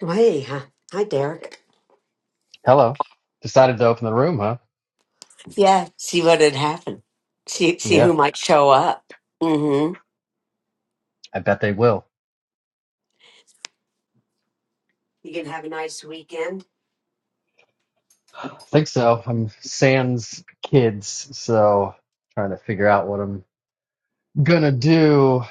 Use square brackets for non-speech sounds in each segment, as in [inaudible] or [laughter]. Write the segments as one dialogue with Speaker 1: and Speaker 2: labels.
Speaker 1: Hey, huh? hi, Derek.
Speaker 2: Hello. Decided to open the room, huh?
Speaker 1: Yeah, see what had happened. See, see
Speaker 2: Yeah,
Speaker 1: who might show up. Mm-hmm.
Speaker 2: I bet they will.
Speaker 1: You can have a nice weekend.
Speaker 2: I think so. I'm sans kids, so trying to figure out what I'm gonna do.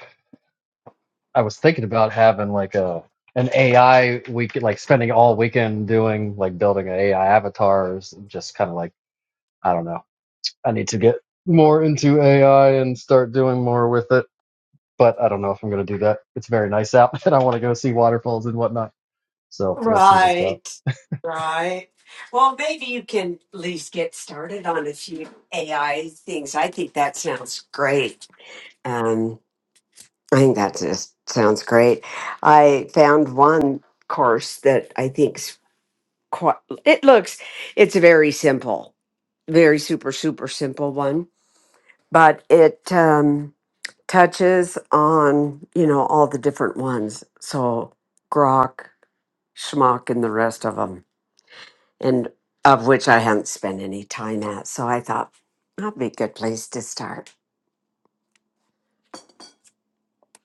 Speaker 2: I was thinking about having like a an AI week, like spending all weekend doing like building an AI avatars. Just kind of like I don't know. I need to get more into AI and start doing more with it, but I don't know if I'm gonna do that. It's very nice out, [laughs] and I want to go see waterfalls and whatnot. So we'll see what's up.
Speaker 1: Right, right. Well, maybe you can at least get started on a few AI things. I think that sounds great. Um, I think that just sounds great. I found one course that I think's quite. It looks. It's a very simple, very super super simple one but it um, touches on you know all the different ones so grok schmock and the rest of them and of which i haven't spent any time at so i thought that'd be a good place to start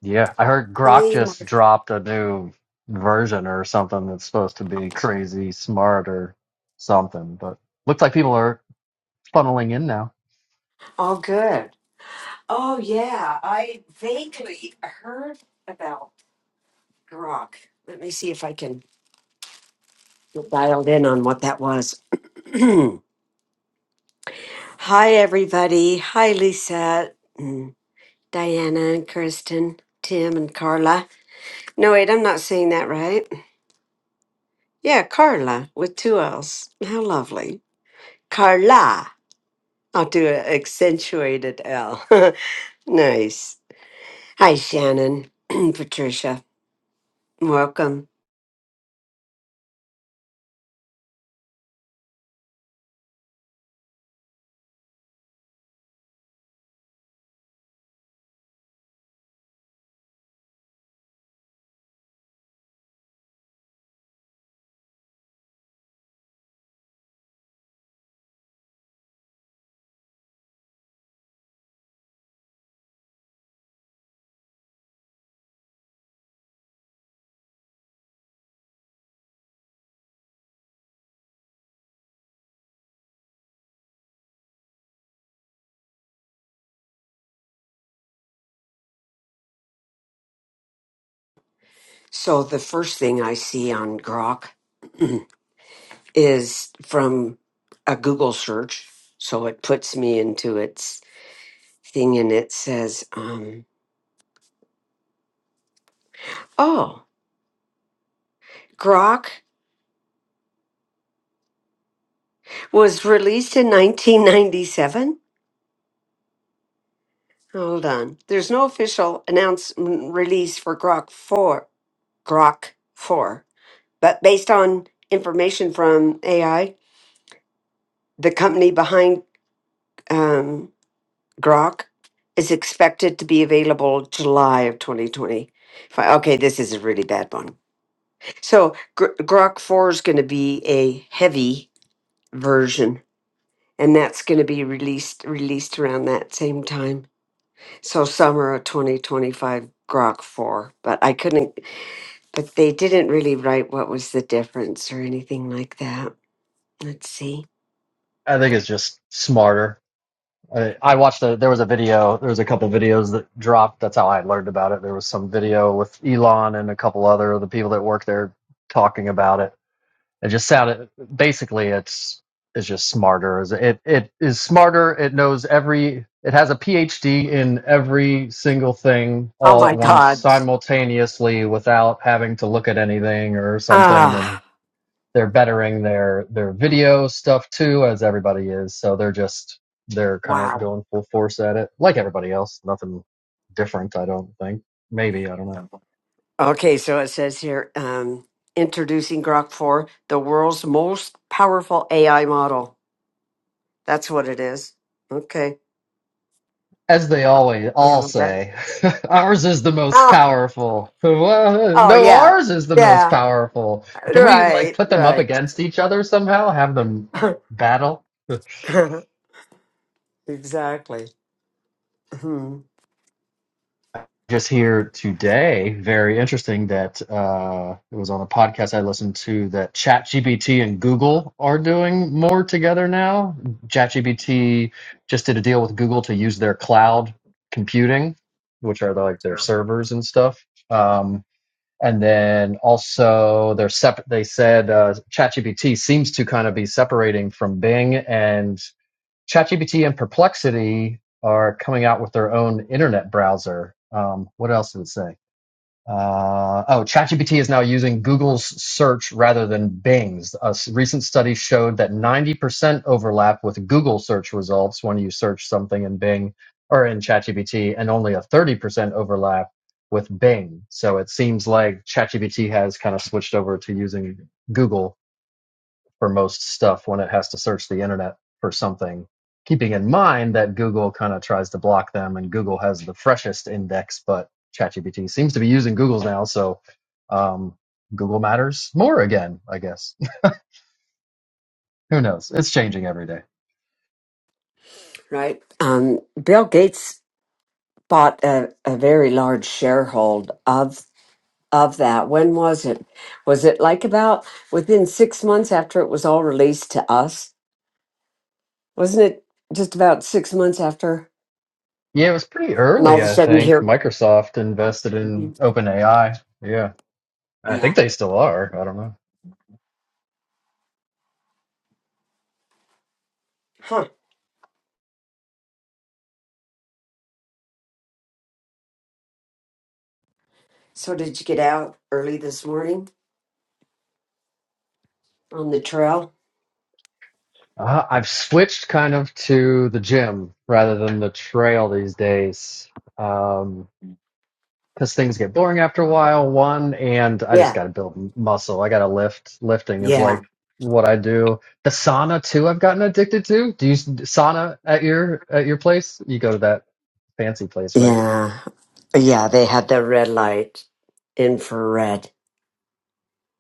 Speaker 2: Yeah, I heard Grok
Speaker 1: hey Mar-
Speaker 2: just dropped a new version or something that's supposed to be crazy smart or something, but looks like people are funneling in now.
Speaker 1: all good oh yeah i vaguely heard about grok let me see if i can get dialed in on what that was [clears throat] hi everybody hi lisa Diana and Kirsten, Tim and Carla. No, wait, I'm not saying that right. Yeah, Carla with two L's. How lovely. Carla. I'll do an accentuated L. [laughs] nice. Hi, Shannon, [clears throat] Patricia. Welcome. So, the first thing I see on Grok [clears throat] is from a Google search. So, it puts me into its thing and it says, um, oh, Grok was released in 1997. Hold on. There's no official announced mm, release for Grok 4, Grok 4, but based on information from AI, the company behind um, Grok is expected to be available July of 2020. Okay, this is a really bad one. So Gr- Grok 4 is going to be a heavy version, and that's going to be released released around that same time. So summer of 2025 Grok 4, but I couldn't, but they didn't really write what was the difference or anything like that. Let's see.
Speaker 2: I think it's just smarter. I, I watched a, there was a video, there was a couple videos that dropped. That's how I learned about it. There was some video with Elon and a couple other of the people that work there talking about it it just sounded basically it's it's just smarter it it is smarter it knows every it has a phd in every single thing
Speaker 1: Oh
Speaker 2: all at
Speaker 1: my
Speaker 2: once
Speaker 1: God.
Speaker 2: simultaneously without having to look at anything or something and
Speaker 1: Ah,
Speaker 2: they're bettering their their video stuff too as everybody is so they're just they're kind of
Speaker 1: wow.
Speaker 2: going full force at it like everybody else nothing different i don't think maybe i don't know
Speaker 1: Okay, so it says here um, introducing Grok 4, the world's most powerful AI model. That's what it is. Okay.
Speaker 2: As they always all
Speaker 1: Yeah. That,
Speaker 2: say, [laughs] ours is the most
Speaker 1: oh,
Speaker 2: powerful. Well,
Speaker 1: oh,
Speaker 2: no,
Speaker 1: yeah.
Speaker 2: ours is the most
Speaker 1: Yeah.
Speaker 2: powerful. Can we like
Speaker 1: Right.
Speaker 2: put them up
Speaker 1: Right.
Speaker 2: against each other somehow? Have them battle?
Speaker 1: [laughs] exactly. [laughs]
Speaker 2: [laughs] Just here today, very interesting that uh, it was on a podcast I listened to that ChatGPT and Google are doing more together now. ChatGPT just did a deal with Google to use their cloud computing, which are like their servers and stuff. Um, And then also they're sep- they said uh, ChatGPT seems to kind of be separating from Bing and ChatGPT and Perplexity are coming out with their own internet browser. Um, what else did it say? Uh, oh, ChatGPT is now using Google's search rather than Bing's. A s- recent study showed that 90% overlap with Google search results when you search something in Bing or in ChatGPT, and only a 30% overlap with Bing. So it seems like ChatGPT has kind of switched over to using Google for most stuff when it has to search the internet for something. Keeping in mind that Google kind of tries to block them and Google has the freshest index, but ChatGPT seems to be using Google's now. So um, Google matters more again, I guess. [laughs] Who knows? It's changing every day.
Speaker 1: right? Um, Bill Gates bought a, a very large sharehold of of that. When was it? Was it like about within six months after it was all released to us? Wasn't it just about six months after?
Speaker 2: Yeah, it was pretty
Speaker 1: And all
Speaker 2: early,
Speaker 1: of a
Speaker 2: I
Speaker 1: sudden
Speaker 2: think.
Speaker 1: here,
Speaker 2: Microsoft invested in OpenAI. Yeah.
Speaker 1: [clears throat]
Speaker 2: I
Speaker 1: yeah,
Speaker 2: think they still are. I don't know.
Speaker 1: huh? So did you get out early this morning on the trail?
Speaker 2: Uh, I've switched kind of to the gym rather than the trail these days. Um, because things get boring after a while. One, and I just
Speaker 1: Yeah,
Speaker 2: got to build muscle. I got to lift. Lifting is
Speaker 1: yeah,
Speaker 2: like what I do. The sauna too. I've gotten addicted to. Do you sauna at your at your place? You go to that fancy place, right?
Speaker 1: yeah, yeah. They had the red light, infrared.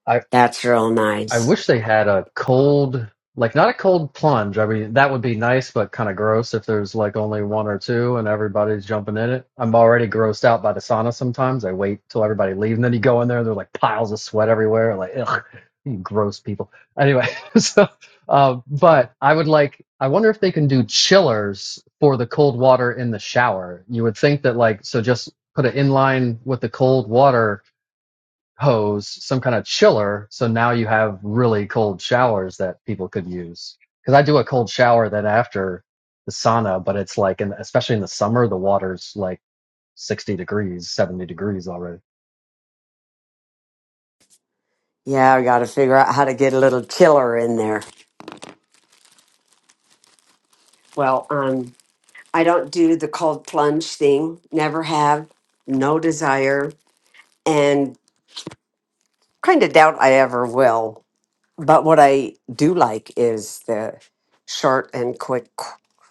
Speaker 2: I
Speaker 1: That's real
Speaker 2: I
Speaker 1: nice.
Speaker 2: wish they had a cold, like not a cold plunge. I mean, that would be nice, but kind of gross if there's like only one or two and everybody's jumping in it. I'm already grossed out by the sauna sometimes. I wait till everybody leaves, and then you go in there and there's like piles of sweat everywhere. Like, ugh, you gross people. Anyway, [laughs] so, um, but I would like, I wonder if they can do chillers for the cold water in the shower. You would think that, like, so just put it in line with the cold water hose, some kind of chiller. So now you have really cold showers that people could use. Because I do a cold shower then after the sauna, but it's like, in, especially in the summer, the water's like 60 degrees, 70 degrees already.
Speaker 1: Yeah, I got to figure out how to get a little chiller in there. Well, um, I don't do the cold plunge thing. Never have. No desire, and kind of doubt I ever will. But what I do like is the short and quick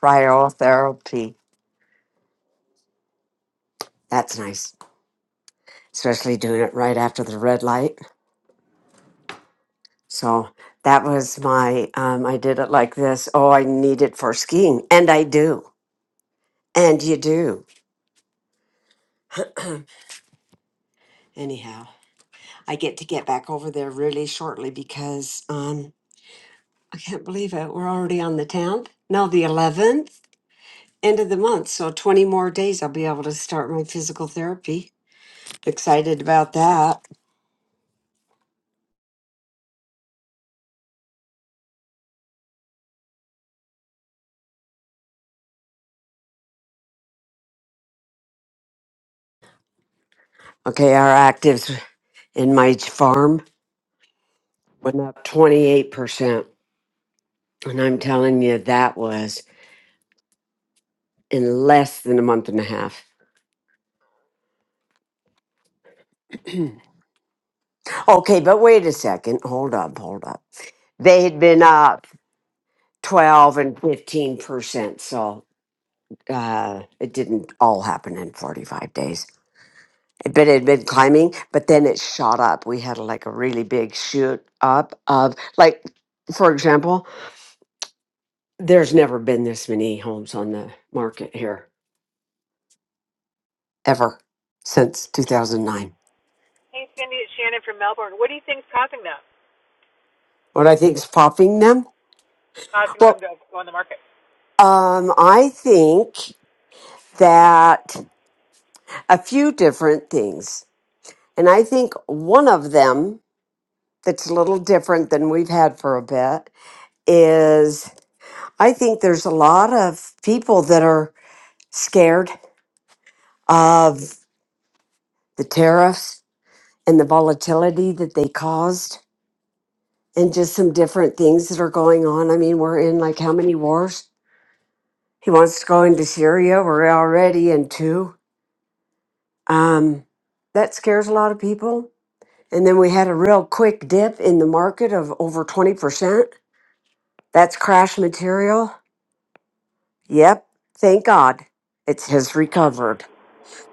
Speaker 1: cryotherapy. That's nice, especially doing it right after the red light. So that was my. Um, I did it like this. Oh, I need it for skiing, and I do, and you do. Anyhow. I get to get back over there really shortly because um, I can't believe it. We're already on the 10th. No, the 11th, end of the month. So 20 more days, I'll be able to start my physical therapy. Excited about that. Okay, our actives in my farm went up 28%. And I'm telling you, that was in less than a month and a half. [clears throat] okay, but wait a second. Hold up, hold up. They had been up 12 and 15%. So. uh, it didn't all happen in 45 days, but it had been climbing, but then it shot up. We had like a really big shoot up of, like, for example, there's never been this many homes on the market here ever since 2009.
Speaker 3: Hey, Cindy, it's Shannon from Melbourne. What do you think's causing that?
Speaker 1: What I think is popping them?
Speaker 3: Causing them
Speaker 1: Well,
Speaker 3: to go on the market?
Speaker 1: um, I think that a few different things. And I think one of them that's a little different than we've had for a bit is. I think there's a lot of people that are scared of the tariffs and the volatility that they caused and just some different things that are going on. I mean, we're in like how many wars? He wants to go into Syria. We're already in two. Um, that scares a lot of people. And then we had a real quick dip in the market of over 20%. That's crash material. Yep. Thank God. It's has recovered.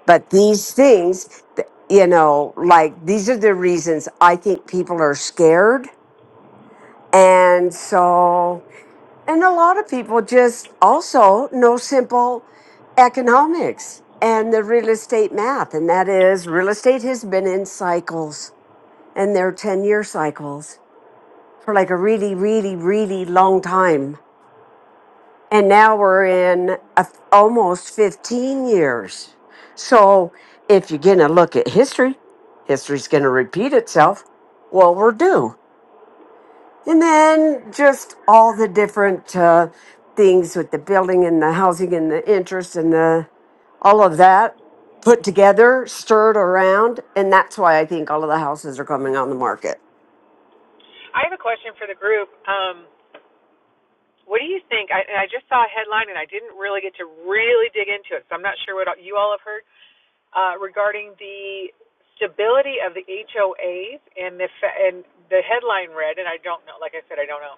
Speaker 1: But these things, th- you know, like these are the reasons I think people are scared. And so, and a lot of people just also know simple economics and the real estate math. And that is real estate has been in cycles and they're 10 year cycles for like a really, really, really long time. and now we're in a f almost 15 years. So if you're going to look at history, history's going to repeat itself. Well, we're due. And then just all the different uh, things with the building and the housing and the interest and the all of that put together, stirred around, and that's why I think all of the houses are coming on the market.
Speaker 3: I have a question for the group. Um, what do you think? I, I just saw a headline, and I didn't really get to really dig into it, so I'm not sure what you all have heard uh, regarding the stability of the HOAs and the and the headline read, and I don't know. Like I said, I don't know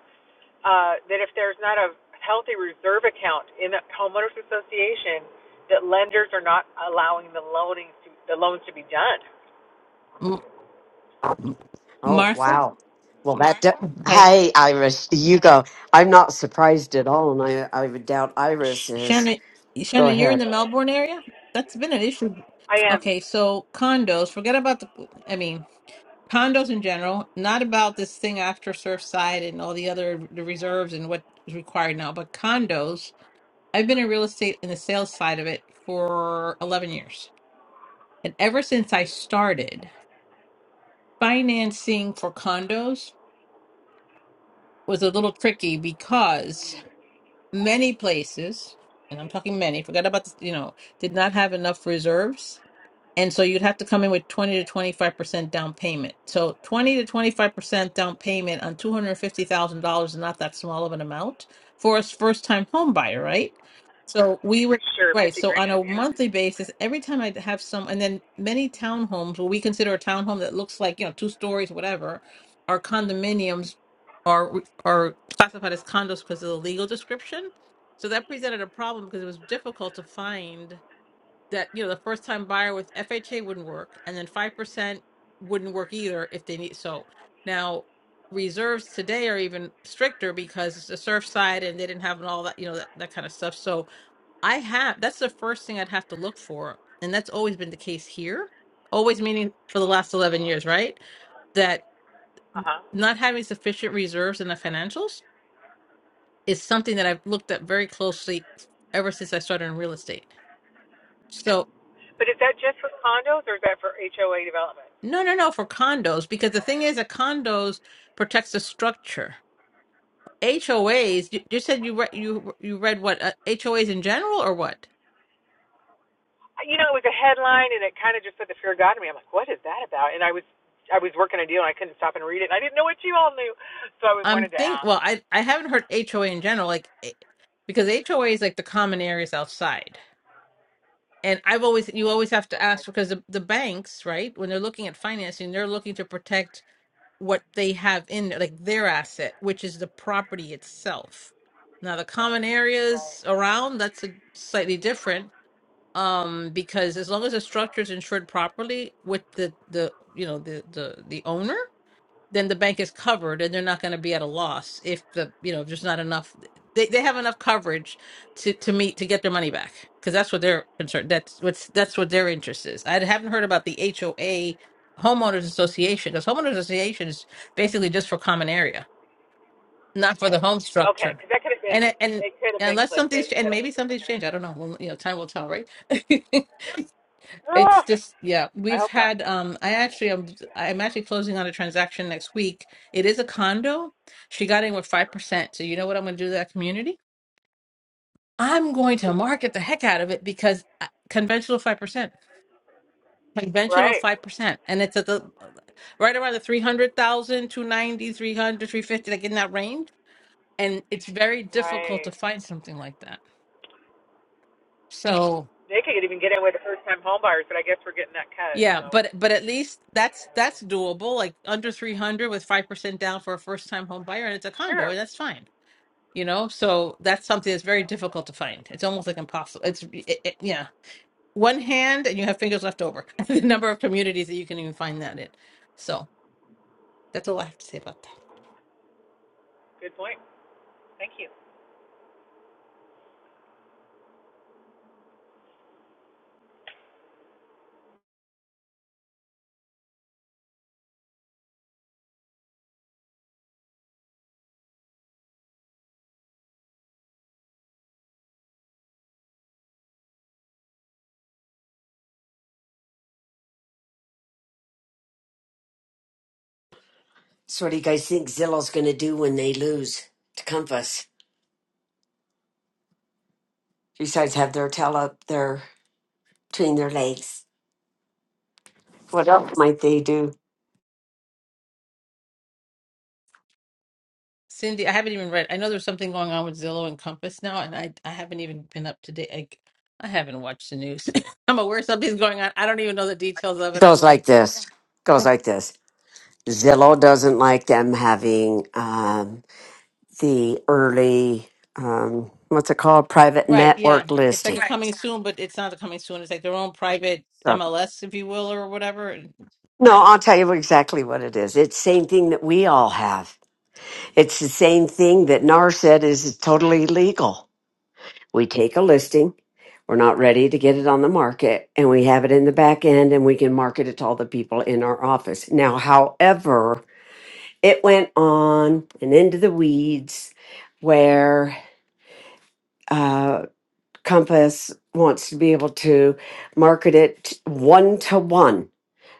Speaker 3: uh, that if there's not a healthy reserve account in the homeowners association, that lenders are not allowing the loaning to, the loans to be done.
Speaker 4: M-
Speaker 1: Oh,
Speaker 4: Martha,
Speaker 1: wow. Well, that. Do-
Speaker 4: like
Speaker 1: hey, Iris, you go. I'm not surprised at all, and I, I would doubt Iris
Speaker 4: Sh-
Speaker 1: is.
Speaker 4: Shannon,
Speaker 1: Go
Speaker 4: Shannon, you're in
Speaker 1: ahead.
Speaker 4: the Melbourne area. That's been an issue.
Speaker 3: I
Speaker 4: Okay, so condos. Forget about the. I mean, condos in general. Not about this thing after Surfside and all the other the reserves and what is required now. But condos. I've been in real estate in the sales side of it for eleven years, and ever since I
Speaker 3: am.
Speaker 4: started, financing for condos was a little tricky because many places, and I'm talking many, forgot about the, you know, did not have enough reserves. And so you'd have to come in with 20 to 25% down payment. So 20 to 25% down payment on $250,000 is not that small of an amount for a first time home buyer, right? So we were
Speaker 3: Sure,
Speaker 4: right.
Speaker 3: fifty
Speaker 4: So on
Speaker 3: grand,
Speaker 4: a
Speaker 3: yeah.
Speaker 4: monthly basis, every time I have some, and then many townhomes, what we consider a townhome that looks like, you know, two stories, whatever, are condominiums are are classified as condos because of the legal description. So that presented a problem because it was difficult to find that you know the first time buyer with FHA wouldn't work, and then five percent wouldn't work either if they need. So now reserves today are even stricter because it's a surf side and they didn't have all that you know that, that kind of stuff. So I have that's the first thing I'd have to look for, and that's always been the case here. Always meaning for the last eleven years, right? That
Speaker 3: Uh huh.
Speaker 4: not having sufficient reserves in the financials is something that I've looked at very closely ever since I started in real estate. So
Speaker 3: But is that just for condos or is that for HOA development?
Speaker 4: No, no, no, for condos, because the thing is that condos protects the structure. HOAs, you, you said you read you you read what uh, HOAs in general or what?
Speaker 3: Uh, You know, it was a headline and it kind of just put the fear of God in me. I'm like, what is that about? And I was I was working a deal and I couldn't stop and read it. And I didn't know what you all knew, so I
Speaker 4: I'm
Speaker 3: wanted to
Speaker 4: think
Speaker 3: ask.
Speaker 4: well, I I haven't heard HOA in general like eh, because HOA is like the common areas outside. And I've always you always have to
Speaker 3: Okay,
Speaker 4: ask because the, the banks, right, when they're looking at financing, they're looking to protect what they have in there, like their asset, which is the property itself. Now the common
Speaker 3: right.
Speaker 4: areas around, that's a slightly different um because as long as the structure is insured properly with the the you know the the the owner then the bank is covered and they're not going to be at a loss if the you know if there's not enough they, they have enough coverage to to meet to get their money back because that's what they're concerned that's what's that's what their interest is i haven't heard about the hoa homeowners association because homeowners association is basically just for common area not for the home
Speaker 3: Okay,
Speaker 4: structure
Speaker 3: because that could have been
Speaker 4: and it- and
Speaker 3: it could have been
Speaker 4: unless something's
Speaker 3: clickbait that
Speaker 4: and
Speaker 3: I was
Speaker 4: maybe
Speaker 3: just
Speaker 4: something's
Speaker 3: looking at.
Speaker 4: changed i don't know well you know time will tell right [laughs]
Speaker 3: Oh,
Speaker 4: It's just, yeah,
Speaker 3: I
Speaker 4: we've
Speaker 3: hope not.
Speaker 4: had um I actually I'm I'm actually closing on a transaction next week. It is a condo. She got in with 5%. So you know what I'm going to do to that community? I'm going to market the heck out of it because uh, conventional 5%, conventional
Speaker 3: Right,
Speaker 4: 5%, and it's at the right around the 300,000, 290, 300, like in that range, and it's very difficult to
Speaker 3: right.
Speaker 4: find something like that. So
Speaker 3: They could even get in with the first time home buyers, but I guess we're getting that cut.
Speaker 4: Yeah,
Speaker 3: So
Speaker 4: but but at least that's
Speaker 3: uh,
Speaker 4: that's doable. Like under 300 with 5% down for a first-time home buyer and it's a condo,
Speaker 3: sure,
Speaker 4: and that's fine. You know? So that's something that's very difficult to find. It's almost like impossible. It's it, it, yeah. One hand and you have fingers left over. [laughs] The number of communities that you can even find that in. So that's all I have to say about that.
Speaker 3: good point. Thank you.
Speaker 1: So, what do you guys think Zillow's going to do when they lose to Compass? Besides, have their tail up their between their legs. What else might they do?
Speaker 4: Cindy, I haven't even read. I know there's something going on with Zillow and Compass now, and I I haven't even been up to date. I, I haven't watched the news. [laughs] I'm aware something's going on. I don't even know the details of it. I'm
Speaker 1: Goes like
Speaker 4: like
Speaker 1: this. Goes like this. Zillow doesn't like them having um, the early, um, what's it called, private
Speaker 4: Right, yeah.
Speaker 1: network
Speaker 4: It's like
Speaker 1: listing.
Speaker 4: a
Speaker 1: Right.
Speaker 4: coming soon, but it's not a coming soon. It's like their own private MLS, if you will, or whatever. And, I
Speaker 1: No, I'll tell you exactly what it is. It's the same thing that we all have. It's the same thing that NAR said is totally legal. We take a listing, we're not ready to get it on the market, and we have it in the back end and we can market it to all the people in our office. Now, however, it went on and into the weeds where uh, Compass wants to be able to market it one to one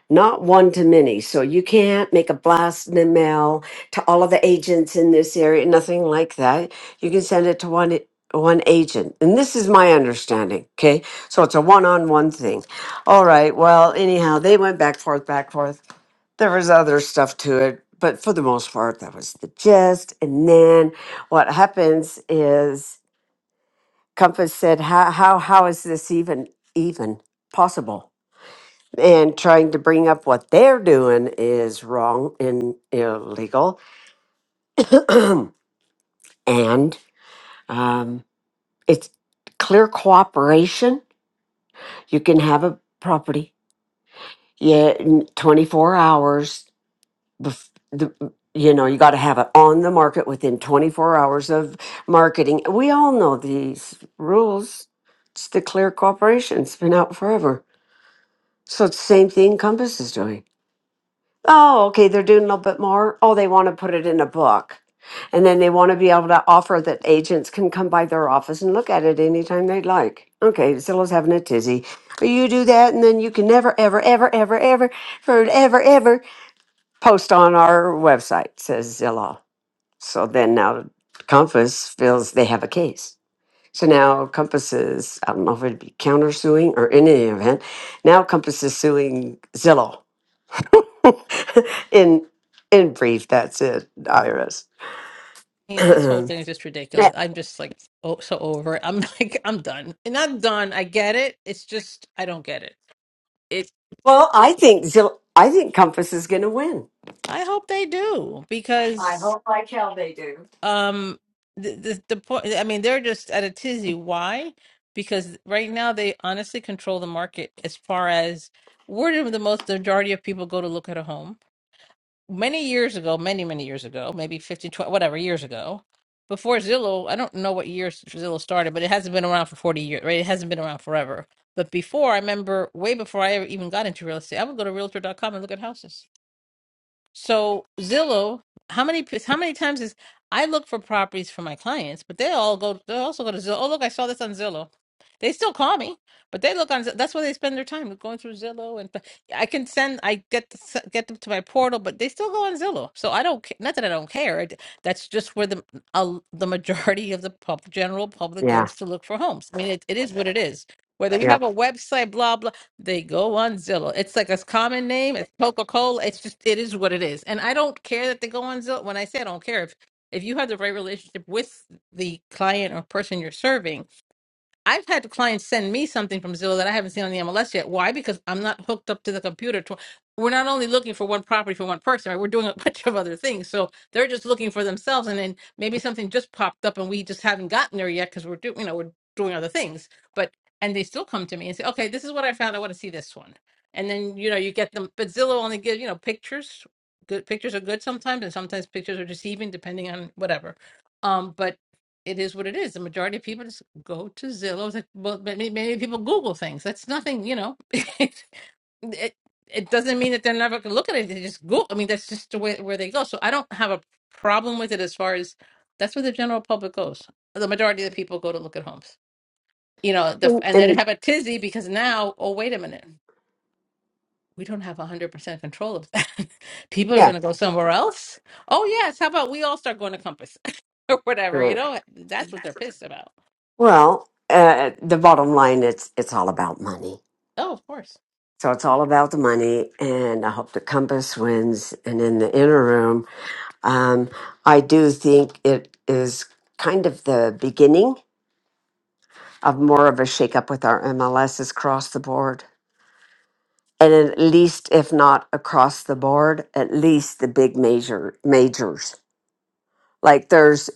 Speaker 1: not one to many. So you can't make a blast in the mail to all of the agents in this area, nothing like that. You can send it to one one agent. And this is my understanding. Okay. So it's a one on one thing. All right. Well, anyhow, they went back forth, back forth. There was other stuff to it, but for the most part, that was the gist. And then what happens is Compass said, How how how is this even even possible? and trying to bring up what they're doing is wrong and illegal. [clears throat] and um, it's clear cooperation. You can have a property, yeah, in 24 hours. Bef- the, you know, you got to have it on the market within 24 hours of marketing. We all know these rules. It's the clear cooperation. It's been out forever. So it's the same thing Compass is doing. Oh, okay. They're doing a little bit more. Oh, they want to put it in a book. And then they want to be able to offer that agents can come by their office and look at it anytime they'd like. Okay, Zillow's having a tizzy. You do that, and then you can never, ever, ever, ever, ever, forever, ever post on our website, says Zillow. So then now Compass feels they have a case. So now Compass is, I don't know if it'd be countersuing or in any event, now Compass is suing Zillow [laughs] in in brief, that's it, Iris.
Speaker 4: mean, this whole
Speaker 1: [clears throat]
Speaker 4: thing is just
Speaker 1: Yeah.
Speaker 4: ridiculous. I'm just like oh, so over it. I'm [laughs] like I'm done. And not done. I get it. It's just I don't get it. It.
Speaker 1: well, I think Zil- I think Compass is going to win.
Speaker 4: I hope they do
Speaker 1: I-
Speaker 4: because um the the, the point. I mean, they're just at a tizzy. Why? Because right now they honestly control the market as far as where do the most majority of people go to look at a home many years ago, many, many years ago, maybe 15, twenty, whatever years ago, before Zillow, I don't know what years Zillow started, but it hasn't been around for 40 years, right? It hasn't been around forever. But before, I remember way before I ever even got into real estate, I would go to Realtor dot com and look at houses. So Zillow, how many how many times is I look for properties for my clients, but they all go they also go to Zillow. Oh look, I saw this on Zillow. They still call me, but they look on. Zill- That's where they spend their time going through Zillow, and I can send. I get the, s- get them to my portal, but they still go on Zillow. So I don't. ca- Not that I don't care. I d- That's just where the uh, the majority of the pub, general public
Speaker 1: yeah,
Speaker 4: goes to look for homes. I mean, it, it is what it is. Whether you
Speaker 1: yeah,
Speaker 4: have a website, blah blah. They go on Zillow. It's like a common name. It's Coca Cola. It's just it is what it is. And I don't care that they go on Zillow. When I say I don't care, if if you have the right relationship with the client or person you're serving, I've had clients send me something from Zillow that I haven't seen on the MLS yet. Why? Because I'm not hooked up to the computer. To, we're not only looking for one property for one person, right? We're doing a [laughs] bunch of other things. So they're just looking for themselves, and then maybe something just popped up, and we just haven't gotten there yet because we're doing, you know, we're doing other things. But and they still come to me and say, "Okay, this is what I found. I want to see this one." And then you know you get them, but Zillow only gives you know pictures. Good pictures are good sometimes, and sometimes pictures are deceiving depending on whatever. Um, but it is what it is. The majority of people just go to Zillow. That, well, many many people Google things. That's nothing, you know. [laughs] it, it it doesn't mean that they're never going to look at it. They just Google. I mean, that's just the way where they go. So I don't have a problem with it as far as that's where the general public goes. The majority of the people go to look at homes, you know. The,
Speaker 1: and,
Speaker 4: and they
Speaker 1: and-
Speaker 4: have a tizzy because now, oh wait a minute, we don't have one hundred percent control of that. [laughs] people are
Speaker 1: yeah.
Speaker 4: going to go somewhere else. Oh yes, how about we all start going to Compass [laughs] or whatever? You
Speaker 1: right.
Speaker 4: know, that's what they're pissed about
Speaker 1: Well, uh, the bottom line, it's it's all about money.
Speaker 4: Oh, of course.
Speaker 1: So it's all about the money, and I hope the Compass wins. And in the inner room, um, I do think it is kind of the beginning of more of a shakeup with our MLSs across the board and at least if not across the board at least the big major majors like there's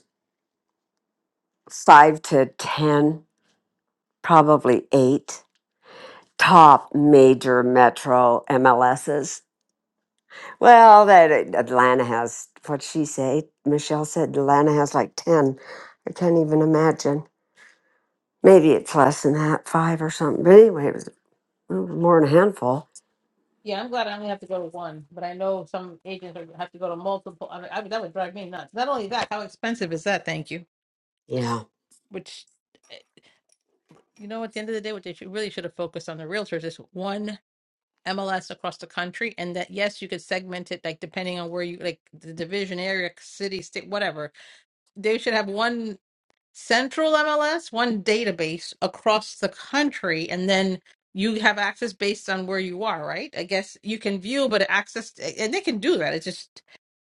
Speaker 1: five to ten probably eight top major metro mls's well that atlanta has what she say michelle said atlanta has like 10 i can't even imagine maybe it's less than that five or something but anyway it was more than a handful
Speaker 4: Yeah, I'm glad I only have to go to one, but I know some agents are, have to go to multiple. I mean, I mean, that would drive me nuts. Not only that, how expensive is that? Thank you.
Speaker 1: yeah
Speaker 4: Which, eh, you know, at the end of the day, what they should, really should have focused on the realtors is one MLS across the country, and that yes, you could segment it like depending on where you like the division area, city, state, whatever. They should have one. central MLS, one database across the country, and then you have access based on where you are, right? I guess you can view, but access, and they can do that. It's just,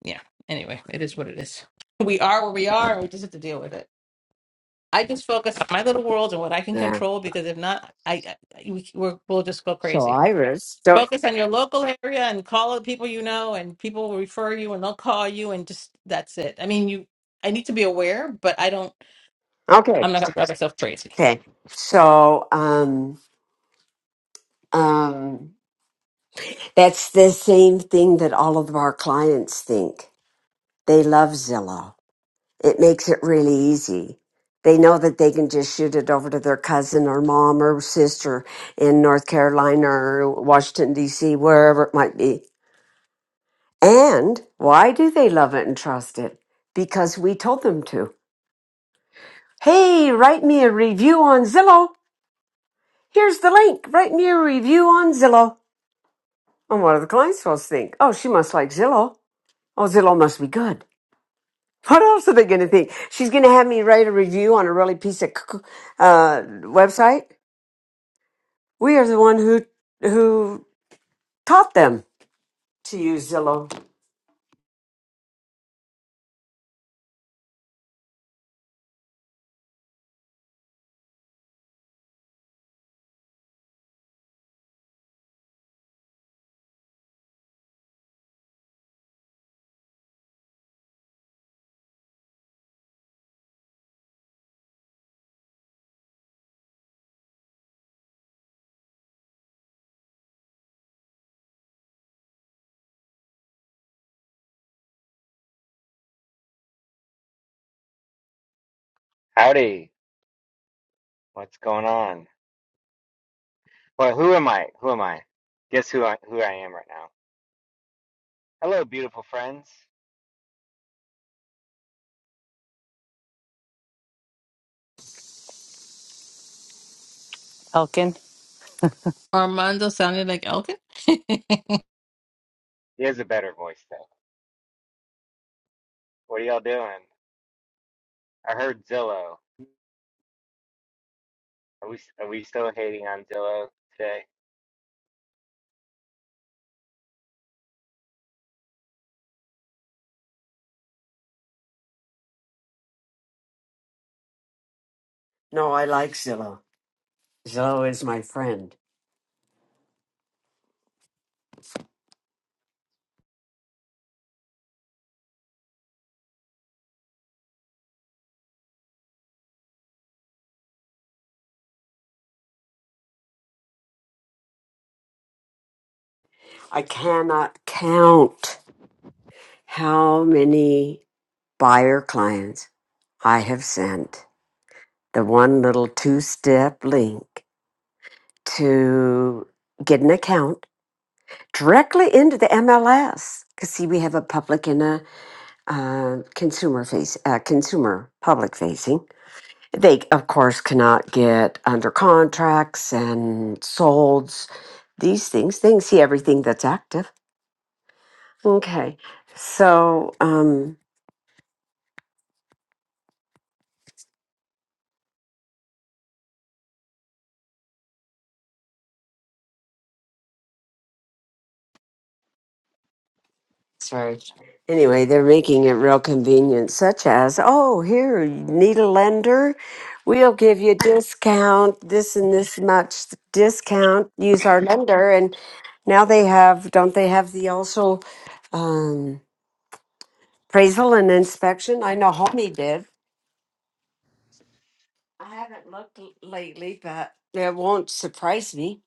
Speaker 4: yeah. Anyway, it is what it is. We are where we are, and we just have to deal with it. I just focus on my little world and what I can
Speaker 1: yeah
Speaker 4: control because if not, I, I we, we're, we'll just go
Speaker 1: so
Speaker 4: crazy.
Speaker 1: iris so
Speaker 4: Focus on your local area and call the people you know, and people will refer you, and they'll call you, and just that's it. I mean, you. I need to be aware, but I don't.
Speaker 1: okay
Speaker 4: I'm not going to drive myself crazy.
Speaker 1: okay so um Um, that's the same thing that all of our clients think. They love Zillow. It makes it really easy. They know that they can just shoot it over to their cousin or mom or sister in North Carolina or Washington, D.C., wherever it might be. And why do they love it and trust it? Because we told them to. Hey, write me a review on Zillow. Here's the link. Write me a review on Zillow. And what do the clients supposed to think? Oh, she must like Zillow. Oh, Zillow must be good. [laughs] What else are they going to think? She's going to have me write a review on a really piece of cuckoo- uh, website. We are the one who who taught them to use Zillow.
Speaker 5: Howdy. What's going on? Well, who am I? Who am I? Guess who I who I am right now. Hello, beautiful friends.
Speaker 6: Elkin.
Speaker 4: Armando sounded like Elkin. [laughs] Car-
Speaker 5: He has a better voice though. What are y'all doing? I heard Zillow. Are we are we still hating on Zillow today?
Speaker 1: No, I like Zillow. Zillow is my friend. I cannot count how many buyer clients I have sent the one little two-step link to get an account directly into the MLS. Because see, we have a public and a uh, consumer face, uh, consumer public facing. They, of course, cannot get under contracts and solds. These things, they can see everything that's active. Okay, so um, sorry. Anyway, they're making it real convenient, such as, oh, here, you need a lender? We'll give you discount, this and this much discount. Use our lender, and now they have, don't they have the also? Um, appraisal and inspection. I know Homie did. I haven't looked l- lately, but it won't surprise me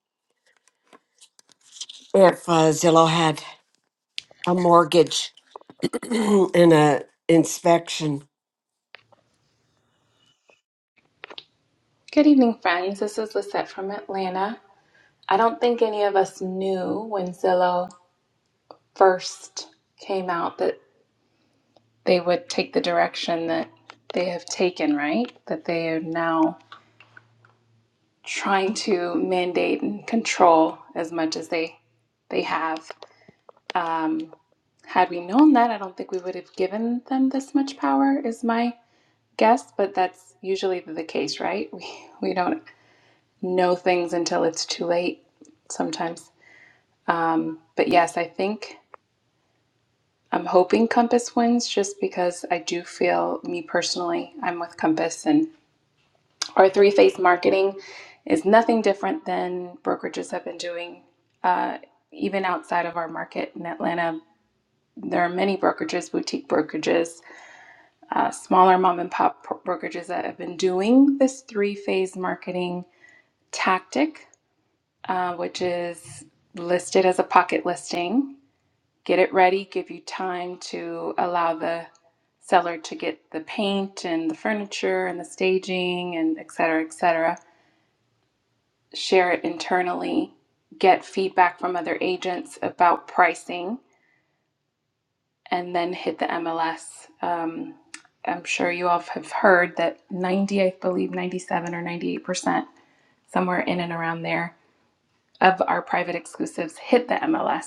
Speaker 1: if uh, Zillow had a mortgage [clears throat] and a inspection.
Speaker 7: Good evening, friends. This is Lisette from Atlanta. I don't think any of us knew when Zillow first came out that they would take the direction that they have taken, right? That they are now trying to mandate and control as much as they they have. Um, had we known that, I don't think we would have given them this much power. Is my guess, but that's usually the case, right? [laughs] We we don't know things until it's too late sometimes. Um, but yes, I think I'm hoping Compass wins just because I do feel, me personally, I'm with Compass and our three phase marketing is nothing different than brokerages have been doing, uh, even outside of our market in Atlanta. There are many brokerages, boutique brokerages, uh, smaller mom and pop pro- brokerages that have been doing this three phase marketing tactic, uh, which is listed as a pocket listing get it ready, give you time to allow the seller to get the paint and the furniture and the staging and et cetera, et cetera. Share it internally, get feedback from other agents about pricing, and then hit the MLS. Um, I'm sure you all have heard that 90, I believe 97 or 98%, somewhere in and around there, of our private exclusives hit the MLS.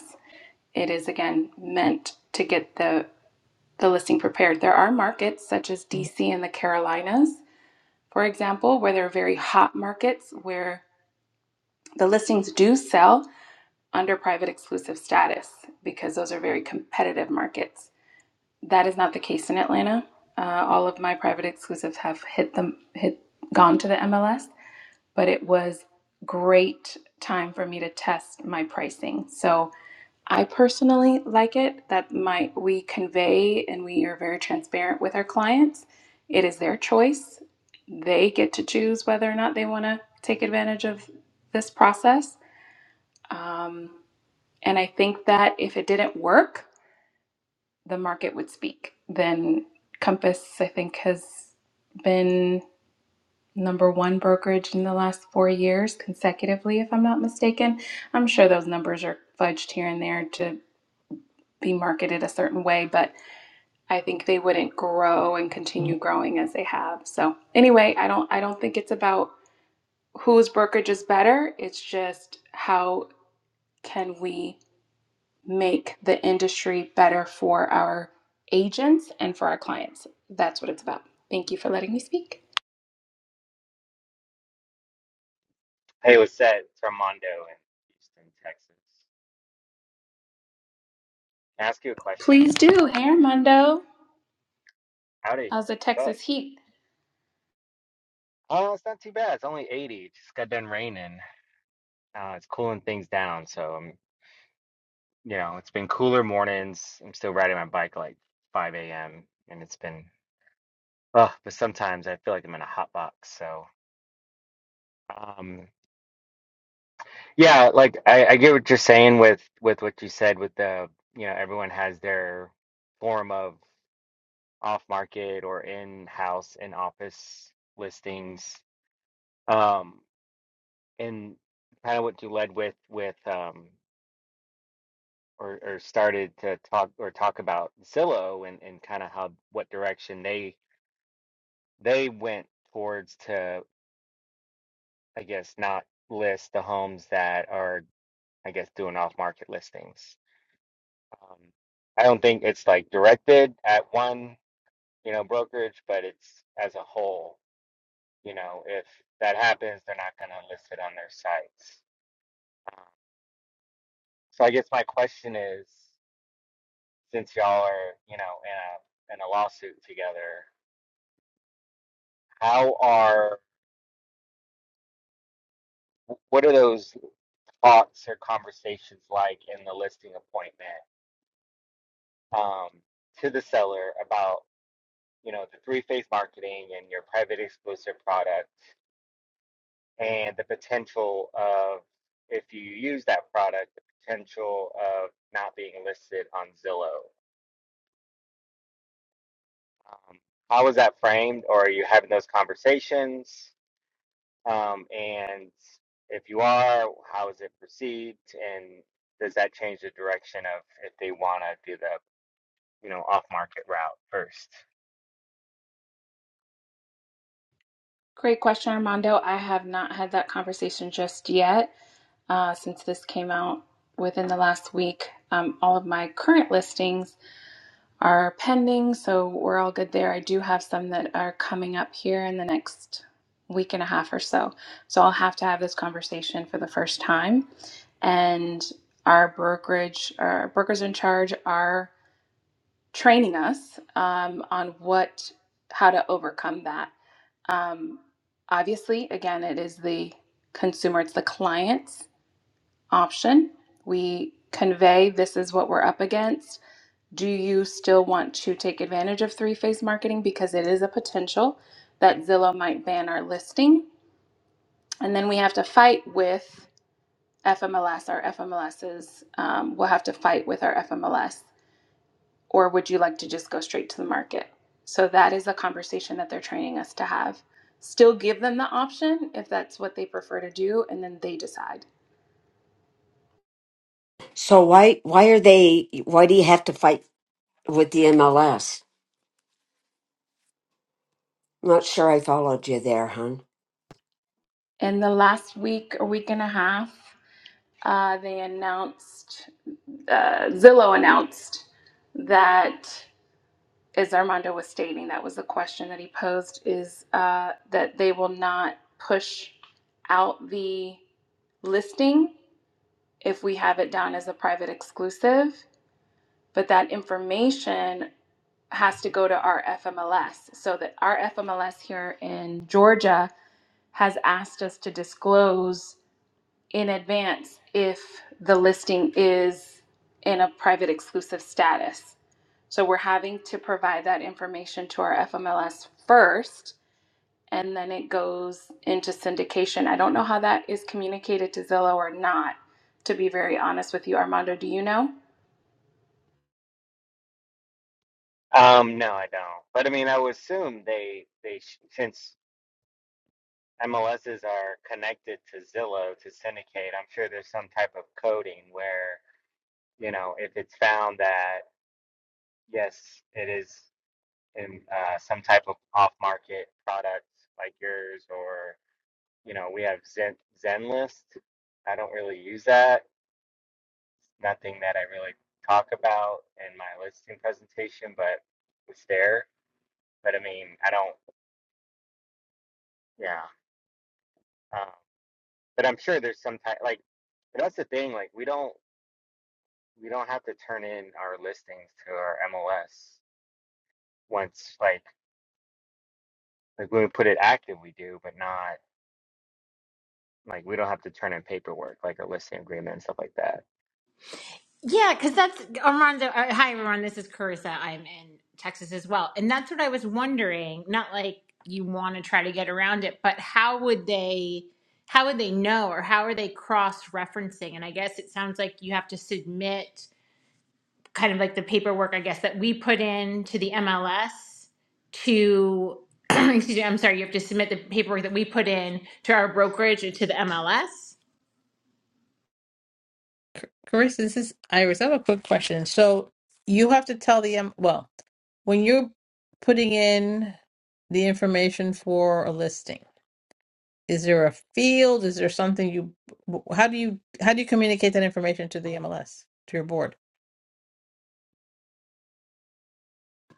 Speaker 7: It is again meant to get the the listing prepared. There are markets such as DC and the Carolinas, for example, where they're very hot markets where the listings do sell under private exclusive status because those are very competitive markets. That is not the case in Atlanta. Uh, all of my private exclusives have hit them hit gone to the MLS, but it was great time for me to test my pricing. So I personally like it that my we convey and we are very transparent with our clients. It is their choice. They get to choose whether or not they want to take advantage of this process. Um, and I think that if it didn't work, the market would speak. Then Compass, I think, has been number one brokerage in the last four years consecutively, if I'm not mistaken. I'm sure those numbers are fudged here and there to be marketed a certain way, but I think they wouldn't grow and continue growing as they have. So anyway, I don't I don't think it's about whose brokerage is better. It's just how can we make the industry better for our agents and for our clients. That's what it's about. Thank you for letting me speak.
Speaker 5: Hey, what's that? It's Armando in Houston, Texas. Can I ask you a question?
Speaker 7: Please do. Hey Armando.
Speaker 5: Howdy.
Speaker 7: How's the
Speaker 5: What's up?
Speaker 7: Texas heat?
Speaker 5: Oh, it's not too bad. It's only 80. It just got done raining. Uh, it's cooling things down. So I'm, you know, it's been cooler mornings. I'm still riding my bike like 5 a.m. and it's been Ugh, but sometimes I feel like I'm in a hot box. So, um, yeah, like I, I get what you're saying with with what you said with the, you know, everyone has their form of off market or in house in office listings. Um, and kind of what you led with with um or or started to talk or talk about Zillow and and kind of how what direction they they went towards to I guess not list the homes that are I guess doing off-market listings. Um, I don't think it's like directed at one, you know, brokerage, but it's as a whole. You know, if that happens, they're not going to list it on their sites. Um, so I guess my question is, since y'all are, you know, in a in a lawsuit together, how are what are those thoughts or conversations like in the listing appointment um, to the seller about you know the three phase marketing and your private exclusive product? and the potential of if you use that product, the potential of not being listed on Zillow. Um, how is that framed, or are you having those conversations? Um, and if you are, how is it perceived, and does that change the direction of if they want to do the you know off market route first?
Speaker 7: Great question, Armando. I have not had that conversation just yet. Uh, since this came out within the last week, um, all of my current listings are pending, so we're all good there. I do have some that are coming up here in the next week and a half or so. So I'll have to have this conversation for the first time. And our brokerage, our brokers in charge are training us um, on what, how to overcome that. Um, obviously, again, it is the consumer, it's the client's option. We convey this is what we're up against do you still want to take advantage of three phase marketing because it is a potential that Zillow might ban our listing? And then we have to fight with FMLS. Our FMLSs um, will have to fight with our FMLS. Or would you like to just go straight to the market? So that is a conversation that they're training us to have. Still give them the option if that's what they prefer to do, and then they decide.
Speaker 1: So why why are they? Why do you have to fight with the MLS? am not sure I followed you there, hon.
Speaker 7: In the last week or week and a half, uh, they announced uh, Zillow announced that, as Armando was stating, that was the question that he posed, is uh, that they will not push out the listing if we have it down as a private exclusive, but that information has to go to our FMLS. So that our FMLS here in Georgia has asked us to disclose in advance if the listing is in a private exclusive status. So we're having to provide that information to our FMLS first, and then it goes into syndication. I don't know how that is communicated to Zillow or not, to be very honest with you. Armando, do you know?
Speaker 5: Um, no, I don't. But I mean, I would assume they they sh- since MLSs are connected to Zillow to syndicate, I'm sure there's some type of coding where, you know, if it's found that, yes, it is in uh, some type of off-market product like yours, or, you know, we have Zen Zenlist. I don't really use that. Nothing that I really talk about in my listing presentation, but it's there. But I mean, I don't, yeah. Uh, but I'm sure there's some type, like, but that's the thing, like, we don't. we don't have to turn in our listings to our MLS once like like when we put it active we do, but not like we don't have to turn in paperwork like a listing agreement and stuff like that.
Speaker 8: Yeah, because that's Armando. Uh, hi, everyone. This is Carissa. I'm in Texas as well, and that's what I was wondering. Not like you want to try to get around it, but how would they? How would they know, or how are they cross-referencing? And I guess it sounds like you have to submit kind of like the paperwork, I guess, that we put in to the MLS to. [clears throat] excuse me. I'm sorry. You have to submit the paperwork that we put in to our brokerage and to the MLS.
Speaker 4: Carissa, this is Iris. I have a quick question. So you have to tell the um, well, when you're putting in the information for a listing, is there a field? Is there something you? How do you how do you communicate that information to the MLS to your board,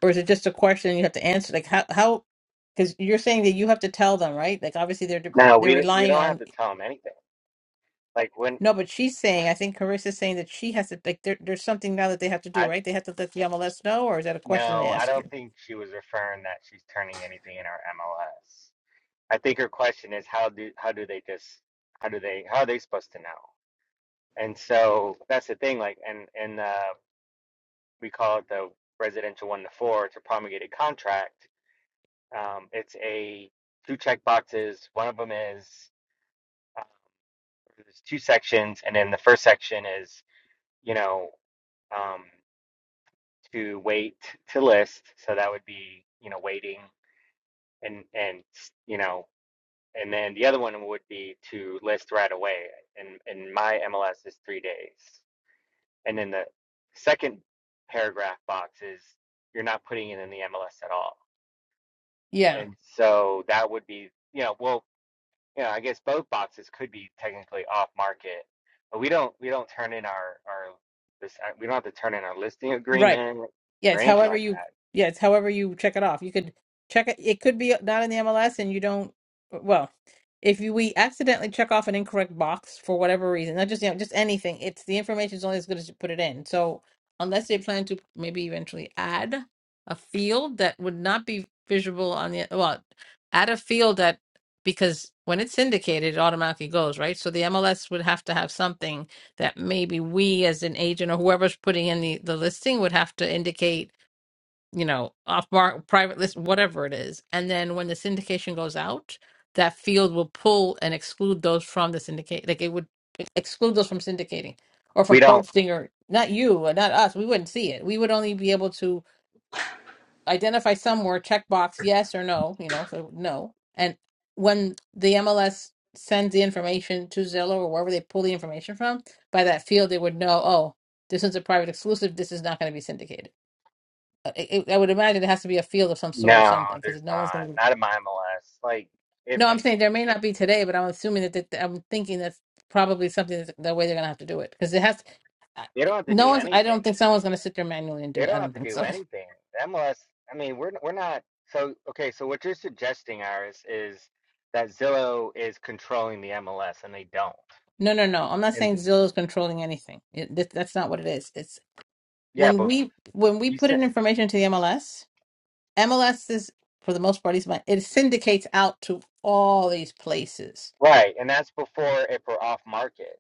Speaker 4: or is it just a question you have to answer? Like how how because you're saying that you have to tell them, right? Like obviously they're
Speaker 5: No,
Speaker 4: they're
Speaker 5: we don't- we
Speaker 4: relying
Speaker 5: don't have
Speaker 4: on
Speaker 5: to tell them anything. Like when
Speaker 4: No, but she's saying, I think Carissa's saying that she has to, like, there, there's something now that they have to do,
Speaker 5: I
Speaker 4: right? They have to let the MLS know, or is that a question they
Speaker 5: no, I
Speaker 4: ask
Speaker 5: don't
Speaker 4: you?
Speaker 5: think she was referring that she's turning anything in our MLS. I think her question is how do how do they just how do they how are they supposed to know? And so that's the thing. Like and and uh, we call it the residential one to four. It's a promulgated contract Um, it's a two check boxes. One of them is uh, there's two sections, and then the first section is you know um, to wait to list. So that would be you know waiting and and you know and then the other one would be to list right away. And and my MLS is three days. And then the second paragraph box is you're not putting it in the MLS at all.
Speaker 4: Yeah,
Speaker 5: And so that would be you know well you know, I guess both boxes could be technically off market, but we don't we don't turn in our our this uh, we don't have to turn in our listing
Speaker 4: right.
Speaker 5: agreement
Speaker 4: Yeah,
Speaker 5: or
Speaker 4: it's
Speaker 5: anything
Speaker 4: however
Speaker 5: like
Speaker 4: you
Speaker 5: that.
Speaker 4: yeah, it's however you check it off. You could check it it could be not in the MLS and you don't uh, well, if you we accidentally check off an incorrect box for whatever reason, not just you know, just anything, it's the information is only as good as you put it in. So unless they plan to maybe eventually add a field that would not be visible on the well, add a field that because when it's syndicated, it automatically goes, right? So the MLS would have to have something that maybe we as an agent or whoever's putting in the, the listing would have to indicate, you know, off mark, private list, whatever it is. And then when the syndication goes out, that field will pull and exclude those from the syndicate. Like it would exclude those from syndicating or
Speaker 5: We
Speaker 4: from
Speaker 5: don't.
Speaker 4: posting or not you or not us. We wouldn't see it. We would only be able to identify somewhere, check box yes or no, you know, so no. And when the MLS sends the information to Zillow or wherever they pull the information from, by that field, they would know, oh, this is a private exclusive. This is not going to be syndicated. Uh, It, it, I would imagine it has to be a field of some sort or
Speaker 5: No,
Speaker 4: something because
Speaker 5: there's
Speaker 4: no one's going
Speaker 5: not.
Speaker 4: to be.
Speaker 5: Not in my MLS. Like if
Speaker 4: No, I'm saying there may not be today, but I'm assuming that, that I'm thinking that's probably something that's the way they're going to have to do it because it has. I-
Speaker 5: they don't have to
Speaker 4: No
Speaker 5: do
Speaker 4: one's. I don't
Speaker 5: anything,
Speaker 4: think someone's going to sit there manually and
Speaker 5: they
Speaker 4: do it. I
Speaker 5: don't have
Speaker 4: don't
Speaker 5: to
Speaker 4: think
Speaker 5: do
Speaker 4: so.
Speaker 5: anything. The MLS. I mean, we're we're not. So okay. So what you're suggesting, Iris, is that Zillow is controlling the MLS, and they don't.
Speaker 4: No, no, no. I'm not
Speaker 5: And
Speaker 4: saying Zillow is controlling anything. It, that, that's not what it is. It's
Speaker 5: yeah,
Speaker 4: when
Speaker 5: but
Speaker 4: we when we
Speaker 5: you
Speaker 4: put
Speaker 5: said
Speaker 4: in information to the MLS, MLS is for the most part, it's my- it syndicates out to all these places.
Speaker 5: right, and that's before if we're off market.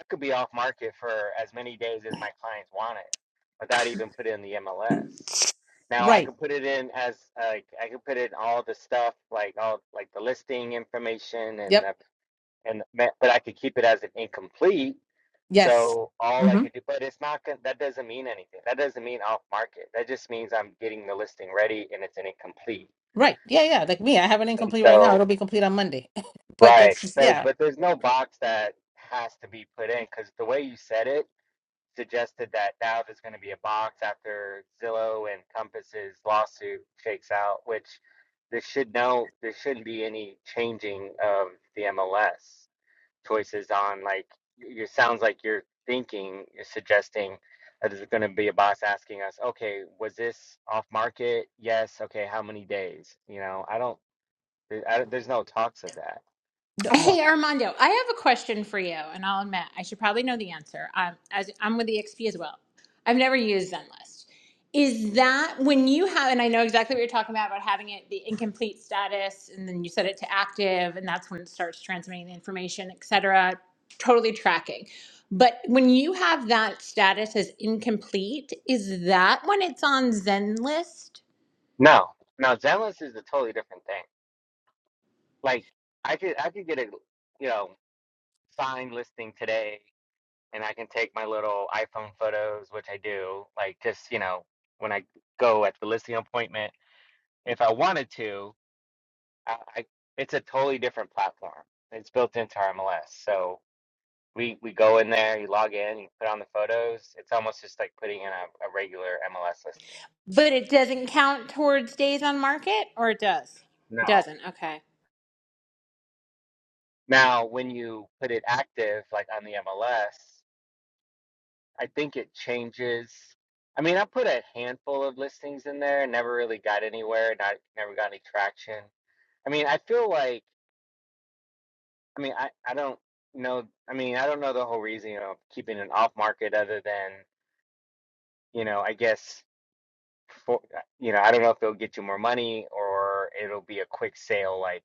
Speaker 5: I could be off market for as many days as my clients want it without even putting in the MLS. Now I
Speaker 4: Right.
Speaker 5: could put it in as like uh, I could put in all the stuff like all like the listing information and
Speaker 4: Yep.
Speaker 5: the and the, but I could keep it as an incomplete.
Speaker 4: Yes.
Speaker 5: So all I
Speaker 4: hmm
Speaker 5: could do, but it's not gonna, that doesn't mean anything. That doesn't mean off market. That just means I'm getting the listing ready and it's an incomplete.
Speaker 4: Right. Yeah, yeah. Like me, I have it
Speaker 5: And
Speaker 4: incomplete right now.
Speaker 5: so
Speaker 4: It'll be complete on Monday. [laughs] but
Speaker 5: right.
Speaker 4: that's just,
Speaker 5: So
Speaker 4: yeah.
Speaker 5: but there's no box that has to be put in because the way you said it suggested that now there's going to be a box after Zillow and Compass's lawsuit shakes out, which there should no there shouldn't be any changing of the MLS choices on like it sounds like you're thinking you're suggesting that there's going to be a box asking us okay was this off market yes okay how many days you know I don't, I don't there's no talks of that
Speaker 4: No, well,
Speaker 8: Hey Armando, I have a question for you, and I'll admit I should probably know the answer. Um, as I'm with the XP as well, I've never used Zenlist. Is that when you have? And I know exactly what you're talking about about having it the incomplete status, and then you set it to active, and that's when it starts transmitting the information, et cetera, Totally tracking. But when you have that status as incomplete, is that when it's on Zenlist,
Speaker 5: no no Zenless is a totally different thing like I could I could get a you know sign listing today and I can take my little iPhone photos, which I do, like just, you know, when I go at the listing appointment, if I wanted to, I, I it's a totally different platform. It's built into our MLS. So we, we go in there, you log in, you put on the photos. It's almost just like putting in a, a regular MLS listing.
Speaker 8: but it doesn't count towards days on market, or it does? It
Speaker 5: No.
Speaker 8: doesn't.
Speaker 5: no.
Speaker 8: Okay.
Speaker 5: Now, when you put it active, like on the MLS, I think it changes. I mean, I put a handful of listings in there, and never really got anywhere, not never got any traction. I mean, I feel like, I mean, I, I don't know. I mean, I don't know the whole reason, you know, of keeping an off market other than, you know, I guess for, you know, I don't know if it'll get you more money or it'll be a quick sale, like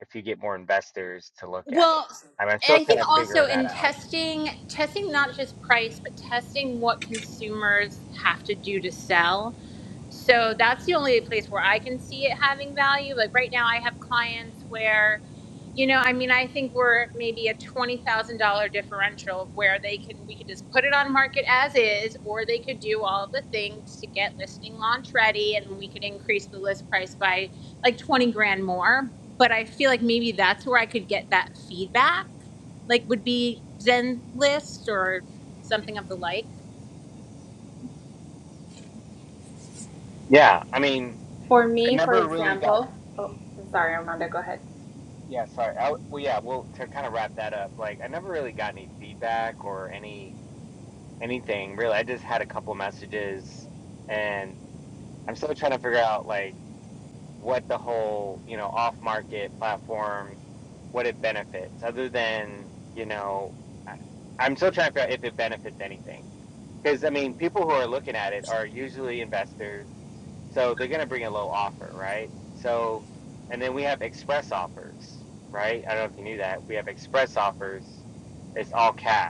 Speaker 5: if you get more investors to look at it.
Speaker 8: Well,
Speaker 5: I mean, I'm still
Speaker 8: I
Speaker 5: kind
Speaker 8: think
Speaker 5: of
Speaker 8: also
Speaker 5: figuring that
Speaker 8: in
Speaker 5: out.
Speaker 8: testing, testing not just price, but testing what consumers have to do to sell. So that's the only place where I can see it having value. Like right now, I have clients where, you know, I mean, I think we're maybe a twenty thousand dollar differential of where they can we could just put it on market as is, or they could do all the things to get listing launch ready, and we could increase the list price by like twenty grand more but I feel like maybe that's where I could get that feedback. Like would be Zen list or something of the like.
Speaker 5: Yeah, I mean,
Speaker 7: For
Speaker 5: I
Speaker 7: me, for
Speaker 5: never really got
Speaker 7: example, oh, I'm sorry, Armando, go ahead.
Speaker 5: Yeah, sorry. I, w- well, yeah. Well, to kind of wrap that up, like I never really got any feedback or any anything really. I just had a couple messages, and I'm still trying to figure out like what the whole you know off market platform, what it benefits other than you know I, I'm still trying to figure out if it benefits anything. Because I mean, people who are looking at it are usually investors, so they're going to bring a low offer, right? So, and then we have express offers, right? I don't know if you knew that. We have express offers. It's all cash.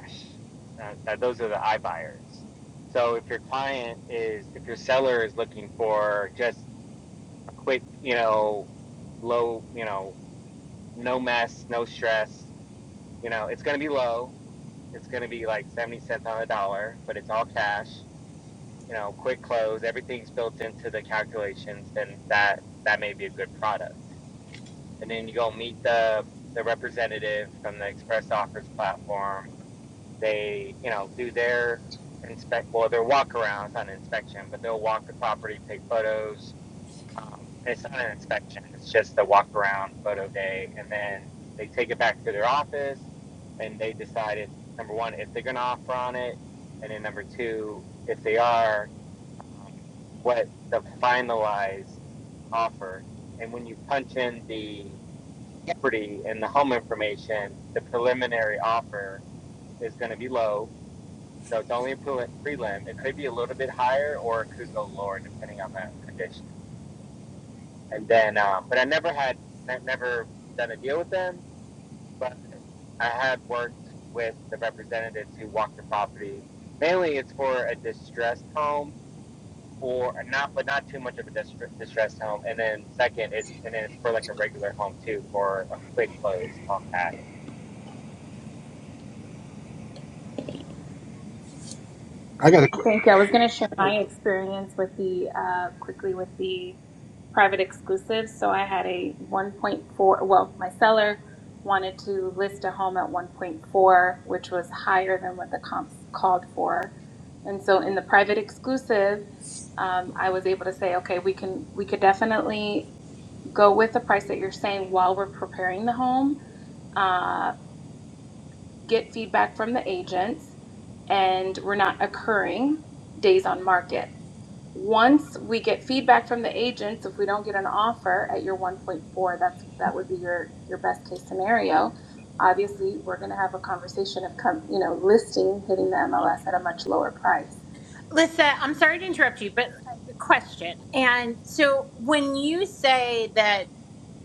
Speaker 5: Uh, now those are the iBuyers. So if your client is, if your seller is looking for just a quick, you know, low, you know, no mess, no stress, you know, it's going to be low. It's going to be like 70 cents on the dollar, but it's all cash you know, quick close, everything's built into the calculations, then that that may be a good product. And then you go meet the the representative from the Express Offers platform. They, you know, do their inspect well, their walk around, it's not an inspection, but they'll walk the property, take photos. Um, and it's not an inspection, it's just a walk around photo day. And then they take it back to their office and they decide if number one, if they're gonna offer on it, and then number two, if they are, um, what the finalized offer. And when you punch in the property and the home information, the preliminary offer is going to be low. So it's only a prelim. It could be a little bit higher or it could go lower depending on that condition. And then, uh, but I never had, never done a deal with them, but I have worked with the representatives who walk the property. Mainly it's for a distressed home for not, but not too much of a distress, distressed home. And then second, it's and then it's for like a regular home too for a quick close off act.
Speaker 9: I got a quick.
Speaker 7: Thank you. I was going to share my experience with the uh, quickly with the private exclusives. So I had a 1.4. Well, my seller wanted to list a home at 1.4, which was higher than what the comps called for. And so in the private exclusive, um, I was able to say, okay, we can we could definitely go with the price that you're saying while we're preparing the home Uh, get feedback from the agents, and we're not occurring days on market. Once we get feedback from the agents, if we don't get an offer at your 1.4, that's that would be your your best case scenario. Obviously, we're going to have a conversation of come, you know, listing hitting the MLS at a much lower price.
Speaker 8: Lisa, I'm sorry to interrupt you, but a question. And so when you say that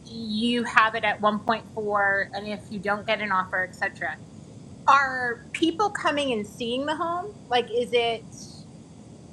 Speaker 8: you have it at 1.4 and if you don't get an offer, etc. Are people coming and seeing the home? Like is it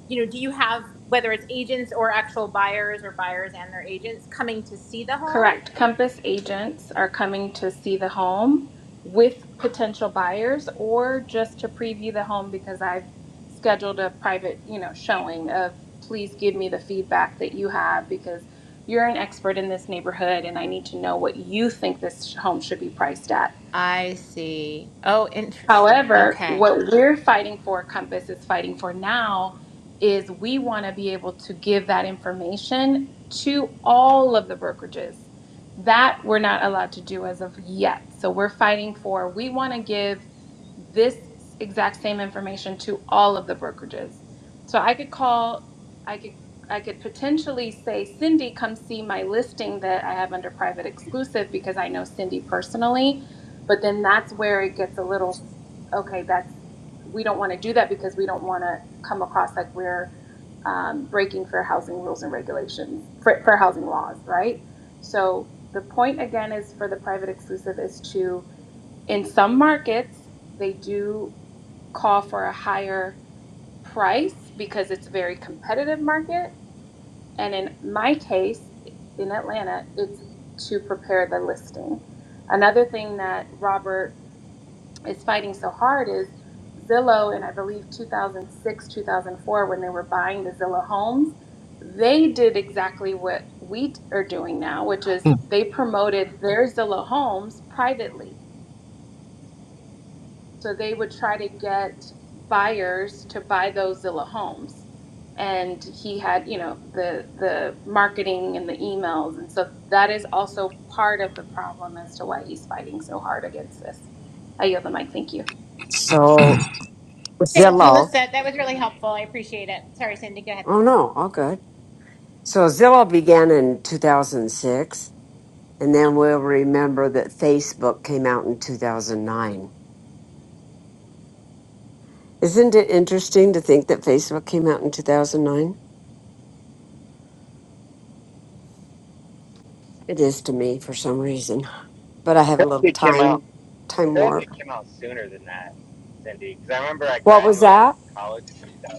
Speaker 8: you know, do you have whether it's agents or actual buyers or buyers and their agents coming to see the home?
Speaker 7: Correct. Compass agents are coming to see the home with potential buyers or just to preview the home because I've scheduled a private, you know, showing of please give me the feedback that you have because you're an expert in this neighborhood and I need to know what you think this sh- home should be priced at.
Speaker 8: I see. Oh, interesting.
Speaker 7: However,
Speaker 8: Okay.
Speaker 7: what we're fighting for, Compass is fighting for now, is we want to be able to give that information to all of the brokerages. That we're not allowed to do as of yet. So we're fighting for, we want to give this exact same information to all of the brokerages. So I could call, I could. I could potentially say, Cindy, come see my listing that I have under private exclusive because I know Cindy personally but then that's where it gets a little okay, that's, we don't want to do that because we don't want to come across like we're um, breaking fair housing rules and regulations, fair, housing laws, right? So the point again is for the private exclusive is to, in some markets, they do call for a higher price because it's a very competitive market. And in my case, in Atlanta, it's to prepare the listing. Another thing that Robert is fighting so hard is Zillow in I believe 2006, 2004 when they were buying the Zillow homes, they did exactly what we t- are doing now, which is they promoted their Zillow homes privately. So they would try to get buyers to buy those Zillow homes. And he had, you know, the the marketing and the emails, and so that is also part of the problem as to why he's fighting so hard against this. I yield the mic. Thank you.
Speaker 1: So
Speaker 8: Thank you,
Speaker 1: Zillow.
Speaker 8: Lisette. That was really helpful. I appreciate it. Sorry, Cindy. Go ahead.
Speaker 1: Oh no, all good. So Zillow began in 2006, and then we'll remember that Facebook came out in 2009. Isn't it interesting to think that Facebook came out in 2009? It is to me for some reason, but I have
Speaker 5: I
Speaker 1: a
Speaker 5: feel like
Speaker 1: little
Speaker 5: it came out.
Speaker 1: time time
Speaker 5: I feel like
Speaker 1: warp.
Speaker 5: it came out sooner than that, Cindy, because I remember I
Speaker 1: What was
Speaker 5: graduated
Speaker 1: that?
Speaker 5: college in 2000.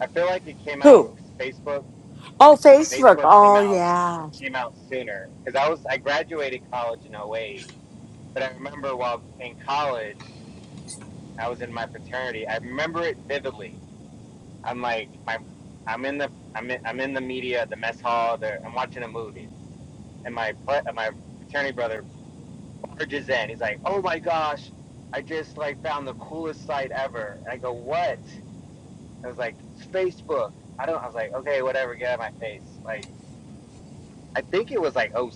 Speaker 5: I feel like it came out.
Speaker 1: Who?
Speaker 5: Facebook,
Speaker 1: Oh, Facebook.
Speaker 5: Facebook came
Speaker 1: Oh,
Speaker 5: out
Speaker 1: yeah.
Speaker 5: came out sooner because I was I graduated college in oh eight, But I remember while in college, I was in my fraternity. I remember it vividly I'm like my I'm in the I'm in, I'm in the media, the mess hall. There, I'm watching a movie, and my pla- uh, my fraternity brother barges in. He's like, "Oh my gosh, I just like found the coolest site ever." And I go, "What?" And I was like, "It's Facebook." I don't. I was like, "Okay, whatever. Get out of my face." Like, I think it was like oh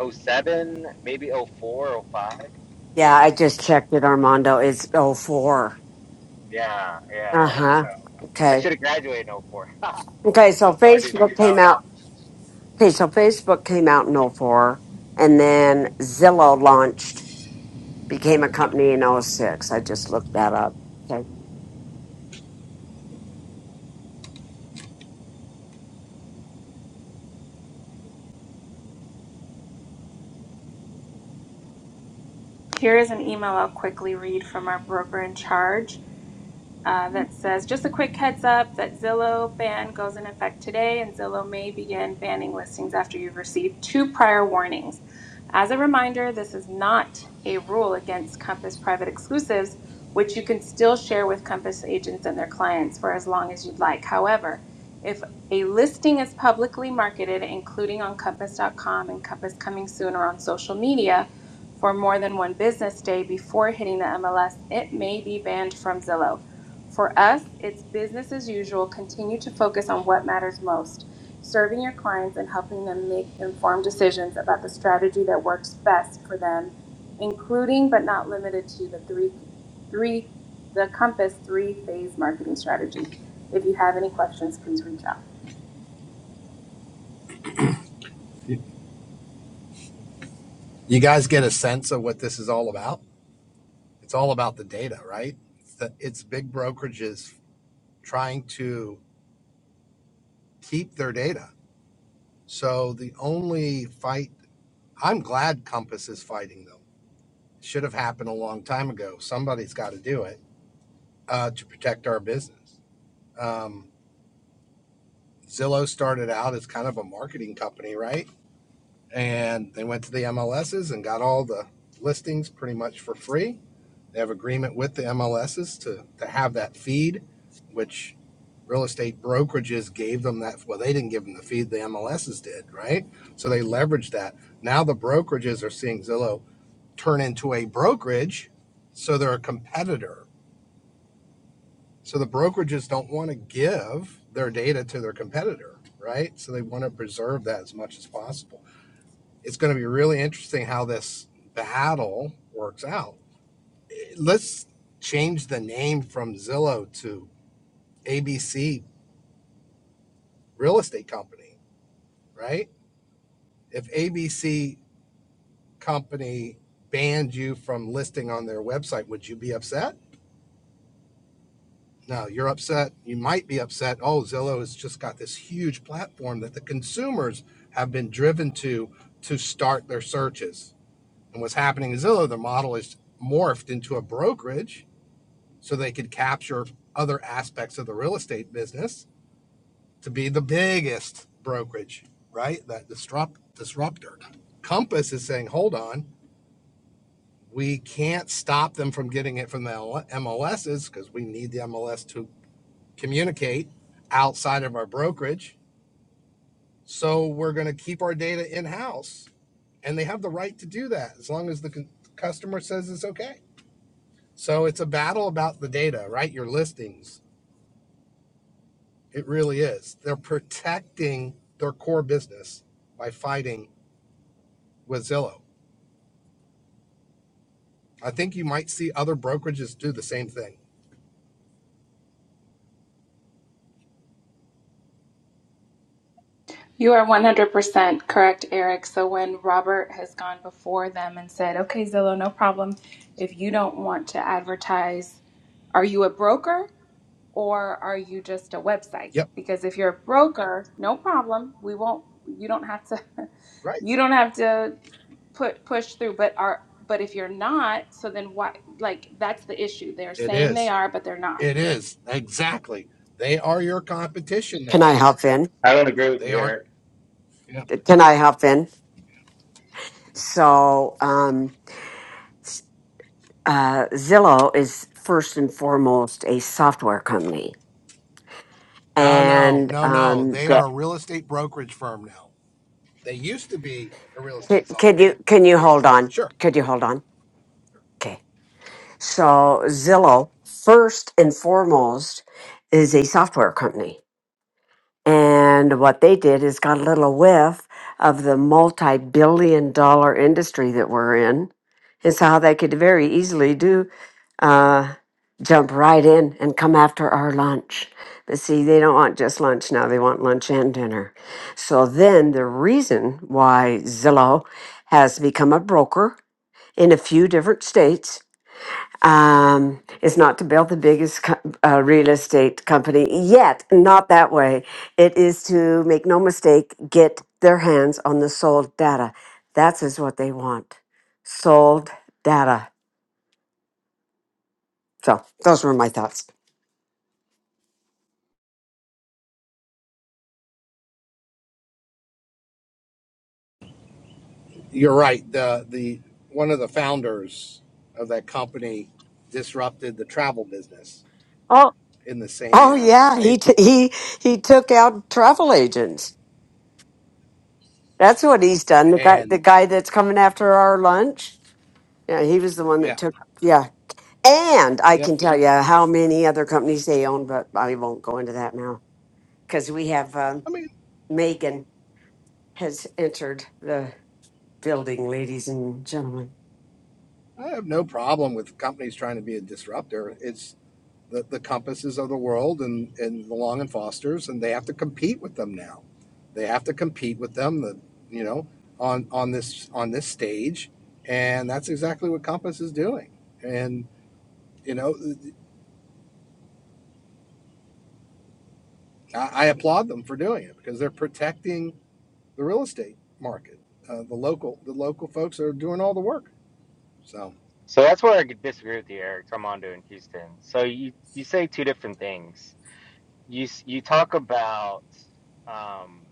Speaker 5: oh seven maybe oh four, oh five.
Speaker 1: Yeah, I just checked it, Armando. It's oh four.
Speaker 5: Yeah,
Speaker 1: uh
Speaker 5: yeah.
Speaker 1: Uh-huh.
Speaker 5: So I
Speaker 1: Okay.
Speaker 5: should have graduated in oh four. [laughs]
Speaker 1: Okay,
Speaker 5: I
Speaker 1: so
Speaker 5: started in
Speaker 1: Facebook came
Speaker 5: 2000.
Speaker 1: out. Okay, so Facebook came out in oh four, and then Zillow launched, became a company in oh six. I just looked that up. Okay.
Speaker 7: Here is an email I'll quickly read from our broker in charge uh, that says just a quick heads up that Zillow ban goes in effect today, and Zillow may begin banning listings after you've received two prior warnings. As a reminder, this is not a rule against Compass private exclusives, which you can still share with Compass agents and their clients for as long as you'd like. However, if a listing is publicly marketed, including on Compass.com and Compass Coming Soon or on social media, for more than one business day before hitting the MLS, it may be banned from Zillow. For us, it's business as usual. Continue to focus on what matters most serving your clients and helping them make informed decisions about the strategy that works best for them, including but not limited to the three, three the Compass three phase marketing strategy. If you have any questions, please reach out.
Speaker 9: You guys get a sense of what this is all about? It's all about the data, right? It's, the, it's big brokerages trying to keep their data. So the only fight, I'm glad Compass is fighting them. Should have happened a long time ago. Somebody's got to do it uh, to protect our business. Um, Zillow started out as kind of a marketing company, right? And they went to the MLSs and got all the listings pretty much for free They have agreement with the MLSs to, to have that feed, which real estate brokerages gave them that. Well, they didn't give them the feed, the MLSs did, right? So they leveraged that. Now the brokerages are seeing Zillow turn into a brokerage, so they're a competitor. So the brokerages don't want to give their data to their competitor, right? So they want to preserve that as much as possible. It's going to be really interesting how this battle works out Let's change the name from Zillow to ABC Real Estate Company, right? If ABC Company banned you from listing on their website, would you be upset? No, you're upset. You might be upset. Oh, Zillow has just got this huge platform that the consumers have been driven to to start their searches. And what's happening in Zillow, the model is morphed into a brokerage so they could capture other aspects of the real estate business to be the biggest brokerage, right? That disrupt disruptor. Compass is saying, hold on, we can't stop them from getting it from the M L- MLSs because we need the MLS to communicate outside of our brokerage. So we're going to keep our data in house, and they have the right to do that as long as the c- customer says it's okay. So it's a battle about the data, right? Your listings. It really is. They're protecting their core business by fighting with Zillow I think you might see other brokerages do the same thing.
Speaker 7: You are 100% correct, Eric. So when Robert has gone before them and said, okay, Zillow, no problem. If you don't want to advertise, are you a broker? or are you just a website?
Speaker 9: Yep,
Speaker 7: Because if you're a broker, no problem. We won't. You don't have to. [laughs]
Speaker 9: right.
Speaker 7: You don't have to put push through. But are but if you're not, so then why? Like that's the issue. They're
Speaker 9: It
Speaker 7: saying they
Speaker 9: is.
Speaker 7: are, but they're not.
Speaker 9: It is. Exactly. They are your competition
Speaker 1: Can
Speaker 9: now.
Speaker 1: I hop in?
Speaker 5: I don't agree with
Speaker 9: They
Speaker 5: you,
Speaker 9: are.
Speaker 5: Eric.
Speaker 9: Yep.
Speaker 1: Can I hop in? So um, uh, Zillow is first and foremost a software company,
Speaker 9: No, no,
Speaker 1: and
Speaker 9: no, no.
Speaker 1: um,
Speaker 9: They
Speaker 1: Got
Speaker 9: are a real estate brokerage firm now. They used to be a real
Speaker 1: can,
Speaker 9: estate
Speaker 1: can
Speaker 9: software.
Speaker 1: you can you hold on?
Speaker 9: Sure.
Speaker 1: Could you hold on? Okay. So Zillow first and foremost is a software company And what they did is got a little whiff of the multi billion dollar industry that we're in. It's how they could very easily do uh, jump right in and come after our lunch. But see, they don't want just lunch now, they want lunch and dinner. So then the reason why Zillow has become a broker in a few different states um, is not to build the biggest co- uh, real estate company yet, not that way. It is to make no mistake, get their hands on the sold data. That is what they want sold data. So, those were my thoughts.
Speaker 9: You're right. The the one of the founders of that company disrupted the travel business
Speaker 1: Oh,
Speaker 9: in the same
Speaker 1: Oh,
Speaker 9: manner,
Speaker 1: yeah,
Speaker 9: right?
Speaker 1: he, t- he, he took out travel agents. That's what he's done. The guy, the
Speaker 9: And
Speaker 1: guy that's coming after our lunch. Yeah, he was the one that
Speaker 9: yeah,
Speaker 1: took. Yeah, And I
Speaker 9: yep.
Speaker 1: can tell you how many other companies they own, but I won't go into that now because we have um,
Speaker 9: I mean,
Speaker 1: Megan has entered the building, ladies and gentlemen.
Speaker 9: I have no problem with companies trying to be a disruptor. It's the, the compasses of the world and, and the long and fosters and they have to compete with them now they have to compete with them the, you know on on this on this stage and that's exactly what compass is doing and you know i, I applaud them for doing it because they're protecting the real estate market uh, the local the local folks are doing all the work so
Speaker 5: So that's where I could disagree with you, Eric Armando in Houston. So you you say two different things. You s- you talk about um,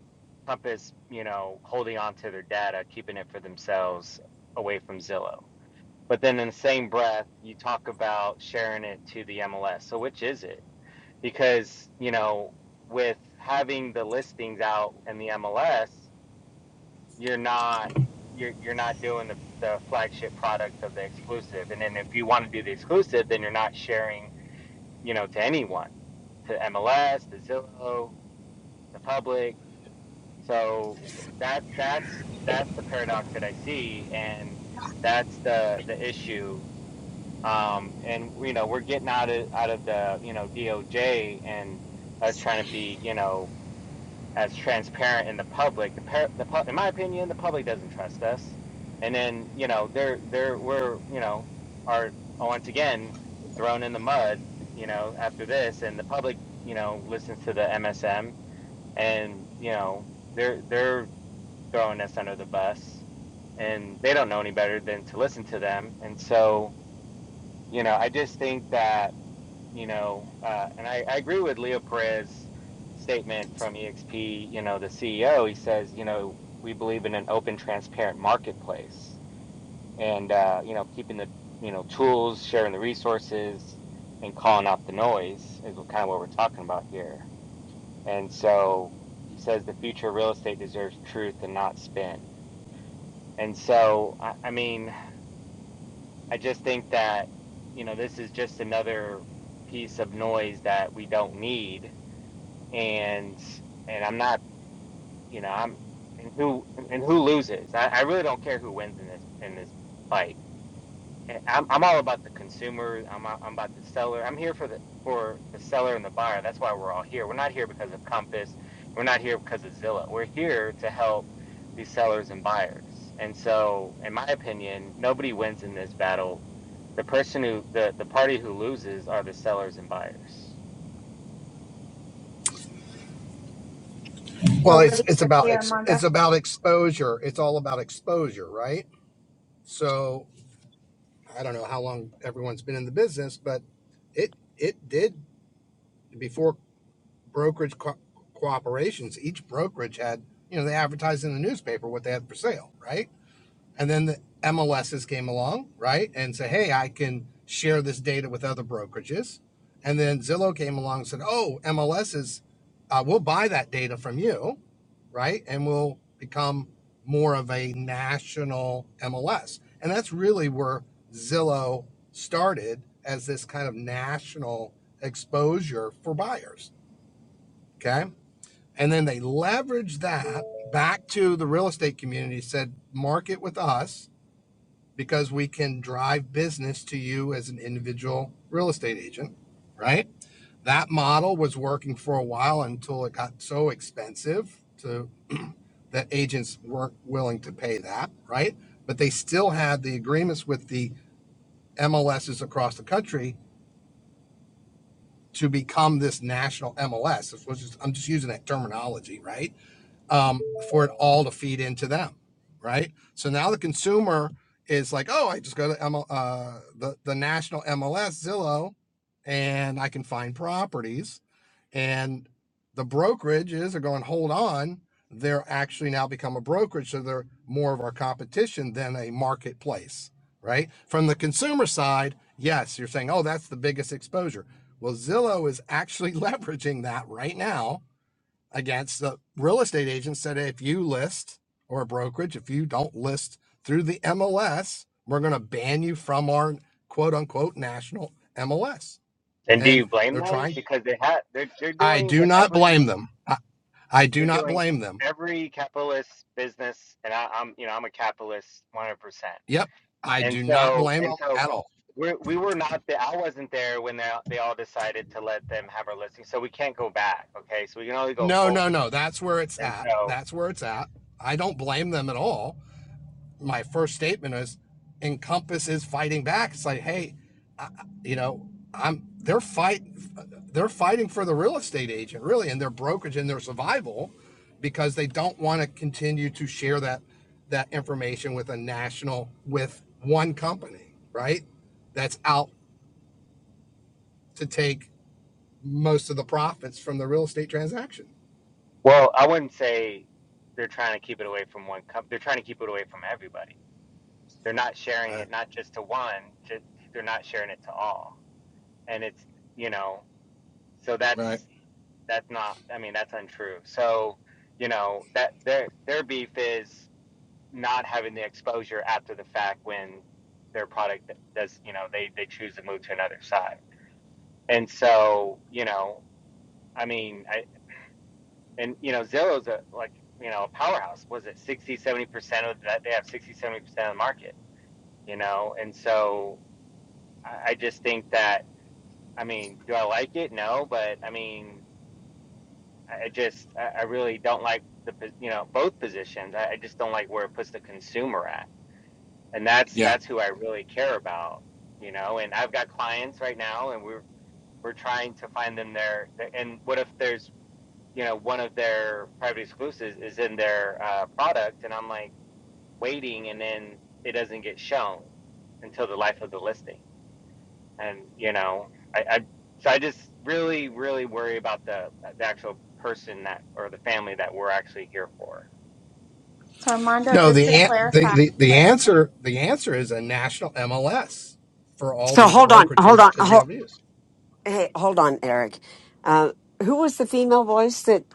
Speaker 5: Compass, you know, holding on to their data, keeping it for themselves, away from Zillow. But then in the same breath, you talk about sharing it to the MLS. So which is it? Because you know, with having the listings out in the MLS you're not you're you're not doing the, the flagship product of the exclusive. And then if you want to do the exclusive, then you're not sharing, you know, to anyone, to MLS, to Zillow, the public. So that that's that's the paradox that I see, and that's the the issue. Um, and you know, we're getting out of out of the you know DOJ and us trying to be you know as transparent in the public. The, par- the pu- in my opinion, the public doesn't trust us. And then you know they're they're we're you know are once again thrown in the mud. You know after this, and the public you know listens to the MSM, and you know they're they're throwing us under the bus, and they don't know any better than to listen to them. And so you know I just think that you know, uh, and I, I agree with Leo Perez's statement from EXP, you know, the CEO. He says, you know, we believe in an open, transparent marketplace and, uh, you know, keeping the, you know, tools, sharing the resources, and calling out the noise is what, kind of what we're talking about here. And so he says the future of real estate deserves truth and not spin. And so, I, I mean, I just think that, you know, this is just another piece of noise that we don't need and and I'm not, you know, I'm and who and who loses. I, I really don't care who wins in this in this fight. And I'm I'm all about the consumer. I'm a- I'm about the seller. I'm here for the for the seller and the buyer. That's why we're all here. We're not here because of Compass. We're not here because of Zillow. We're here to help these sellers and buyers. And so, in my opinion, nobody wins in this battle. The person who the the party who loses are the sellers and buyers.
Speaker 9: well it's it's about ex, it's about exposure it's all about exposure right so I don't know how long everyone's been in the business, but it it did before brokerage co- cooperations. Each brokerage had you know they advertised in the newspaper what they had for sale, right? And then the MLSs came along, right? And said, hey, I can share this data with other brokerages. And then Zillow came along and said, oh, MLSs, uh, we'll buy that data from you, right? And we'll become more of a national MLS. And that's really where Zillow started as this kind of national exposure for buyers. Okay. And then they leveraged that back to the real estate community, said, market with us because we can drive business to you as an individual real estate agent, right? That model was working for a while until it got so expensive to that agents weren't willing to pay that, right? But they still had the agreements with the MLSs across the country to become this national MLS. This was just, I'm just using that terminology, right? um, for it all to feed into them, right? So now the consumer is like, oh, I just go to ML, uh, the the national MLS Zillow, and I can find properties. And the brokerages are going, hold on, they're actually now become a brokerage, so they're more of our competition than a marketplace, right? From the consumer side, yes, you're saying, oh, that's the biggest exposure. Well, Zillow is actually [laughs] leveraging that right now against the real estate agents that if you list or a brokerage, if you don't list through the MLS, we're going to ban you from our quote unquote national MLS.
Speaker 5: And do
Speaker 9: And
Speaker 5: you blame
Speaker 9: they're
Speaker 5: them?
Speaker 9: trying.
Speaker 5: Because they had they're they're
Speaker 9: I
Speaker 5: doing
Speaker 9: do
Speaker 5: what
Speaker 9: not
Speaker 5: every
Speaker 9: blame them. I, I do
Speaker 5: they're
Speaker 9: not
Speaker 5: doing
Speaker 9: blame them.
Speaker 5: every capitalist business, and I, I'm you know I'm a capitalist 100. percent
Speaker 9: Yep. I
Speaker 5: And
Speaker 9: do not
Speaker 5: so
Speaker 9: blame
Speaker 5: and
Speaker 9: them
Speaker 5: so
Speaker 9: at all.
Speaker 5: we we were not the I wasn't there when they they all decided to let them have our listing. So we can't go back. Okay, so we can only go
Speaker 9: No,
Speaker 5: forward.
Speaker 9: no, no. That's where it's
Speaker 5: And
Speaker 9: at.
Speaker 5: so
Speaker 9: That's where it's at. I don't blame them at all my first statement is encompass is fighting back it's like hey I, you know i'm they're fight they're fighting for the real estate agent really and their brokerage and their survival because they don't want to continue to share that that information with a national with one company right that's out to take most of the profits from the real estate transaction
Speaker 5: well, I wouldn't say they're trying to keep it away from one company. They're trying to keep it away from everybody. They're not sharing
Speaker 9: right
Speaker 5: it not just to one. Just, they're not sharing it to all. And it's you know so that's
Speaker 9: right
Speaker 5: that's not i mean that's untrue so you know that their their beef is not having the exposure after the fact when their product does you know they they choose to move to another side and so you know i mean i and you know zillow's a like you know a powerhouse was it 60 70 percent of that they have 60 70 percent of the market you know and so i I just think that i mean do i like it no but i mean I just, I I really don't like the, po- you know, both positions. I, I just don't like where it puts the consumer at. And that's,
Speaker 9: yeah
Speaker 5: that's who I really care about, you know, and I've got clients right now and we're, we're trying to find them their, their- and what if there's, you know, one of their private exclusives is in their uh, product and I'm like waiting and then it doesn't get shown until the life of the listing and you know I, I so I just really really worry about the the actual person that or the family that we're actually here for.
Speaker 7: So Armando,
Speaker 9: No,
Speaker 7: just
Speaker 9: the,
Speaker 7: to
Speaker 9: an- the
Speaker 7: clarify.
Speaker 9: the the answer the answer is a national MLS for all
Speaker 1: So
Speaker 9: these
Speaker 1: hold on, hold
Speaker 9: brokerages
Speaker 1: on,
Speaker 9: to be
Speaker 1: hold,
Speaker 9: able to use.
Speaker 1: hey, hold on, Eric. Uh, who was the female voice that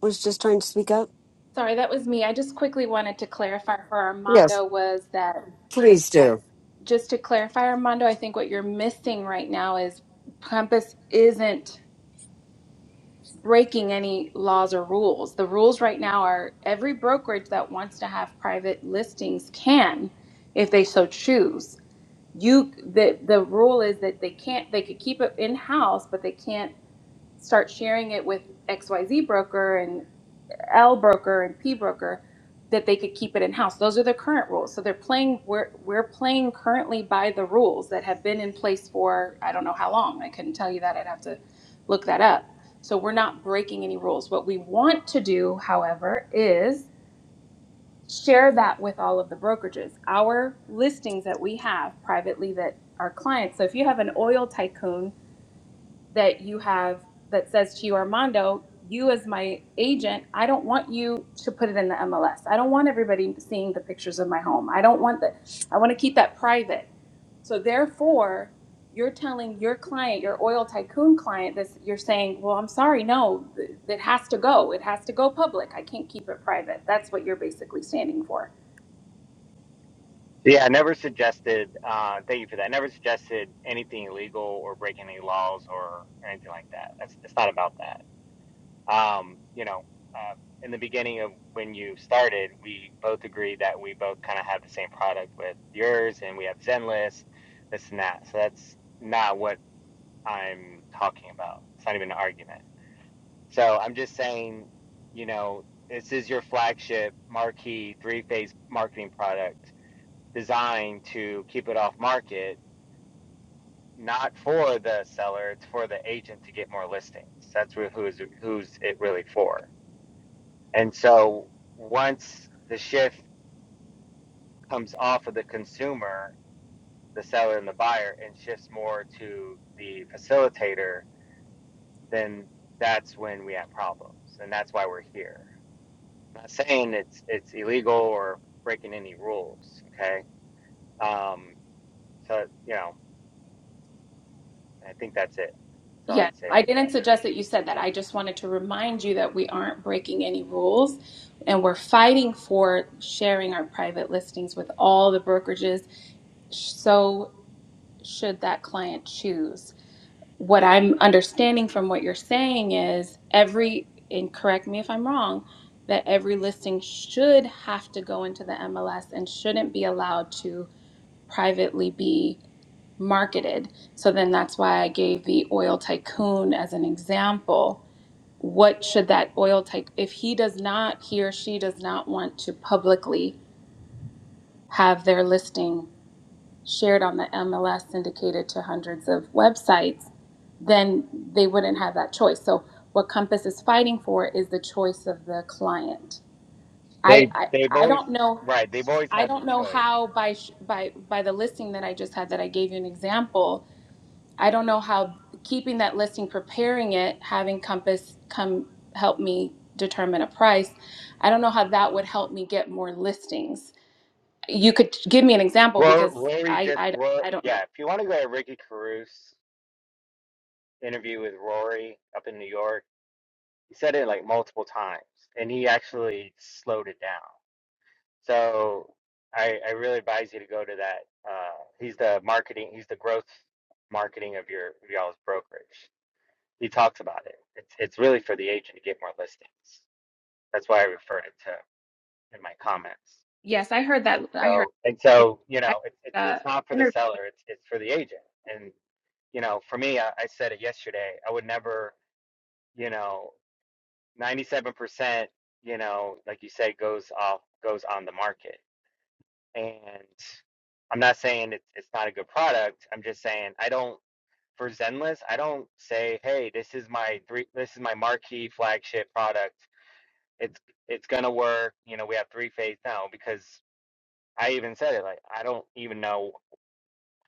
Speaker 1: was just trying to speak up?
Speaker 7: Sorry, that was me. I just quickly wanted to clarify for
Speaker 1: Yes,
Speaker 7: Armando was that
Speaker 1: please do.
Speaker 7: just to clarify, Armando, I think what you're missing right now is Compass isn't. breaking any laws or rules. The rules right now are every brokerage that wants to have private listings can if they so choose. You the the rule is that they can't they could keep it in house but they can't start sharing it with XYZ broker and. L broker and P broker that they could keep it in house. Those are the current rules. So they're playing we're we're playing currently by the rules that have been in place for I don't know how long. I couldn't tell you that. I'd have to look that up. So we're not breaking any rules. What we want to do, however, is share that with all of the brokerages. Our listings that we have privately that our clients. So if you have an oil tycoon that you have that says to you, Armando, you as my agent, I don't want you to put it in the MLS. I don't want everybody seeing the pictures of my home. I don't want that. I want to keep that private. So therefore, you're telling your client, your oil tycoon client, this. You're saying, well, I'm sorry, no, th- it has to go. It has to go public. I can't keep it private. That's what you're basically standing for.
Speaker 5: So yeah, I never suggested. Uh, thank you for that. I never suggested anything illegal or breaking any laws or anything like that. That's it's not about that. Um, you know, uh, in the beginning of when you started, we both agreed that we both kind of have the same product with yours, and we have Zenlist, this and that. So that's not what I'm talking about. It's not even an argument So I'm just saying, you know, this is your flagship marquee three-phase marketing product designed to keep it off market, not for the seller, it's for the agent to get more listings. That's who's who's it really for. And so once the shift comes off of the consumer, the seller and the buyer, and shifts more to the facilitator, then that's when we have problems. And that's why we're here. I'm not saying it's it's illegal or breaking any rules, okay? Um, so you know, I think that's it. That's all I have
Speaker 7: Yeah,
Speaker 5: to say
Speaker 7: I
Speaker 5: about
Speaker 7: didn't
Speaker 5: that.
Speaker 7: suggest that you said that. I just wanted to remind you that we aren't breaking any rules and we're fighting for sharing our private listings with all the brokerages. So, should that client choose? What I'm understanding from what you're saying is every, and correct me if I'm wrong, that every listing should have to go into the MLS and shouldn't be allowed to privately be marketed. So then that's why I gave the oil tycoon as an example. What should that oil type, if he does not, he or she does not want to publicly have their listing shared on the MLS syndicated to hundreds of websites, then they wouldn't have that choice. So what Compass is fighting for is the choice of the client. I,
Speaker 5: They
Speaker 7: I,
Speaker 5: they've
Speaker 7: I
Speaker 5: always
Speaker 7: don't know.
Speaker 5: right. They've always
Speaker 7: I
Speaker 5: had the
Speaker 7: don't know
Speaker 5: choice.
Speaker 7: how by sh- by by the listing that I just had that I gave you an example I don't know how keeping that listing, preparing it, having Compass come help me determine a price. I don't know how that would help me get more listings. You could give me an example
Speaker 5: Rory,
Speaker 7: because
Speaker 5: Rory
Speaker 7: I
Speaker 5: just
Speaker 7: I, don't-
Speaker 5: Rory,
Speaker 7: I don't know.
Speaker 5: yeah. If you want to go to Ricky Caruso's interview with Rory up in New York, he said it like multiple times, and he actually slowed it down. So I I really advise you to go to that. Uh, he's the marketing. He's the growth marketing of your of y'all's brokerage. He talks about it. It's it's really for the agent to get more listings. That's why I referred it to in my comments.
Speaker 7: Yes, I heard that.
Speaker 5: And
Speaker 7: I heard
Speaker 5: so and
Speaker 7: it.
Speaker 5: so you
Speaker 7: I
Speaker 5: know it, it's
Speaker 7: heard
Speaker 5: it's not
Speaker 7: the
Speaker 5: for the
Speaker 7: interview.
Speaker 5: seller. It's it's for the agent. And you know for me, I, I said it yesterday. I would never you know ninety seven percent you know like you said goes off goes on the market. And I'm not saying it's it's not a good product. I'm just saying I don't for Zenless, I don't say, "Hey, this is my three, this is my marquee flagship product. it's it's gonna work. You know, we have three phase now because I even said it like I don't even know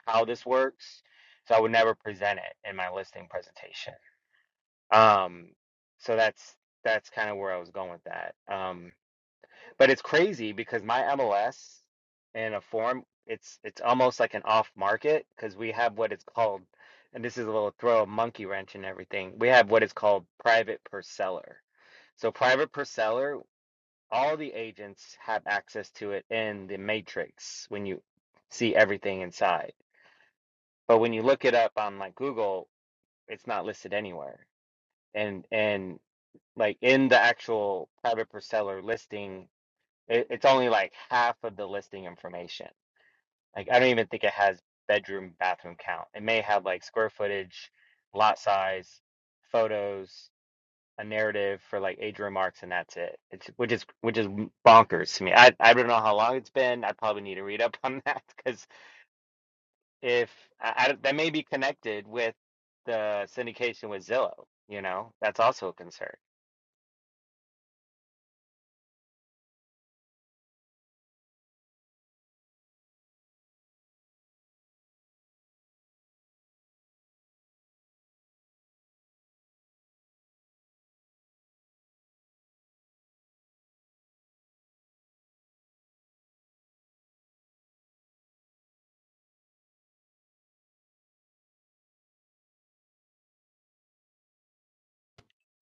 Speaker 5: how this works, so I would never present it in my listing presentation. Um, so that's that's kind of where I was going with that. Um, but it's crazy because my MLS in a form it's it's almost like an off market because we have what it's called, and this is a little throw a monkey wrench and everything. We have what is called private per seller. So private per seller all the agents have access to it in the matrix when you see everything inside. But when you look it up on like Google, it's not listed anywhere. And and like in the actual private per seller listing, it, it's only like half of the listing information. Like I don't even think it has bedroom bathroom count. It may have like square footage, lot size, photos. a narrative for like age remarks and that's it. It's which is which is bonkers to me. I I don't know how long it's been. I probably need to read up [laughs] on that because if I, I that may be connected with the syndication with Zillow, you know, that's also a concern.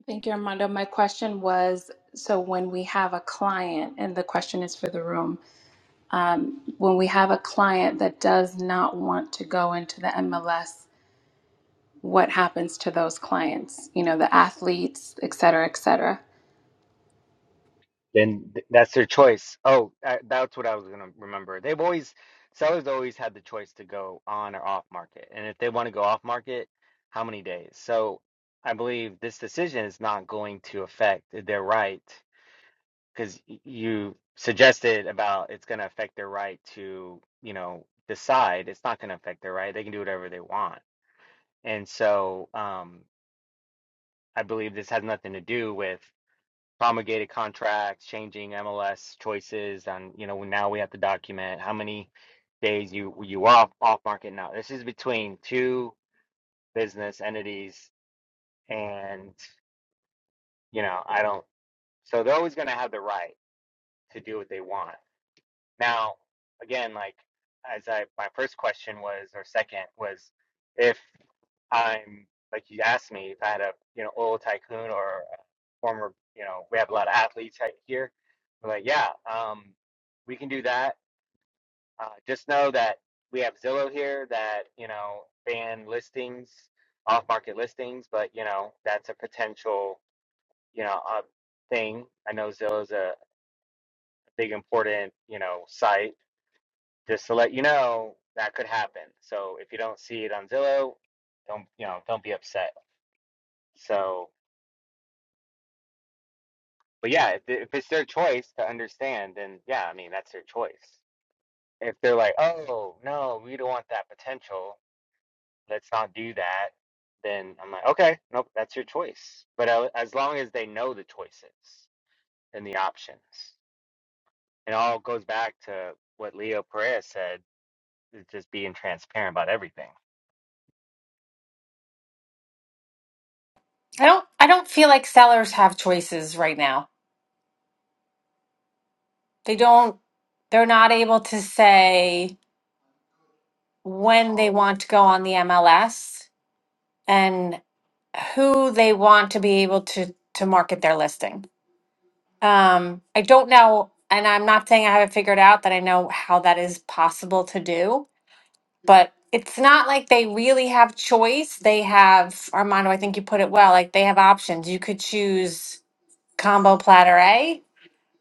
Speaker 7: Thank you, Armando. My question was so when we have a client, and the question is for the room, um, when we have a client that does not want to go into the MLS what happens to those clients, you know, the athletes, et cetera, et cetera.
Speaker 5: Then th- that's their choice. Oh, I, that's what I was gonna remember. They've always sellers always had the choice to go on or off market, and if they want to go off market, how many days? So I believe this decision is not going to affect their right because you suggested about it's going to affect their right to, you know, decide. It's not going to affect their right. They can do whatever they want. And so um, I believe this has nothing to do with promulgated contracts, changing MLS choices on, you know, now we have to document how many days you you are off, off market now. This is between two business entities and, you know, I don't, so they're always going to have the right to do what they want. Now, again, like as I my first question was or second was if I'm like you asked me if I had a you know oil tycoon or a former you know we have a lot of athletes right here. We're like yeah, um, we can do that. Uh, just know that we have Zillow here that you know ban listings, off market listings, but you know that's a potential you know uh, thing. I know Zillow's a big important you know site just to let you know that could happen. So if you don't see it on Zillow, don't you know? Don't be upset. So, but yeah, if, if it's their choice to understand, then yeah, I mean that's their choice. If they're like, oh no, we don't want that potential, let's not do that, then I'm like, okay, nope, that's your choice. But uh, as long as they know the choices and the options, it all goes back to what Leo Perez said: is just being transparent about everything
Speaker 10: I don't I don't feel like sellers have choices right now. They don't they're not able to say when they want to go on the MLS and who they want to be able to to market their listing. Um I don't know and I'm not saying I haven't figured out that I know how that is possible to do, but it's not like they really have choice. They have Armando, I think you put it well, like they have options. You could choose combo platter A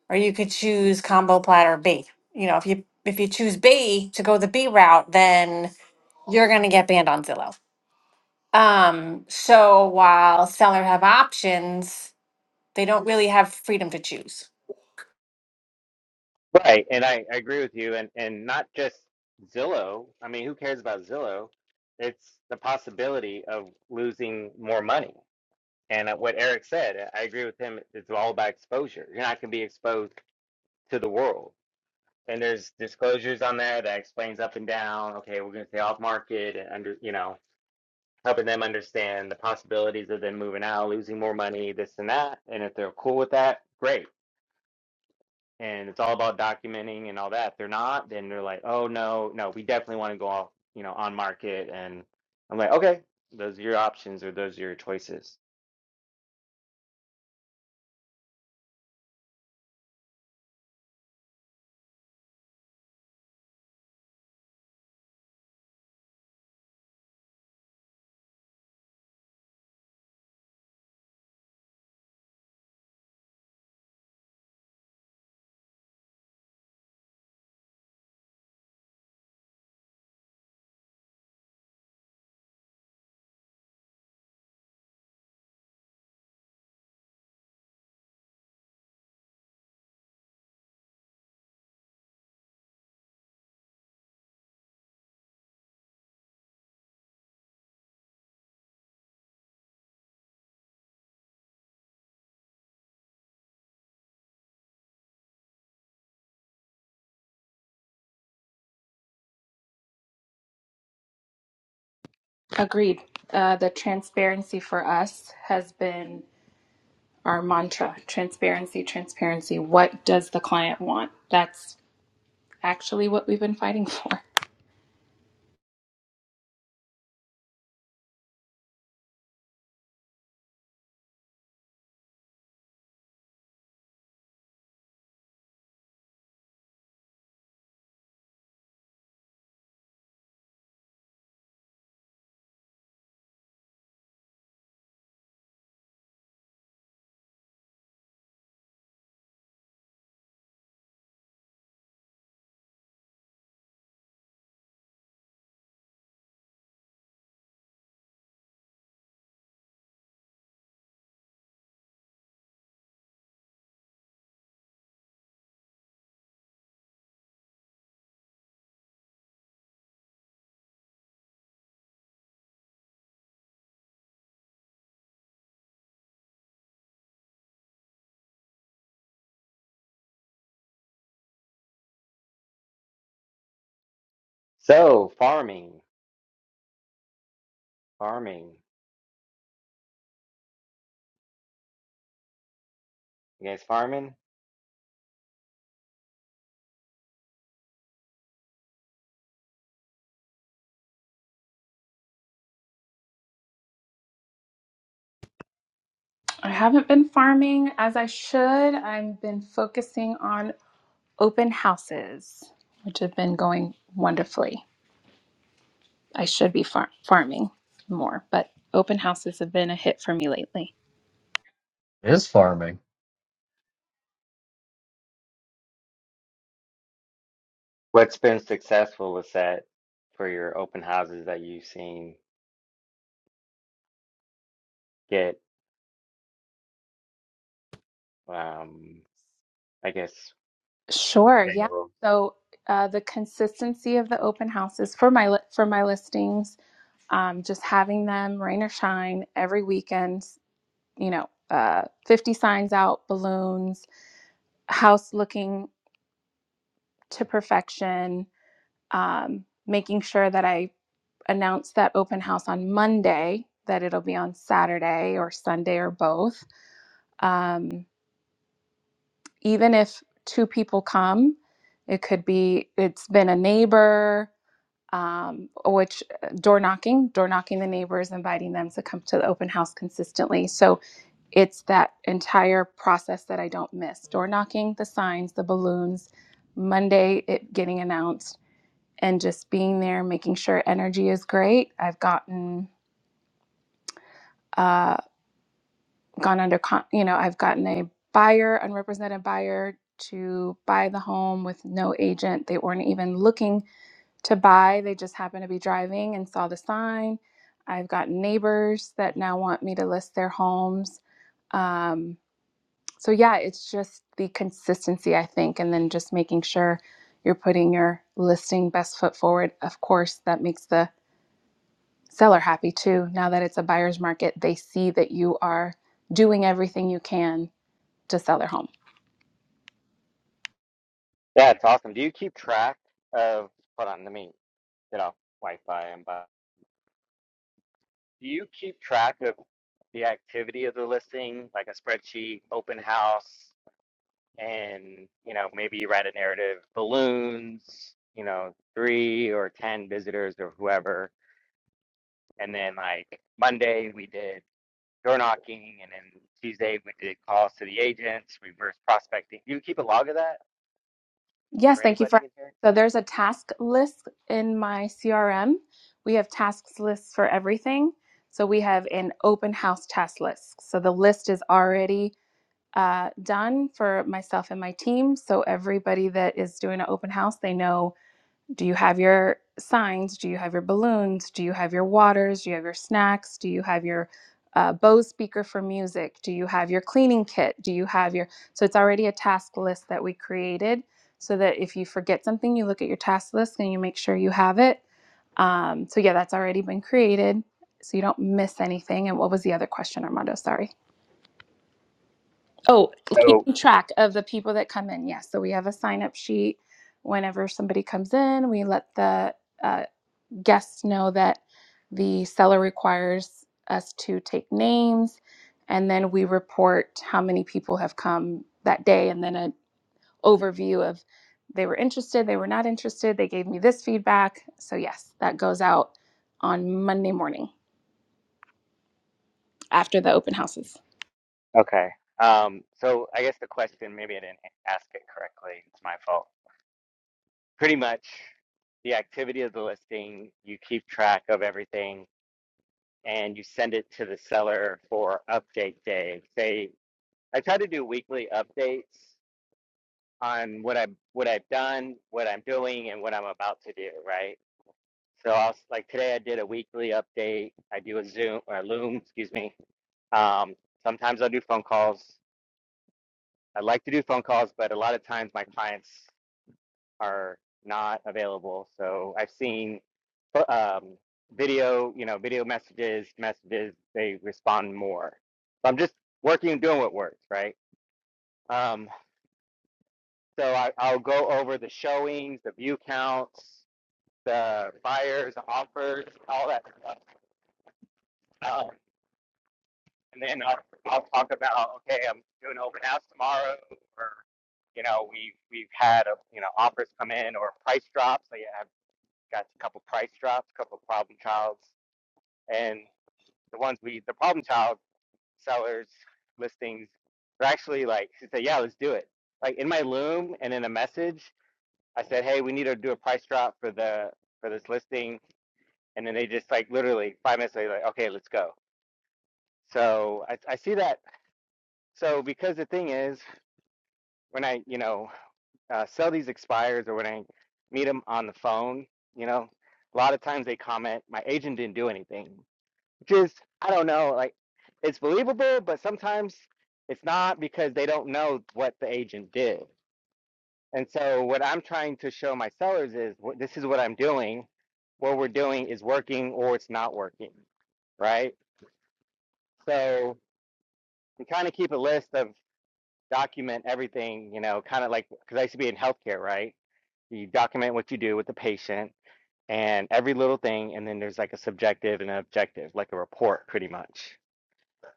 Speaker 10: or you could choose combo platter B. You know, if you if you choose B to go the B route, then you're going to get banned on Zillow. Um, so while seller have options, they don't really have freedom to choose.
Speaker 5: Right, and I, I agree with you, and and not just Zillow. I mean, who cares about Zillow? It's the possibility of losing more money. And uh, what Eric said, uh, I agree with him. It's all about exposure. You're not going to be exposed to the world. And there's disclosures on there that explains up and down. Okay, we're going to stay off market and under, you know, helping them understand the possibilities of them moving out, losing more money, this and that. And if they're cool with that, great. and it's all about documenting and all that. they're not, then they're like, oh no, no, we definitely want to go off, you know, on market. And I'm like, okay, those are your options or those are your choices.
Speaker 7: Agreed. Uh, the transparency for us has been our mantra transparency, transparency. What does the client want? That's actually what we've been fighting [laughs] for.
Speaker 5: So farming, farming, you guys farming?
Speaker 7: I haven't been farming as I should. I've been focusing on open houses, which have been going wonderfully. I should be far- farming more, but open houses have been a hit for me lately.
Speaker 2: It is farming.
Speaker 5: What's been successful with that for your open houses that you've seen get, um, I guess,
Speaker 7: Sure, yeah.
Speaker 5: general?
Speaker 7: So uh, the consistency of the open houses for my li- for my listings, um, just having them rain or shine every weekend. You know, uh, fifty signs out, balloons, house looking to perfection. Um, making sure that I announce that open house on Monday, that it'll be on Saturday or Sunday or both. Um, even if two people come, it could be it's been a neighbor, um, which uh, door knocking, door knocking the neighbors, inviting them to come to the open house consistently. So it's that entire process that I don't miss door knocking, the signs, the balloons, Monday it getting announced, and just being there, making sure energy is great. I've gotten. uh, gone under con- you know i've gotten a buyer unrepresented buyer to buy the home with no agent they weren't even looking to buy they just happened to be driving and saw the sign i've got neighbors that now want me to list their homes um, so yeah it's just the consistency i think and then just making sure you're putting your listing best foot forward of course that makes the seller happy too now that it's a buyer's market they see that you are doing everything you can to sell their home.
Speaker 5: Yeah, it's awesome. Do you keep track of, hold on, let me get off Wi-Fi and bye. Do you keep track of the activity of the listing, like a spreadsheet, open house, and you know maybe you write a narrative, balloons, you know three or ten visitors or whoever, and then like Monday we did door knocking, and then Tuesday we did calls to the agents, reverse prospecting. Do you keep a log of that
Speaker 7: Yes,
Speaker 5: for
Speaker 7: thank you
Speaker 5: anybody
Speaker 7: for.
Speaker 5: in here?
Speaker 7: So there's a task list in my CRM. We have tasks lists for everything. So we have an open house task list. So the list is already uh, done for myself and my team. So everybody that is doing an open house, they know Do you have your signs? Do you have your balloons? Do you have your waters? Do you have your snacks? Do you have your uh, Bose speaker for music? Do you have your cleaning kit? Do you have your. So it's already a task list that we created so that if you forget something, you look at your task list and you make sure you have it. Um, so yeah, that's already been created. So you don't miss anything. And what was the other question, Armando? Sorry. Oh,
Speaker 5: So
Speaker 7: keeping track of the people that come in. Yes. So we have a sign up sheet. Whenever somebody comes in, we let the uh, guests know that the seller requires us to take names and then we report how many people have come that day and then an overview of they were interested, they were not interested, they gave me this feedback. So, yes, that goes out on Monday morning after the open houses.
Speaker 5: okay, um, so I guess the question maybe I didn't ask it correctly. It's my fault pretty much the activity of the listing. You keep track of everything and you send it to the seller for update day. Say, I try to do weekly updates on what I'm what I've done, what I'm doing, and what I'm about to do. Right. So I'll like today I did a weekly update. I do a Zoom or a Loom, excuse me. Um, sometimes I'll do phone calls. I like to do phone calls, but a lot of times my clients are not available. So I've seen um, video, you know, video messages, messages, they respond more. So I'm just working and doing what works, right? Um, so I, I'll go over the showings, the view counts, the buyers, the offers, all that stuff. Um, and then I'll, I'll talk about, okay, I'm doing open house tomorrow or you know, we've we've had a, you know offers come in or price drops. Like, got a couple price drops, a couple problem childs, and the ones we the problem child sellers listings are actually like she said, yeah, let's do it. Like in my loom and in a message, I said, hey, we need to do a price drop for the for this listing, and then they just like literally five minutes later, like okay, let's go. So I, I see that. So because the thing is, when I you know uh, sell these expires or when I meet them on the phone, you know, a lot of times they comment, my agent didn't do anything. just I don't know, like it's believable, but sometimes it's not because they don't know what the agent did. And so what I'm trying to show my sellers is wh- this is what I'm doing. What we're doing is working or it's not working, right? So we kind of keep a list of document everything, you know, kind of like because I used to be in healthcare, right? You document what you do with the patient and every little thing, and then there's like a subjective and an objective, like a report, pretty much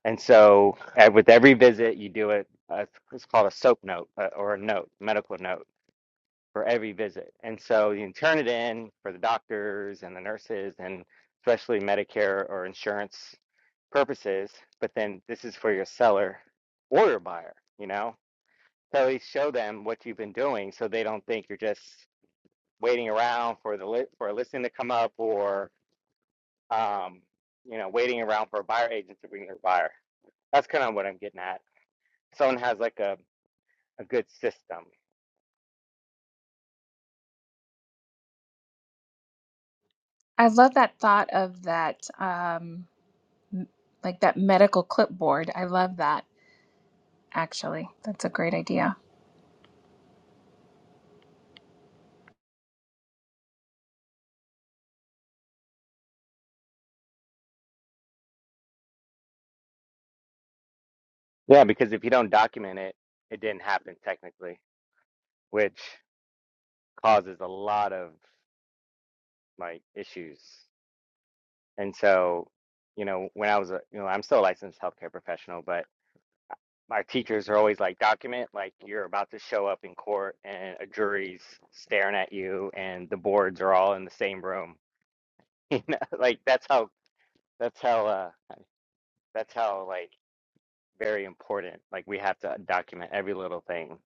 Speaker 5: And so, and with every visit, you do it. Uh, it's called a SOAP note uh, or a note, medical note for every visit. And so you can turn it in for the doctors and the nurses and especially Medicare or insurance purposes. But then this is for your seller or your buyer, you know? So at least show them what you've been doing so they don't think you're just waiting around for the li- for a listing to come up or um, you know, waiting around for a buyer agent to bring their buyer. That's kind of what I'm getting at someone has like a, a good system.
Speaker 7: I love that thought of that, um, like that medical clipboard. I love that. Actually, that's a great idea.
Speaker 5: Yeah, because if you don't document it, it didn't happen technically, which causes a lot of like issues. And so, you know, when I was a, you know, I'm still a licensed healthcare professional, but my teachers are always like, document like you're about to show up in court and a jury's staring at you and the boards are all in the same room. [laughs] You know, like that's how that's how uh that's how like very important. Like we have to document every little thing.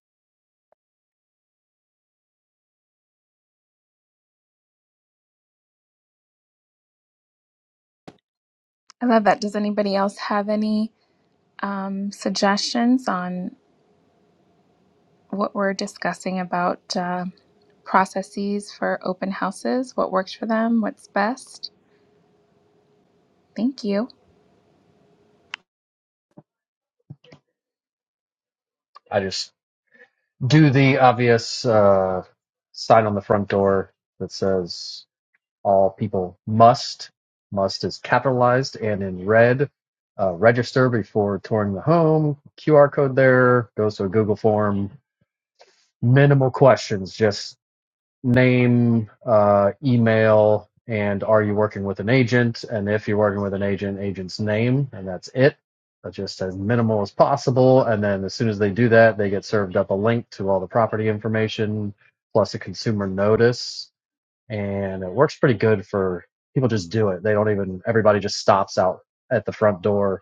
Speaker 7: I love that. Does anybody else have any um, suggestions on what we're discussing about uh, processes for open houses? What works for them? What's best? Thank you.
Speaker 2: I just do the obvious uh, sign on the front door that says all people must. Must is capitalized and in red. Uh, register before touring the home. QR code there goes to a Google form minimal questions just name uh, email and are you working with an agent and if you're working with an agent agent's name and that's it that's just as minimal as possible and then as soon as they do that they get served up a link to all the property information plus a consumer notice and it works pretty good for people just do it they don't even everybody just stops out at the front door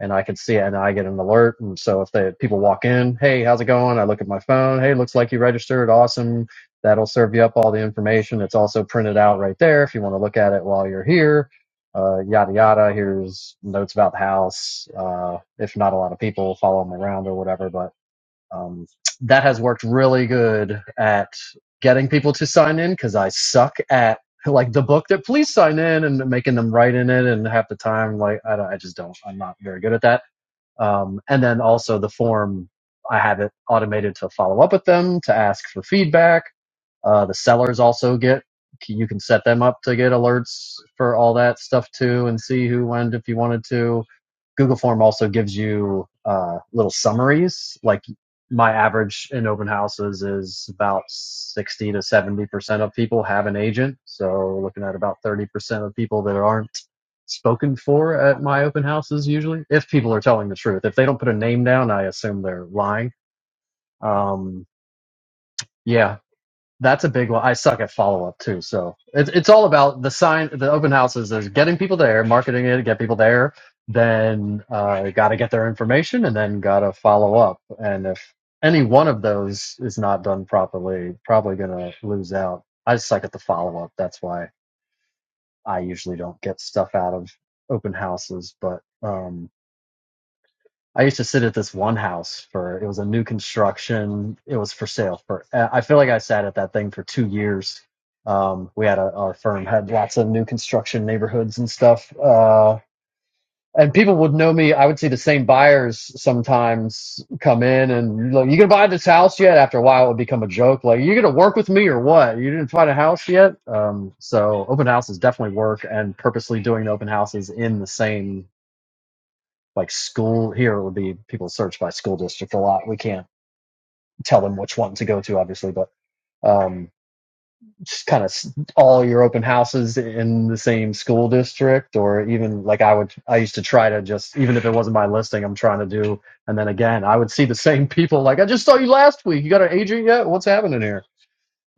Speaker 2: and I can see it and I get an alert. And so if the people walk in, hey, how's it going? I look at my phone. Hey, looks like you registered. Awesome. That'll serve you up all the information. It's also printed out right there if you want to look at it while you're here. Uh, yada yada. Here's notes about the house. Uh, if not a lot of people follow them around or whatever, but um, that has worked really good at getting people to sign in because I suck at like the book that please sign in and making them write in it and half the time like I, don't- I just don't I'm not very good at that um, and then also the form, I have it automated to follow up with them, to ask for feedback. Uh, the sellers also get, you can set them up to get alerts for all that stuff too and see who went if you wanted to. Google Form also gives you uh, little summaries. Like my average in open houses is about 60 to 70% of people have an agent. So looking at about 30% of people that aren't spoken for at my open houses usually if people are telling the truth if they don't put a name down i assume they're lying um yeah that's a big one i suck at follow-up too so it's, it's all about the sign the open houses there's getting people there marketing it get people there then uh got to get their information and then got to follow up and if any one of those is not done properly probably gonna lose out i suck at the follow-up that's why i usually don't get stuff out of open houses but um I used to sit at this one house for it was a new construction. It was for sale for uh, I feel like I sat at that thing for two years. Um, we had a our firm had lots of new construction neighborhoods and stuff. Uh, and people would know me. I would see the same buyers sometimes come in and like, you gonna buy this house yet? After a while, it would become a joke. Like, you gonna work with me or what? You didn't find a house yet? Um, so open houses definitely work, and purposely doing the open houses in the same like school here would be people search by school district a lot we can't tell them which one to go to obviously but um just kind of all your open houses in the same school district or even like i would i used to try to just even if it wasn't my listing i'm trying to do and then again i would see the same [laughs] people like i just saw you last week you got an agent yet what's happening here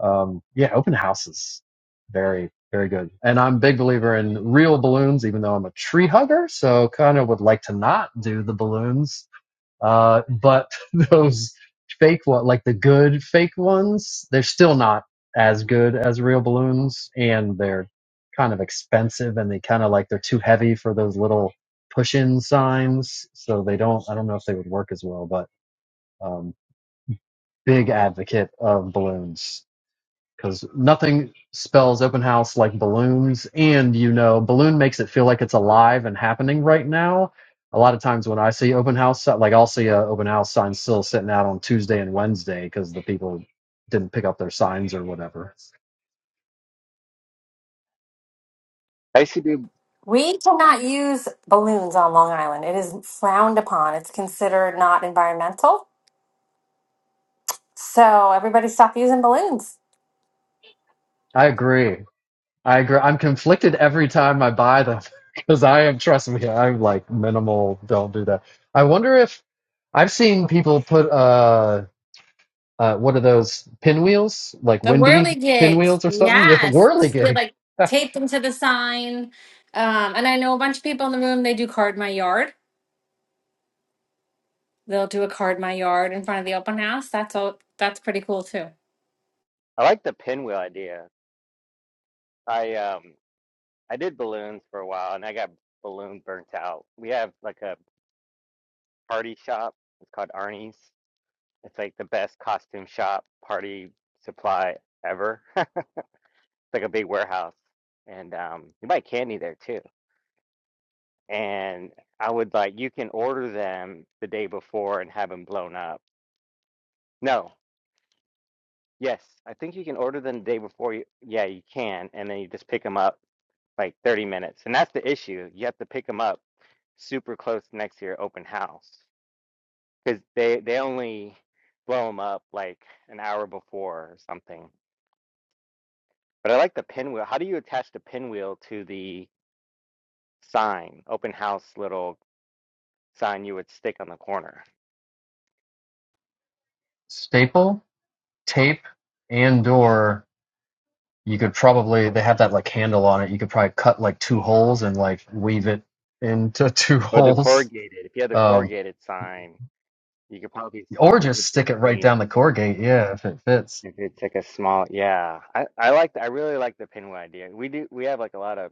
Speaker 2: um yeah open houses very very good and i'm a big believer in real balloons even though i'm a tree hugger so kind of would like to not do the balloons uh, but [laughs] those fake one, like the good fake ones, they're still not as good as real balloons, and they're kind of expensive, and they kind of like they're too heavy for those little push-in signs, so they don't. I don't know if they would work as well, but um, big advocate of balloons because nothing spells open house like balloons and you know balloon makes it feel like it's alive and happening right now a lot of times when i see open house si- like i'll see a open house sign still sitting out on tuesday and wednesday because the people didn't pick up their signs or whatever
Speaker 5: I used to do
Speaker 10: We cannot use balloons on Long Island. It is frowned upon. It's considered not environmental. So everybody stop using balloons.
Speaker 2: i agree i agree i'm conflicted every time i buy them [laughs] because i am trust me i'm like minimal don't do that i wonder if i've seen people put uh uh, what are those pinwheels? Like
Speaker 10: The
Speaker 2: windy
Speaker 10: whirligigs,
Speaker 2: pinwheels or something? Yeah,
Speaker 10: yes, you
Speaker 2: whirligig.
Speaker 10: like tape them to the sign. Um, and I know a bunch of people in the room. They do card my yard. They'll do a card in my yard in front of the open house. That's all. That's pretty cool too.
Speaker 5: I like the pinwheel idea. I um I did balloons for a while and I got balloon burnt out. We have like a party shop. It's called Arnie's. It's like the best costume shop party supply ever. [laughs] It's like a big warehouse. And um you buy candy there too. And I would like you can order them the day before and have them blown up. No. Yes, I think you can order them the day before you, yeah, you can, and then you just pick them up like 30 minutes. And that's the issue. You have to pick them up super close next to your open house because they they only blow them up like an hour before or something. But I like the pinwheel. How do you attach the pinwheel to the sign, open house little sign you would stick on the corner?
Speaker 2: [laughs] Staple, tape, and or you could probably they have that like handle on it. You could probably cut like two holes and like weave it into two [laughs]
Speaker 5: Or the
Speaker 2: holes.
Speaker 5: corrugated. If you had the
Speaker 2: Um,
Speaker 5: corrugated sign, you could probably
Speaker 2: or
Speaker 5: stick
Speaker 2: just
Speaker 5: it
Speaker 2: stick it right
Speaker 5: between
Speaker 2: down the corrugate, yeah, if it fits.
Speaker 5: if it's like a small, yeah. I I like I really like the pinwheel idea. We do we have like a lot of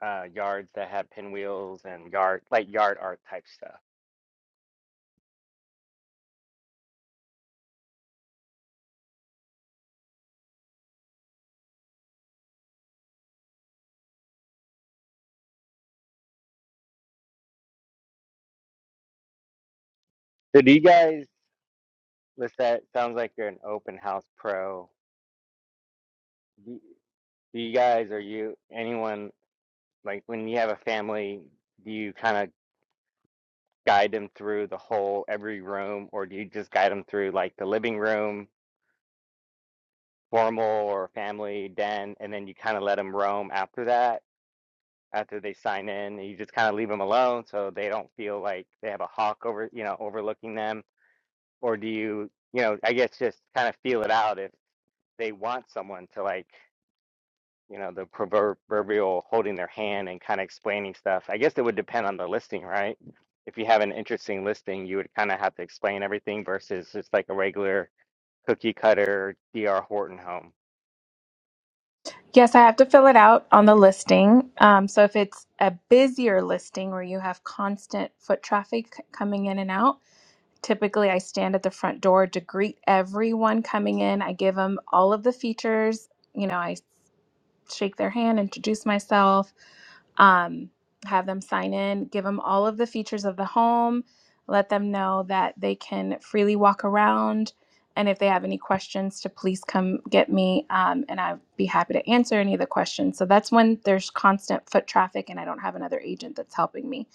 Speaker 5: uh yards that have pinwheels and yard like yard art type stuff. So do you guys With that, sounds like you're an open house pro. Do you, do you guys, are you anyone like when you have a family, do you kind of guide them through the whole every room, or do you just guide them through like the living room, formal or family den, and then you kind of let them roam after that, after they sign in, and you just kind of leave them alone so they don't feel like they have a hawk over, you know, overlooking them, or do you, you know, I guess just kind of feel it out if they want someone to like. you know, the proverbial holding their hand and kind of explaining stuff. I guess it would depend on the listing, right? If you have an interesting listing, you would kind of have to explain everything versus just like a regular cookie cutter DR Horton home.
Speaker 7: Yes, I have to fill it out on the listing. Um, so if it's a busier listing where you have constant foot traffic c- coming in and out, typically I stand at the front door to greet everyone coming in. I give them all of the features. You know, I shake their hand, introduce myself, um, have them sign in, give them all of the features of the home, let them know that they can freely walk around. And if they have any questions, to please come get me, um, and I'd be happy to answer any of the questions. So that's when there's constant foot traffic, and I don't have another agent that's helping me.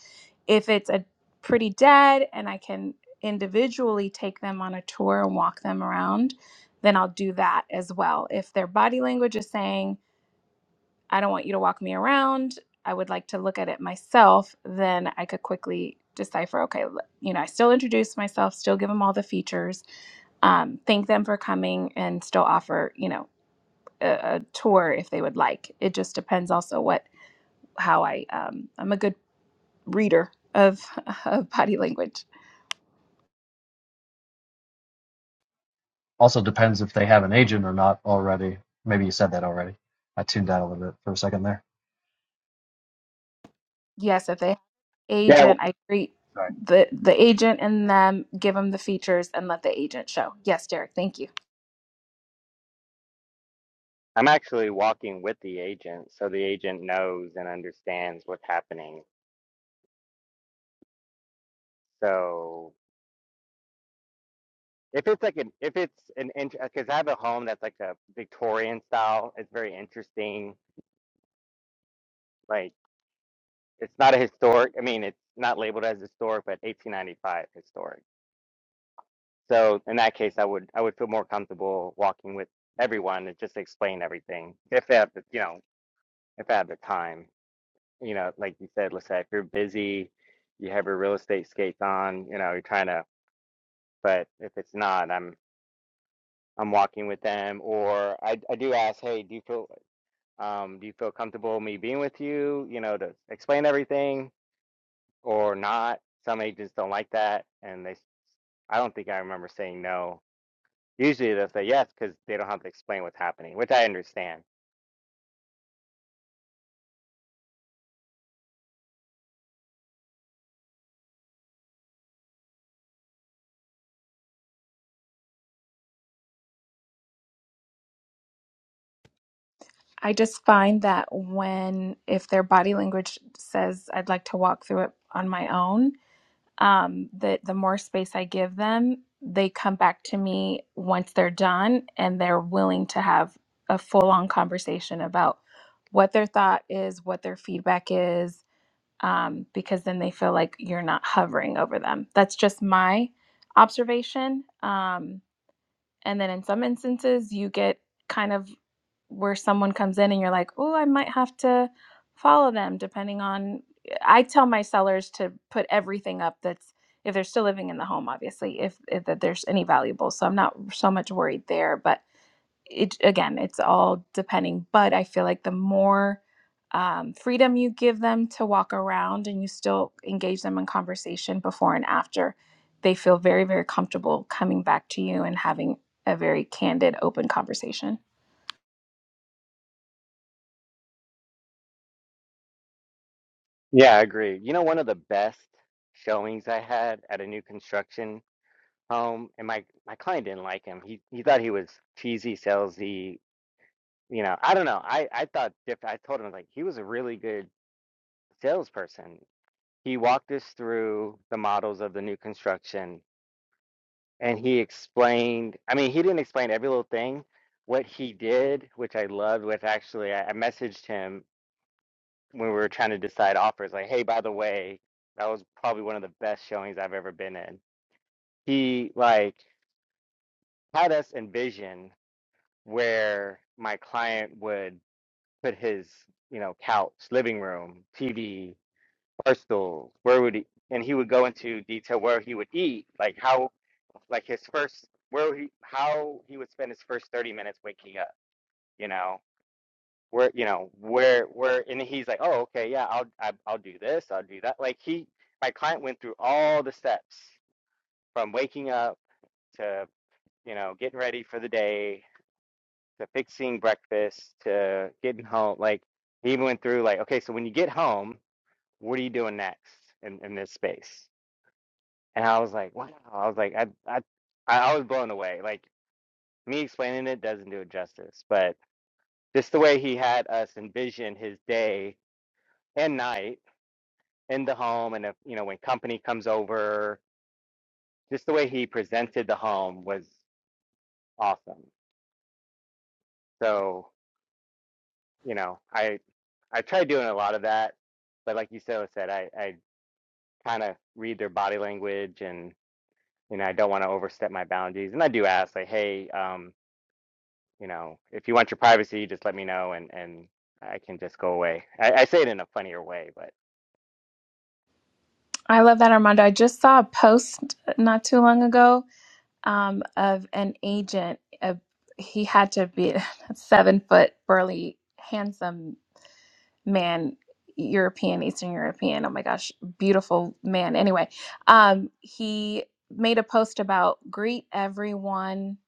Speaker 7: If it's a pretty dead, and I can individually take them on a tour and walk them around, then I'll do that as well. If their body language is saying I don't want you to walk me around. I would like to look at it myself. Then I could quickly decipher okay, you know, I still introduce myself, still give them all the features, um, thank them for coming, and still offer, you know, a, a tour if they would like. It just depends also what, how I, um, I'm a good reader of, [laughs] of body language.
Speaker 2: Also depends if they have an agent or not already. Maybe you said that already. I tuned out a little bit for a second there.
Speaker 7: Yes, if they
Speaker 5: Yeah, w-
Speaker 7: agent, I greet
Speaker 5: Sorry.
Speaker 7: the, the agent and them, give them the features, and let the agent show. Yes, Derek, thank you.
Speaker 5: I'm actually walking with the agent, so the agent knows and understands what's happening. So if it's like an if it's an because I have a home that's like a Victorian style, it's very interesting. like. It's not a historic. I mean, it's not labeled as historic, but 1895 historic. So in that case, I would I would feel more comfortable walking with everyone and just explain everything if they have the, you know if they have the time. You know, like you said, let's say if you're busy, you have your real estate skates on. You know, you're trying to. But if it's not, I'm I'm walking with them, or I I do ask, hey, do you feel um do you feel comfortable me being with you? You know, to explain everything or not. Some agents don't like that, and they I don't think I remember saying no. Usually they'll say yes because they don't have to explain what's happening, which I understand.
Speaker 7: I just find that when, if their body language says, I'd like to walk through it on my own, um, that the more space I give them, they come back to me once they're done and they're willing to have a full on conversation about what their thought is, what their feedback is, um, because then they feel like you're not hovering over them. That's just my observation. Um, and then in some instances, you get kind of where someone comes in and you're like, oh, I might have to follow them, depending on. I tell my sellers to put everything up that's if they're still living in the home, obviously, if, if that there's any valuables. So I'm not so much worried there, but it again it's all depending but i feel like the more um, freedom you give them to walk around and you still engage them in conversation before and after they feel very very comfortable coming back to you and having a very candid open conversation
Speaker 5: Yeah, I agree. You know, one of the best showings I had at a new construction home, and my my client didn't like him. He he thought he was cheesy, salesy. You know, I don't know. I I thought different. I told him like he was a really good salesperson. He walked us through the models of the new construction and he explained i mean he didn't explain every little thing what he did which i loved was actually i, I messaged him when we were trying to decide offers like hey by the way that was probably one of the best showings i've ever been in he like had us envision where my client would put his you know couch living room tv bar stool where would he and he would go into detail where he would eat like how like his first where he how he would spend his first 30 minutes waking up you know where you know where where and he's like oh okay yeah I'll I, I'll do this I'll do that like he my client went through all the steps from waking up to you know getting ready for the day to fixing breakfast to getting home like he even went through like okay so when you get home what are you doing next in, in this space and I was like wow I was like I I I was blown away like me explaining it doesn't do it justice, but just the way he had us envision his day and night in the home, and if, you know when company comes over, just the way he presented the home was awesome. So you know, I I tried doing a lot of that, but like you so said, I I kind of read their body language, and you know I don't want to overstep my boundaries, and I do ask like, hey, um, you know, if you want your privacy, just let me know, and and I can just go away. I, I say it in a funnier way, but.
Speaker 7: i love that armando i just saw a post not too long ago um, of an agent. Of, he had to be [laughs] a seven foot, burly, handsome man, European, Eastern European. Oh my gosh, beautiful man. Anyway, um, he made a post about greet everyone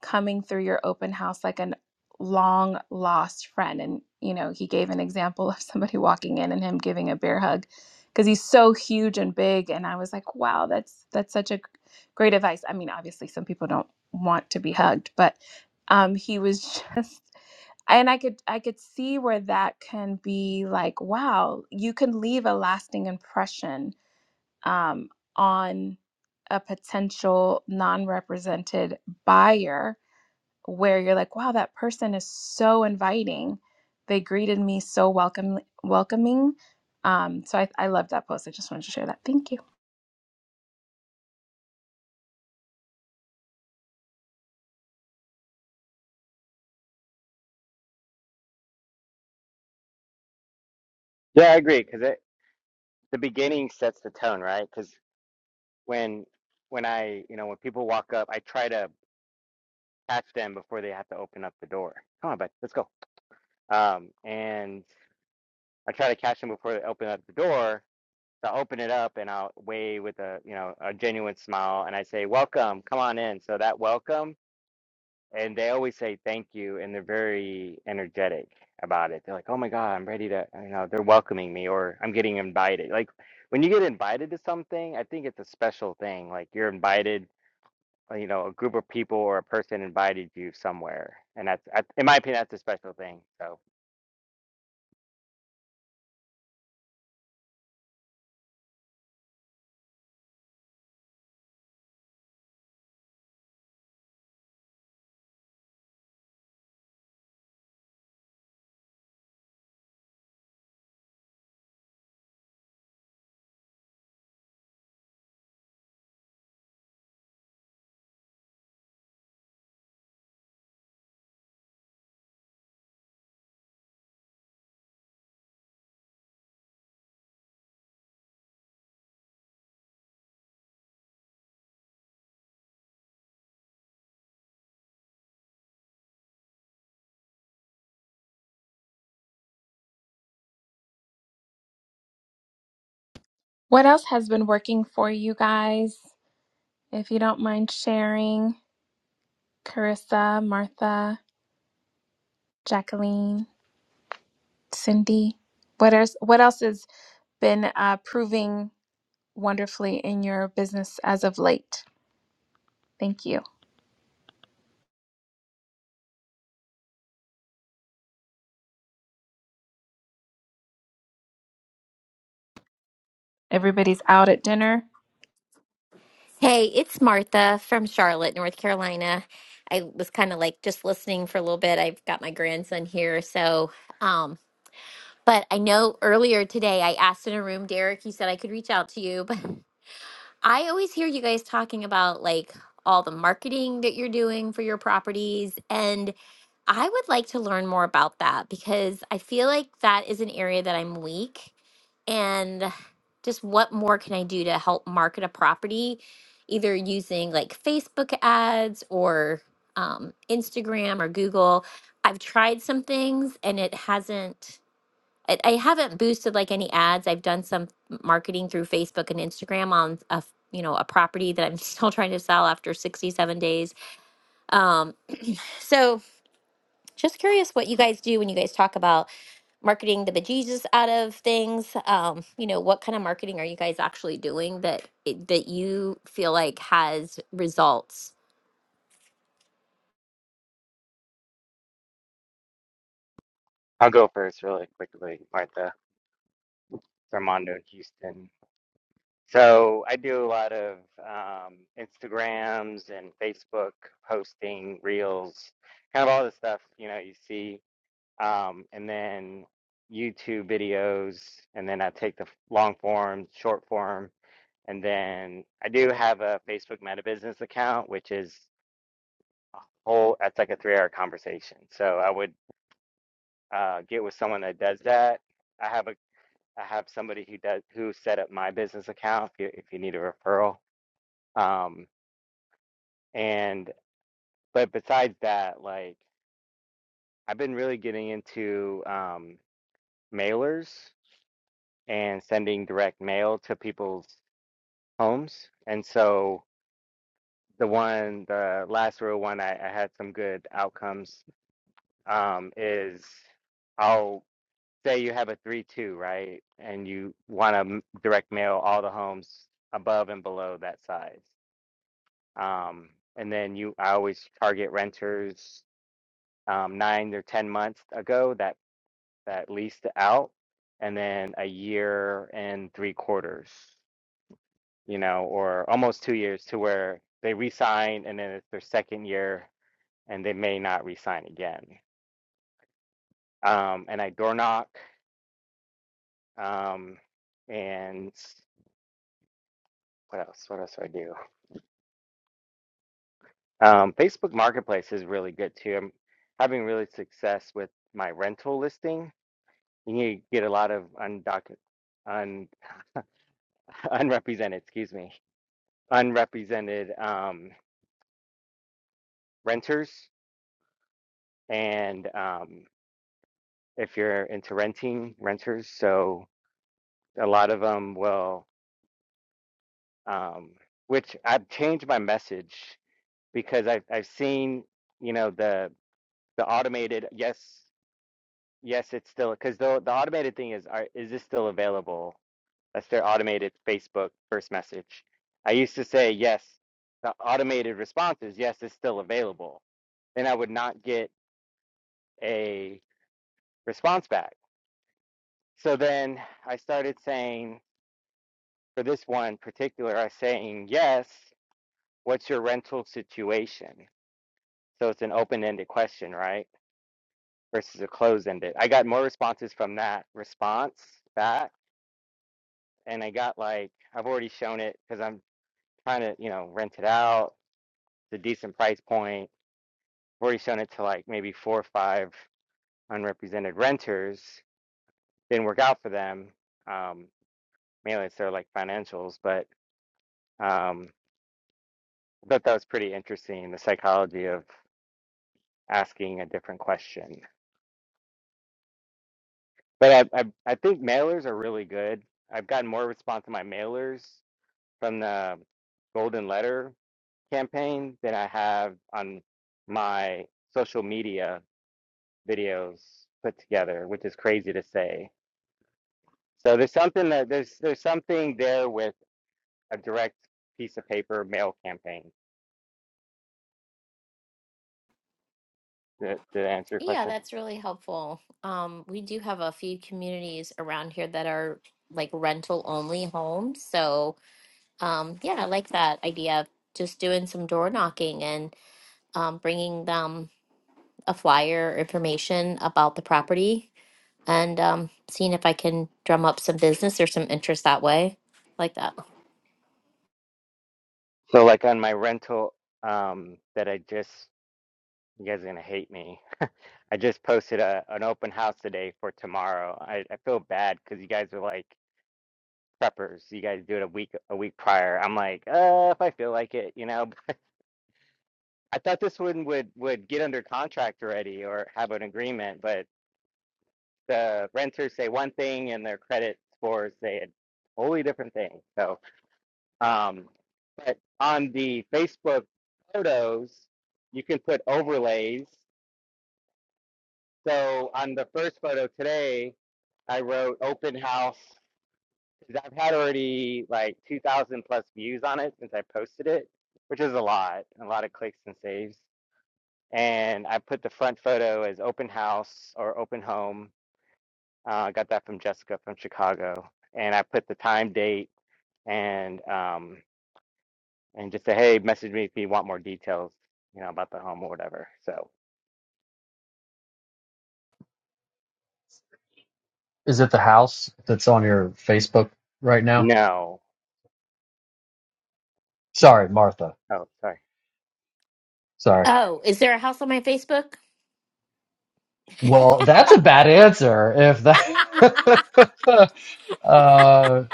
Speaker 7: coming through your open house like a long lost friend. And, you know, he gave an example of somebody walking in and him giving a bear hug because he's so huge and big. And I was like, wow, that's, that's such a great advice. I mean, obviously some people don't want to be hugged, but um, he was [laughs] just, and I could, I could see where that can be like, wow, you can leave a lasting impression um, on a potential non-represented buyer where you're like, wow, that person is so inviting. They greeted me so welcome, welcoming. Um, so I, I love that post. I just wanted to share that. Thank you.
Speaker 5: Yeah, I agree because it the beginning sets the tone, right? Because when when I you know when people walk up, I try to catch them before they have to open up the door. Come on, bud, let's go. Um, and I try to catch them before they open up the door. So I open it up and I'll wave with a you know a genuine smile and I say welcome, come on in. So that welcome and they always say thank you and they're very energetic about it they're like oh my god i'm ready to you know they're welcoming me or i'm getting invited like when you get invited to something i think it's a special thing like you're invited uh, you know a group of people or a person invited you somewhere and that's I- in my opinion that's a special thing so
Speaker 7: What else has been working for you guys? If you don't mind sharing, Carissa, Martha, Jacqueline, Cindy, what else? What else has been uh, proving wonderfully in your business as of late? Thank you. Everybody's out at dinner.
Speaker 11: Hey, it's Martha from Charlotte, North Carolina. I was kind of like just listening for a little bit. I've got my grandson here, so um but I know earlier today I asked in a room, Derek, you said I could reach out to you, but I always hear you guys talking about like all the marketing that you're doing for your properties and I would like to learn more about that because I feel like that is an area that I'm weak. And just what more can I do to help market a property, either using like Facebook ads or um, Instagram or Google? I've tried some things and it hasn't. I I haven't boosted like any ads. I've done some marketing through Facebook and Instagram on a f- you know a property that I'm [laughs] still trying to sell after 67 days. Um, so just curious what you guys do when you guys talk about marketing the bejesus out of things. Um, you know, what kind of marketing are you guys actually doing that it, that you feel like has results?
Speaker 5: i'll go first really quickly martha armando houston So I do a lot of um, Instagrams and Facebook posting, reels, kind of all the stuff you know you see, um, and then YouTube videos, and then I take the f- long form, short form, and then I do have a Facebook Meta Business account, which is whole. That's like a three-hour conversation. So I would uh, get with someone that does that. I have a I have somebody who does who set up my business account if you if you need a referral. Um, And but besides that, like I've been really getting into um, mailers and sending direct mail to people's homes. And so the one, the last real one, I, I had some good outcomes. Um, is I'll say you have a three two, right? And you want to direct mail all the homes above and below that size. Um, and then you, I always target renters um, nine or 10 months ago. that. that leased out and then a year and three quarters, you know, or almost two years to where they re-sign and then it's their second year and they may not re-sign again. Um, and I door knock. Um, and what else? What else do I do? Um, Facebook Marketplace is really good too. I'm having really success with my rental listing. You get a lot of undocumented, un, [laughs] unrepresented, excuse me, unrepresented um, renters and um, if you're into renting renters so a lot of them will um, which i've changed my message because I've, I've seen you know the the automated yes yes it's still because the, the automated thing is are, is this still available that's their automated facebook first message i used to say yes the automated response is yes it's still available then i would not get a response back so then i started saying for this one in particular are saying, yes, what's your rental situation? So it's an open ended question, right? Versus a closed ended. I got more responses from that response back. And I got like, I've already shown it because I'm trying to, you know, rent it out. It's a decent price point. I've already shown it to like maybe four or five unrepresented renters. Didn't work out for them. Um, mainly it's their like financials, but um, I thought that was pretty interesting, the psychology of asking a different question. But I, I I think mailers are really good. I've gotten more response to my mailers from the Golden Letter campaign than I have on my social media videos put together, which is crazy to say. So there's something that there's there's something there with a direct piece of paper mail campaign to, to answer your
Speaker 11: Yeah,
Speaker 5: question.
Speaker 11: that's really helpful. Um, we do have a few communities around here that are like rental only homes. So, um, yeah, I like that idea of just doing some door knocking and um, bringing them a flyer or information about the property and um, seeing if I can drum up some business or some interest that way, like that.
Speaker 5: So like on my rental um that I just you guys are gonna hate me I just posted a, an open house today for tomorrow. I, I feel bad because you guys are like preppers. You guys do it a week a week prior. I'm like, uh, if I feel like it, you know. [laughs] I thought this one would would get under contract already or have an agreement, but the renters say one thing and their credit scores say a totally different thing. So, um, but on the Facebook photos, you can put overlays. So on the first photo today, I wrote open house 'Cause I've had already like 2,000 plus views on it since I posted it, which is a lot, a lot of clicks and saves. And I put the front photo as open house or open home. Uh, I uh, got that from Jessica from Chicago. And I put the time, date, and um, and just say, hey, message me if you want more details, you know, about the home or whatever. So
Speaker 2: Is it the house that's on your Facebook right now?
Speaker 5: no,
Speaker 2: Sorry, Martha.
Speaker 5: oh, sorry.
Speaker 2: Sorry.
Speaker 11: Oh, is there a house on my Facebook?
Speaker 2: Well, that's a bad answer. If
Speaker 11: [laughs]
Speaker 2: that, [laughs] uh,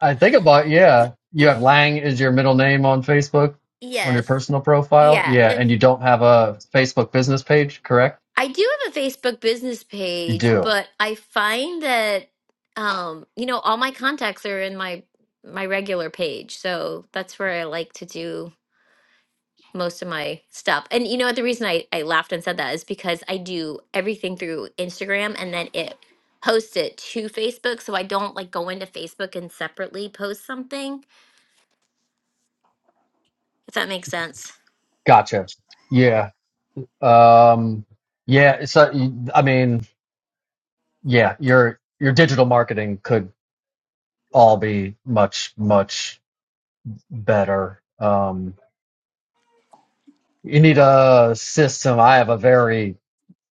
Speaker 2: I think about yeah. You have Lang is your middle name on Facebook on your
Speaker 11: yes.
Speaker 2: personal profile.
Speaker 11: Yeah.
Speaker 2: Yeah, and
Speaker 11: Lim-
Speaker 2: you don't have a Facebook business page, correct?
Speaker 11: I do have a Facebook business
Speaker 2: You
Speaker 11: page,
Speaker 2: do.
Speaker 11: but I find that um, you know, all my contacts are in my my regular page. So that's where I like to do most of my stuff. And you know what? The reason I, I laughed and said that is because I do everything through Instagram and then it posts it to Facebook. So I don't like go into Facebook and separately post something, if that makes sense.
Speaker 2: Gotcha. Yeah. Um, yeah. So I mean. yeah, your your digital marketing could all be much much better. Um, you need a system. I have a very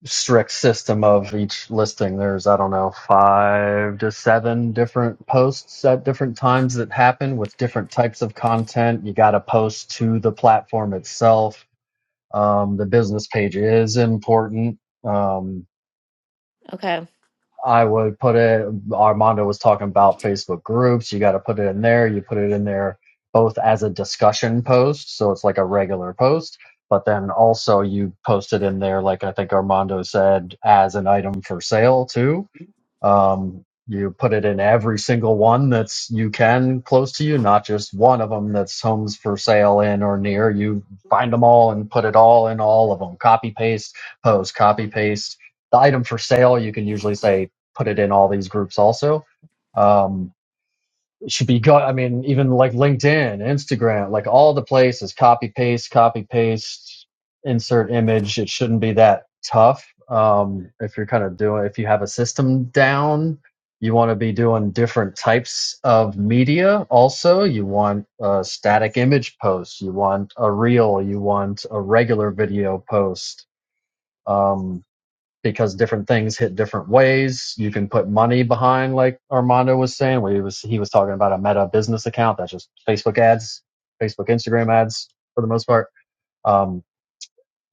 Speaker 2: strict system of each listing. There's I don't know five to seven different posts at different times that happen with different types of content. You got to post to the platform itself. Um, the business page is important. Um,
Speaker 11: Okay.
Speaker 2: I would put it, Armando was talking about Facebook groups. You got to put it in there. You put it in there both as a discussion post, so it's like a regular post, but then also you post it in there, like I think Armando said, as an item for sale too. Um, you put it in every single one that's you can close to you, not just one of them that's homes for sale in or near. You find them all and put it all in all of them. Copy paste, post, copy paste. The item for sale, you can usually say put it in all these groups also. Um, should be go i mean even like linkedin instagram like all the places copy paste copy paste insert image it shouldn't be that tough um, if you're kind of doing if you have a system down you want to be doing different types of media also you want a static image post you want a reel you want a regular video post Um, because different things hit different ways. You can put money behind, like Armando was saying, where he was he was talking about a Meta business account. That's just Facebook ads, Facebook Instagram ads for the most part. Um,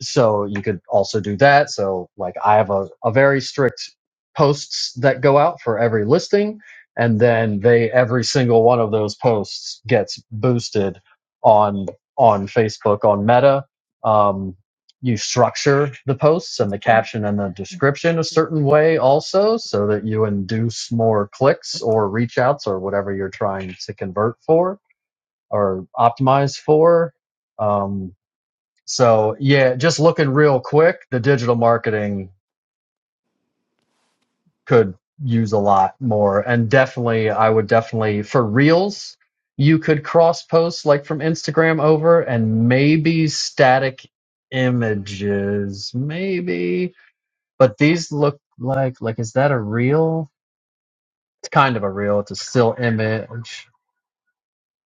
Speaker 2: so you could also do that so like i have a, a very strict posts that go out for every listing and then they every single one of those posts gets boosted on on facebook on meta um, you structure the posts and the caption and the description a certain way also so that you induce more clicks or reach outs or whatever you're trying to convert for or optimize for Um, so yeah, just looking real quick, the digital marketing could use a lot more. And definitely, I would definitely for reels, you could cross post like from Instagram over and maybe static images, maybe. But these look like like is that a reel? It's kind of a reel. It's a still image,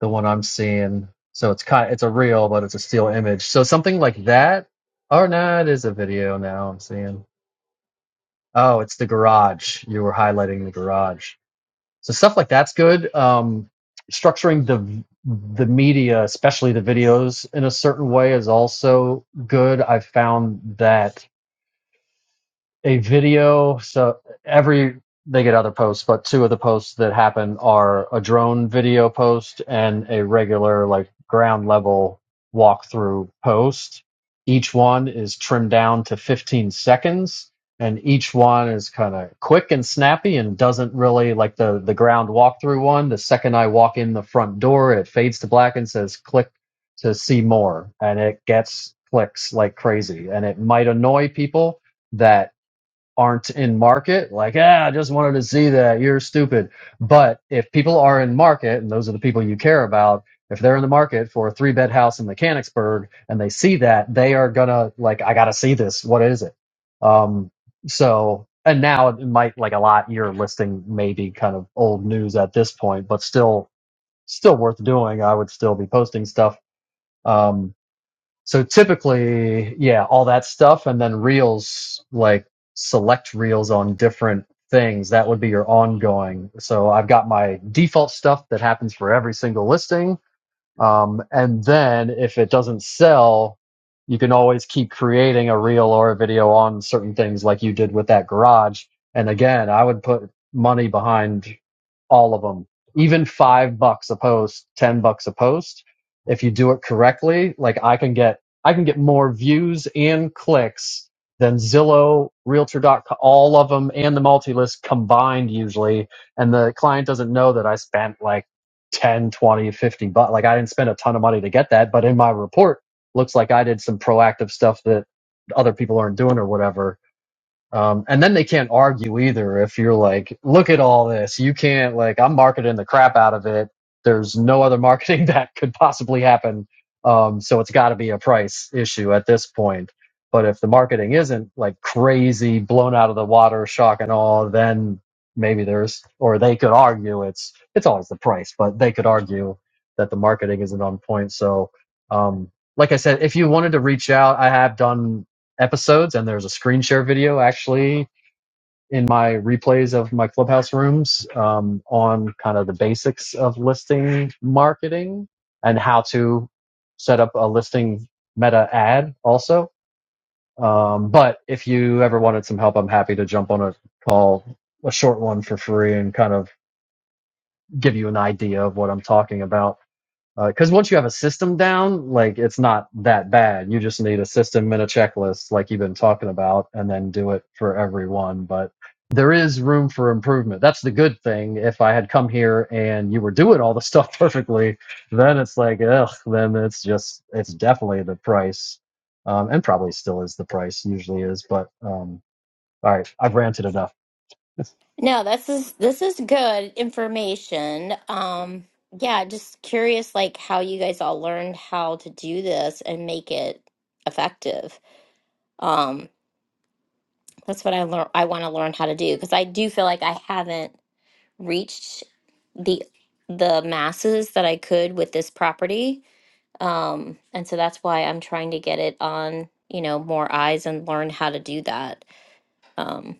Speaker 2: the one I'm seeing. So it's kind it's a reel, but it's a still image. So something like that. Oh no, it is a video now I'm seeing. Oh, it's the garage. You were highlighting the garage. So stuff like that's good. Um, structuring the the media, especially the videos, in a certain way is also good. I've found that a video. So every they get other posts, but two of the posts that happen are a drone video post and a regular like ground level walkthrough post. Each one is trimmed down to 15 seconds and each one is kind of quick and snappy and doesn't really like the the ground walkthrough one. The second I walk in the front door, it fades to black and says click to see more and it gets clicks like crazy and it might annoy people that aren't in market, like, ah, I just wanted to see that. You're stupid. But if people are in market, and those are the people you care about, if they're in the market for a three bed house in Mechanicsburg and they see that, they are gonna like, I gotta see this. What is it? Um, so and now it might like a lot your listing may be kind of old news at this point, but still still worth doing. I would still be posting stuff. Um, so typically, yeah, all that stuff, and then reels, like select reels on different things. That would be your ongoing. So I've got my default stuff that happens for every single listing. Um, and then if it doesn't sell, you can always keep creating a reel or a video on certain things like you did with that garage. And again, I would put money behind all of them even five bucks a post ten bucks a post if you do it correctly like i can get i can get more views and clicks than zillow Realtor. realtor.com all of them and the multi-list combined usually and the client doesn't know that i spent like 10, 20, 50 bucks like i didn't spend a ton of money to get that but in my report looks like i did some proactive stuff that other people aren't doing or whatever um, and then they can't argue either if you're like, look at all this. You can't, like, I'm marketing the crap out of it. There's no other marketing [laughs] that could possibly happen. Um, so it's got to be a price issue at this point. But if the marketing isn't like crazy, blown out of the water, shock and awe, then maybe there's, or they could argue it's, it's always the price, but they could argue that the marketing isn't on point. So, um, like I said, if you wanted to reach out, I have done episodes, and there's a screen share video actually in my replays of my clubhouse rooms um, on kind of the basics of listing marketing and how to set up a listing meta ad also. Um, but if you ever wanted some help, I'm happy to jump on a call, a short one for free, and kind of give you an idea of what I'm talking about because uh, once you have a system down, like it's not that bad. You just need a system and a checklist, like you've been talking about, and then do it for everyone. But there is room for improvement. That's the good thing. If I had come here and you were doing all the [laughs] stuff perfectly, then it's like, ugh, then it's just, it's definitely the price, um, and probably still is the price, usually is. But um, all right, I've ranted enough. [laughs]
Speaker 11: No, this is this is good information. Um, yeah, just curious like how you guys all learned how to do this and make it effective. Um, that's what I learn I want to learn how to do because I do feel like I haven't reached the the masses that I could with this property. Um, and so that's why I'm trying to get it on, you know, more eyes and learn how to do that. Um,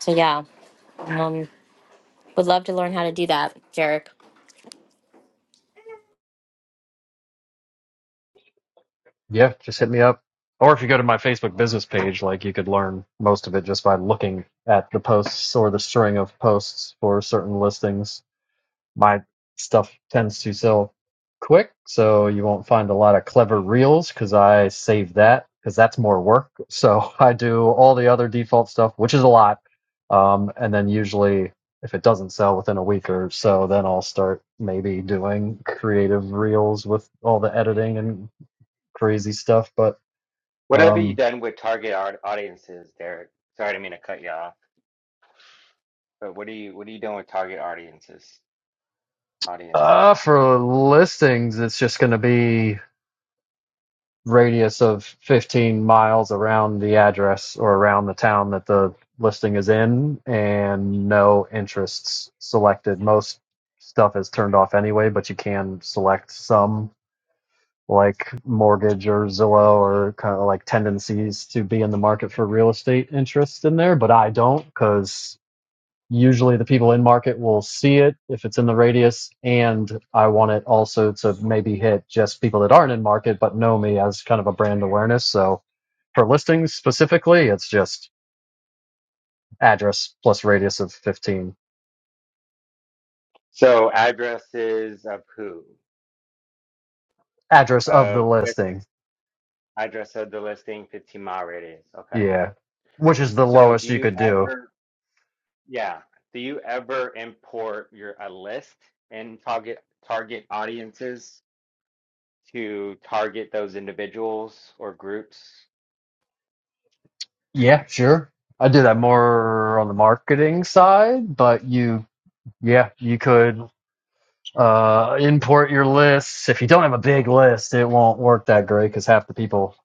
Speaker 11: so yeah, um, would love to learn how to do that, Jarek.
Speaker 2: Yeah, just hit me up. Or if you go to my Facebook business page, like you could learn most of it just by looking at the posts or the string of posts for certain listings. My stuff tends to sell quick, so you won't find a lot of clever reels because I save that because that's more work. So [laughs] I do all the other default stuff, which is a lot. Um, and then usually, if it doesn't sell within a week or so, then I'll start maybe doing creative reels with all the editing and crazy stuff. But
Speaker 5: What have you
Speaker 2: um,
Speaker 5: done with target art audiences, Derek? Sorry, I didn't mean to cut you off. But what are you what are you doing with target audiences? Audiences.
Speaker 2: uh, for listings, it's just going to be radius of 15 miles around the address or around the town that the listing is in, and no interests selected. Most stuff is turned off anyway, but you can select some, like mortgage or Zillow, or kind of like tendencies to be in the market for real estate interest in there. But I don't because usually the people in market will see it if it's in the radius and i want it also to maybe hit just people that aren't in market but know me as kind of a brand awareness so for listings specifically it's just address plus radius of 15
Speaker 5: So addresses of who?
Speaker 2: address of the
Speaker 5: Of just
Speaker 2: listing
Speaker 5: address of the listing, 15 mile radius. Okay.
Speaker 2: yeah which is the
Speaker 5: So do
Speaker 2: lowest you
Speaker 5: you
Speaker 2: could do
Speaker 5: ever, yeah, do you ever import your a list and target target audiences to target those individuals or groups?
Speaker 2: yeah sure i do that more on the marketing side but you yeah you could Uh, import your lists. If you don't have a big list, it won't work that great because half the people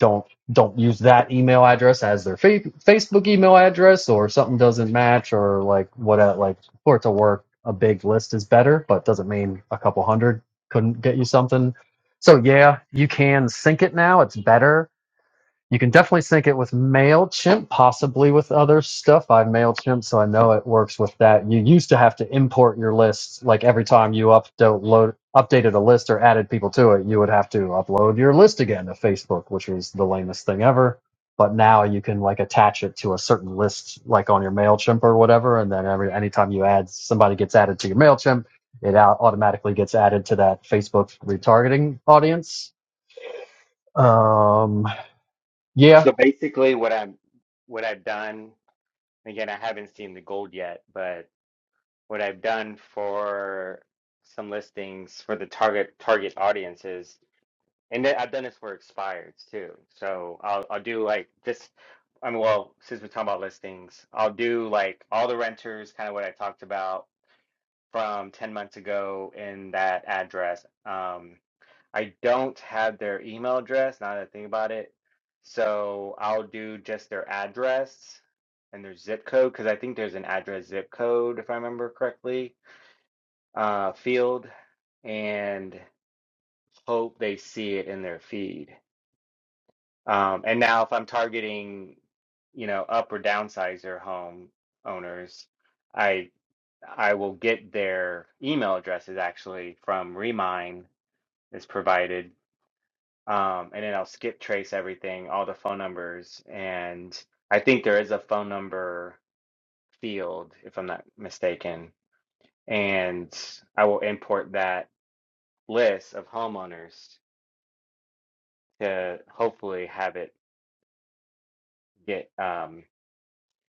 Speaker 2: don't don't use that email address as their fa- Facebook email address, or something doesn't match, or like what uh, like for it to work, a big list is better, but doesn't mean a couple hundred couldn't get you something. So yeah, you can sync it now. It's better you can definitely sync it with MailChimp, possibly with other stuff. I have MailChimp, so I know it works with that. You used to have to import your lists, like every time you upload, updated a list or added people to it, you would have to upload your list again to Facebook, which was the lamest thing ever. But now you can like attach it to a certain list, like on your MailChimp or whatever, and then every anytime you add somebody gets added to your MailChimp, it out automatically gets added to that Facebook retargeting audience. Um, yeah,
Speaker 5: So basically what I'm what I've done, again, I haven't seen the gold yet, but what I've done for some listings for the target target audiences And then I've done this for expireds too. So I'll I'll do like this. I mean, well, since we're talking about listings, I'll do like all the renters, kind of what I talked about from 10 months ago in that address. Um, I don't have their email address, now that I think about it. So I'll do just their address and their zip code, because I think there's an address zip code, if I remember correctly, uh, field, and hope they see it in their feed. Um, and now if I'm targeting, you know, up or downsizer home owners, I I will get their email addresses actually from Remind is provided. Um, and then I'll skip trace everything, all the phone numbers, and I think there is a phone number field, if I'm not mistaken. And I will import that list of homeowners to hopefully have it get um,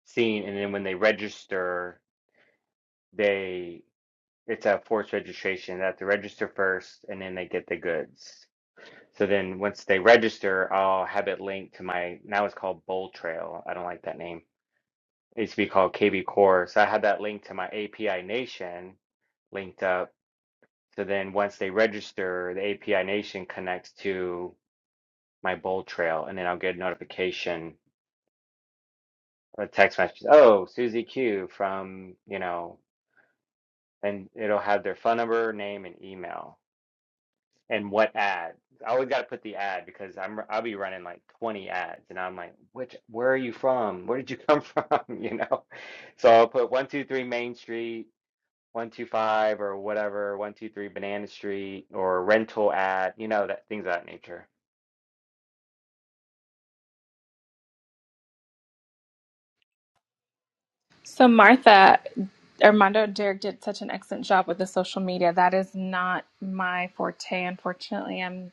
Speaker 5: Seen and then when they register they it's a forced registration they have to register first and then they get the goods so then once they register i'll have it linked to my now it's called bowl trail i don't like that name it used to be called kb core so i had that linked to my api nation linked up so then once they register the api nation connects to my bowl trail and then i'll get a notification a text message oh susie q from you know and it'll have their phone number, name, and email, and what ad. I always got to put the ad because I'm I'll be running like 20 ads, and I'm like, which where are you from? Where did you come from? [laughs] You know, so I'll put one two three Main Street, one two five or whatever, one two three Banana Street or rental ad, you know that things of that nature.
Speaker 7: So, Martha, Armando Derek did such an excellent job with the social media. That is not my forte, unfortunately. I'm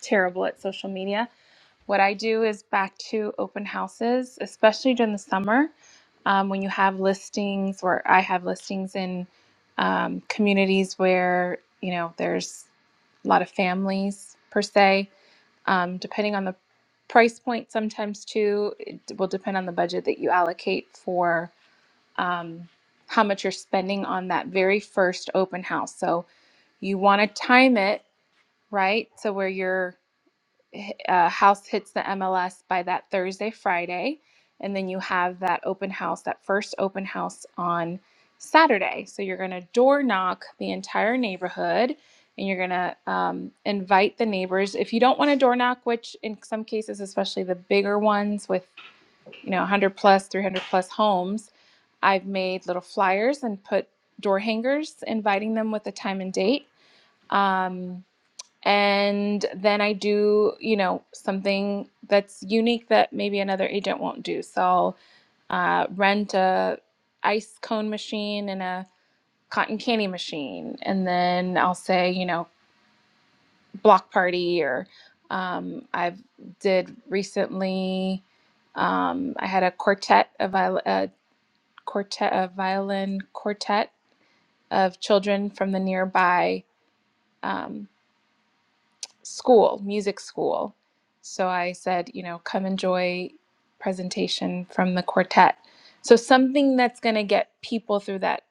Speaker 7: terrible at social media. What I do is back to open houses, especially during the summer um, when you have listings, or I have listings in um, communities where, you know, there's a lot of families per se. Um, depending on the price point, sometimes too, it will depend on the budget that you allocate for um, how much you're spending on that very first open house. So you want to time it, right? So where your uh, house hits the MLS by that Thursday, Friday, and then you have that open house, that first open house on Saturday. So you're going to door knock the entire neighborhood. And you're gonna um, invite the neighbors. If you don't want to door knock, which in some cases, especially the bigger ones with you know 100 plus 300 plus homes i've made little flyers and put door hangers inviting them with a time and date um, and then i do you know something that's unique that maybe another agent won't do so i'll uh, rent a ice cone machine and a cotton candy machine and then i'll say you know block party or um, i've did recently um, I had a quartet of viol- uh, quartet, a violin quartet of children from the nearby um, school, music school. So I said, you know, come enjoy presentation from the quartet. So something that's going to get people through that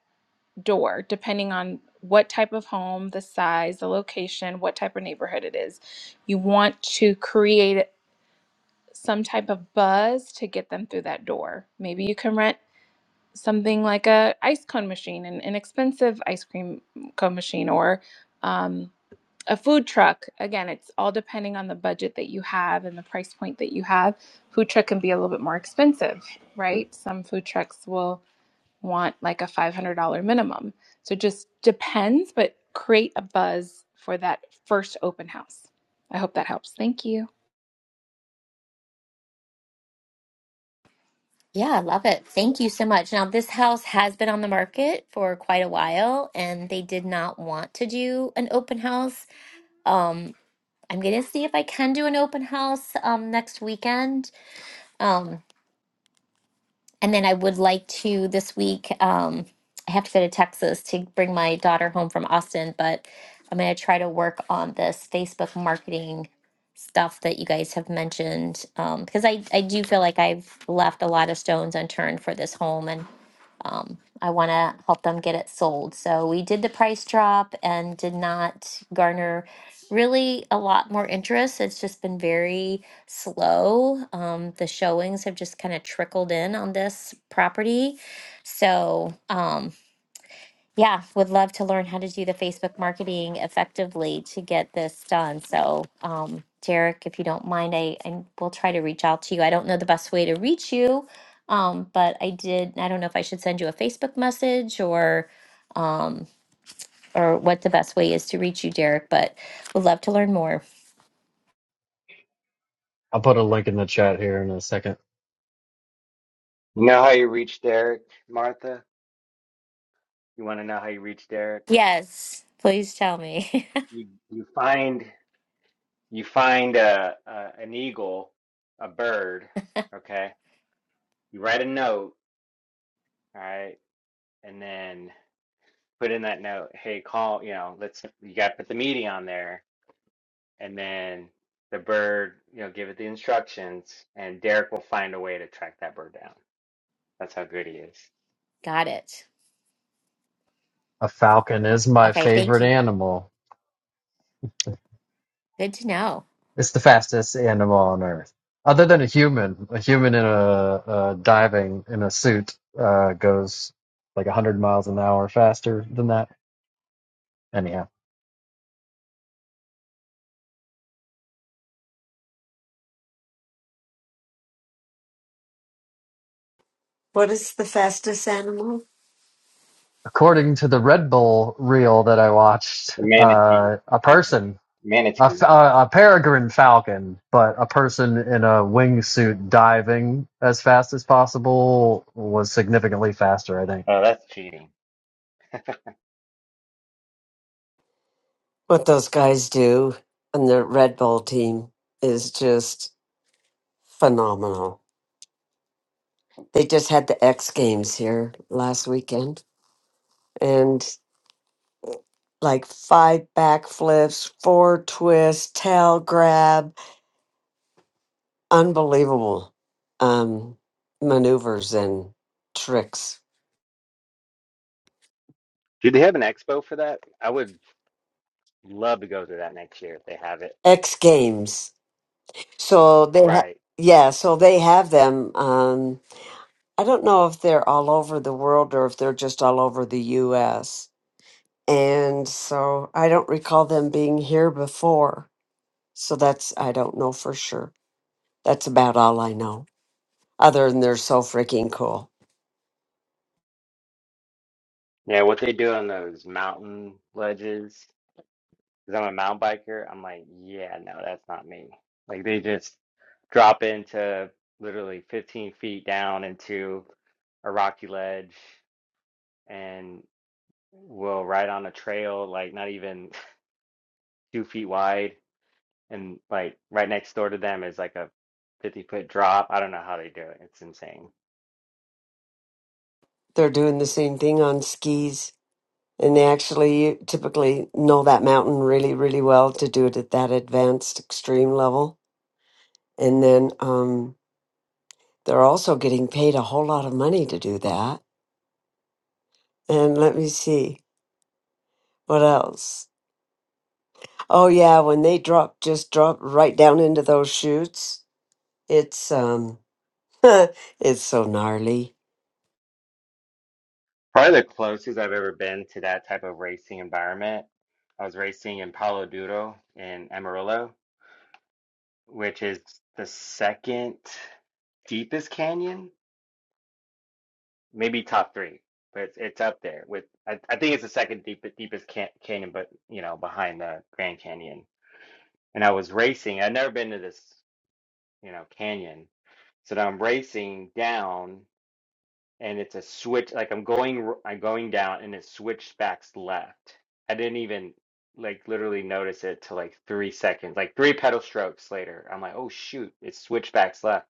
Speaker 7: door, depending on what type of home, the size, the location, what type of neighborhood it is. You want to create some type of buzz to get them through that door. Maybe you can rent something like a ice cone machine, an inexpensive ice cream cone machine, or um, a food truck. Again, it's all depending on the budget that you have and the price point that you have. Food truck can be a little bit more expensive, right? Some food trucks will want like a five hundred dollar minimum. So it just depends, but create a buzz for that first open house. I hope that helps. Thank you.
Speaker 11: Yeah, I love it. Thank you so much. Now, this house has been on the market for quite a while, and they did not want to do an open house. Um, I'm gonna see if I can do an open house um, next weekend. Um, And then I would like to this week, um, I have to go to Texas to bring my daughter home from Austin, but I'm going to try to work on this Facebook marketing stuff that you guys have mentioned um, because I, I do feel like I've left a lot of stones unturned for this home. And um, I want to help them get it sold. So we did the price drop and did not garner really a lot more interest. It's just been very slow. Um, the showings have just kind of trickled in on this property. So, um, yeah, would love to learn how to do the Facebook marketing effectively to get this done. So, um, Derek, if you don't mind, I, I will try to reach out to you. I don't know the best way to reach you, um, but I did. I don't know if I should send you a Facebook message or um, or what the best way is to reach you, Derek. But would love to learn more.
Speaker 2: I'll put a link in the chat here in a second.
Speaker 5: You know how you reach Derek, Martha? You want to know how you reach Derek?
Speaker 11: Yes, please tell me.
Speaker 5: You you find you find a, a an eagle, a bird, okay? you write a note, all right, and then put in that note, hey, call, you know, let's you gotta put the meeting on there, and then the bird, you know, give it the instructions, and Derek will find a way to track that bird down. That's how good he is.
Speaker 11: [laughs] Got it.
Speaker 2: A falcon is my
Speaker 11: Okay, thank
Speaker 2: favorite
Speaker 11: you.
Speaker 2: animal.
Speaker 11: Good to know.
Speaker 2: It's the fastest animal on Earth, other than a human. A human in a, a diving in a suit uh, goes like 100 miles an hour faster than that. Anyhow,
Speaker 1: What is the fastest animal?
Speaker 2: according to the Red Bull reel that I watched,
Speaker 5: The manatee.
Speaker 2: uh, a
Speaker 5: The man-
Speaker 2: person, a,
Speaker 5: Manatee.
Speaker 2: fa- a a peregrine falcon, but a person in a wingsuit diving as fast as possible was significantly faster, I think.
Speaker 5: Oh, that's cheating.
Speaker 1: What those guys do on the Red Bull team is just phenomenal. They just had the X Games here last weekend and like five backflips, four twists, tail grab, unbelievable um, maneuvers and tricks.
Speaker 5: Do they have an expo for that? I would love to go to that next year if they have it.
Speaker 1: X Games. So they ha-
Speaker 5: Right.
Speaker 1: yeah, so they have them. Um, I don't know if they're all over the world or if they're just all over the US. And so I don't recall them being here before. So that's, I don't know for sure. That's about all I know. Other than they're so freaking cool.
Speaker 5: Yeah, what they do on those mountain ledges because I'm a mountain biker, I'm like, yeah, no, that's not me. Like they just drop into literally 15 feet down into a rocky ledge and will ride on a trail like not even [laughs] two feet wide and like right next door to them is like a 50 foot drop. I don't know how they do it. It's insane.
Speaker 1: They're doing the same thing on skis, and they actually typically know that mountain really, really well to do it at that advanced extreme level. And then um, they're also getting paid a whole lot of money to do that. And let me see what else. Oh yeah, when they drop, just drop right down into those chutes. It's um, [laughs] it's so gnarly.
Speaker 5: Probably the closest I've ever been to that type of racing environment. I was racing in Palo Duro in Amarillo which is the second deepest canyon, maybe top three, but it's, it's up there with. I, I think it's the second deep, deepest can, canyon, but you know, behind the Grand Canyon. And I was racing. I'd never been to this, you know, canyon, so now I'm racing down, and it's a switch. Like I'm going, r- I'm going down, and it switched back left. I didn't even like literally notice it till like three seconds, like three pedal strokes later. I'm like, oh shoot, it switched back left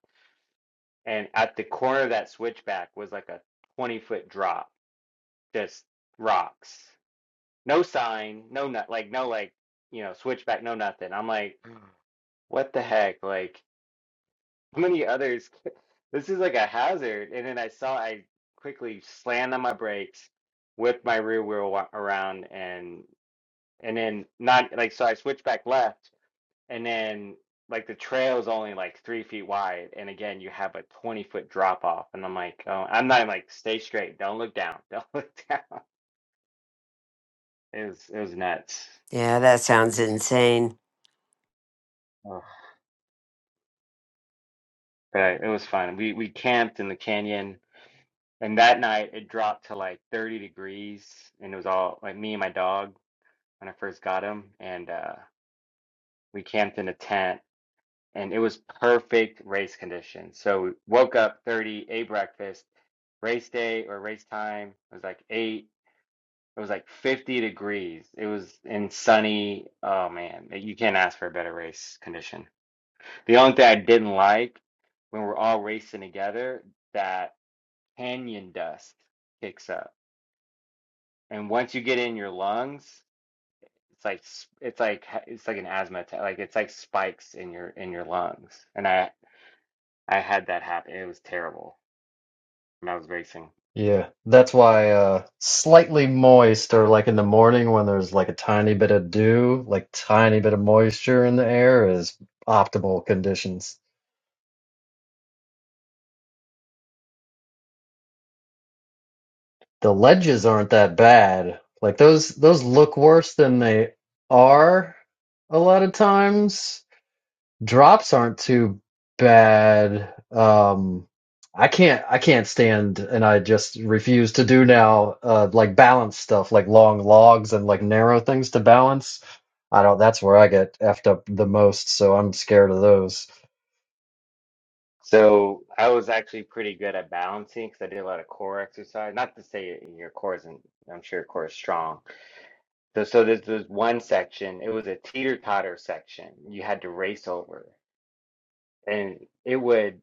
Speaker 5: and at the corner of that switchback was like a 20 foot drop just rocks no sign no not like no like you know switchback no nothing i'm like what the heck like how many others [laughs] this is like a hazard and then i saw i quickly slammed on my brakes whipped my rear wheel wa- around and and then not like so i switched back left and then like the trail is only like three feet wide, and again you have a twenty foot drop off, and I'm like, oh, I'm not even like stay straight, don't look down, [laughs] don't look down. [laughs] It was it was nuts,
Speaker 1: Yeah, that sounds insane.
Speaker 5: Ugh. but it was fun. We we camped in the canyon, and that night it dropped to like thirty degrees, and it was all like me and my dog when I first got him, and uh, we camped in a tent, and it was perfect race conditions. So we woke up thirty, ate breakfast race day or race time. was like eight It was like 50 degrees. It was in sunny. Oh man, you can't ask for a better race condition. The only thing I didn't like when we're all racing together, that canyon dust kicks up. And once you get in your lungs, it's like s- it's like ha- it's like an asthma attack. Like it's like spikes in your in your lungs. And I I had that happen. It was terrible when I was racing.
Speaker 2: Yeah, that's why uh slightly moist or like in the morning when there's like a tiny bit of dew, like tiny bit of moisture in the air is optimal conditions. The ledges aren't that bad. Like those those look worse than they are a lot of times. Drops aren't too bad. Um, I can't I can't stand and I just refuse to do now uh like balance stuff like long logs and like narrow things to balance. I don't that's where I get effed up the most, so I'm scared of those.
Speaker 5: So I was actually pretty good at balancing because I did a lot of core exercise. Not to say your core isn't, I'm sure your core is strong. So, so there's this one section, it was a teeter-totter section you had to race over. And it would,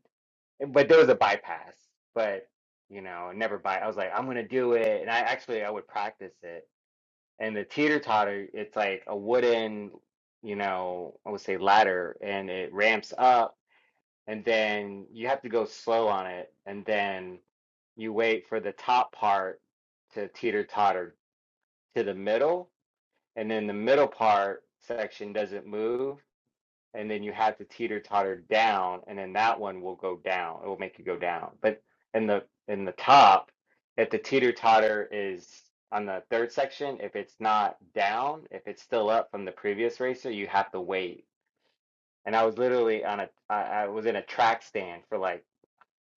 Speaker 5: but there was a bypass, but you know, never by. I was like, I'm gonna do it. And I actually, I would practice it. And the teeter-totter, it's like a wooden, you know, I would say ladder and it ramps up and then you have to go slow on it, and then you wait for the top part to teeter totter to the middle, and then the middle part section doesn't move, and then you have to teeter totter down, and then that one will go down. It will make you go down. But in the in the top, if the teeter totter is on the third section, if it's not down, if it's still up from the previous racer, you have to wait. And I was literally on a I I was in a track stand for like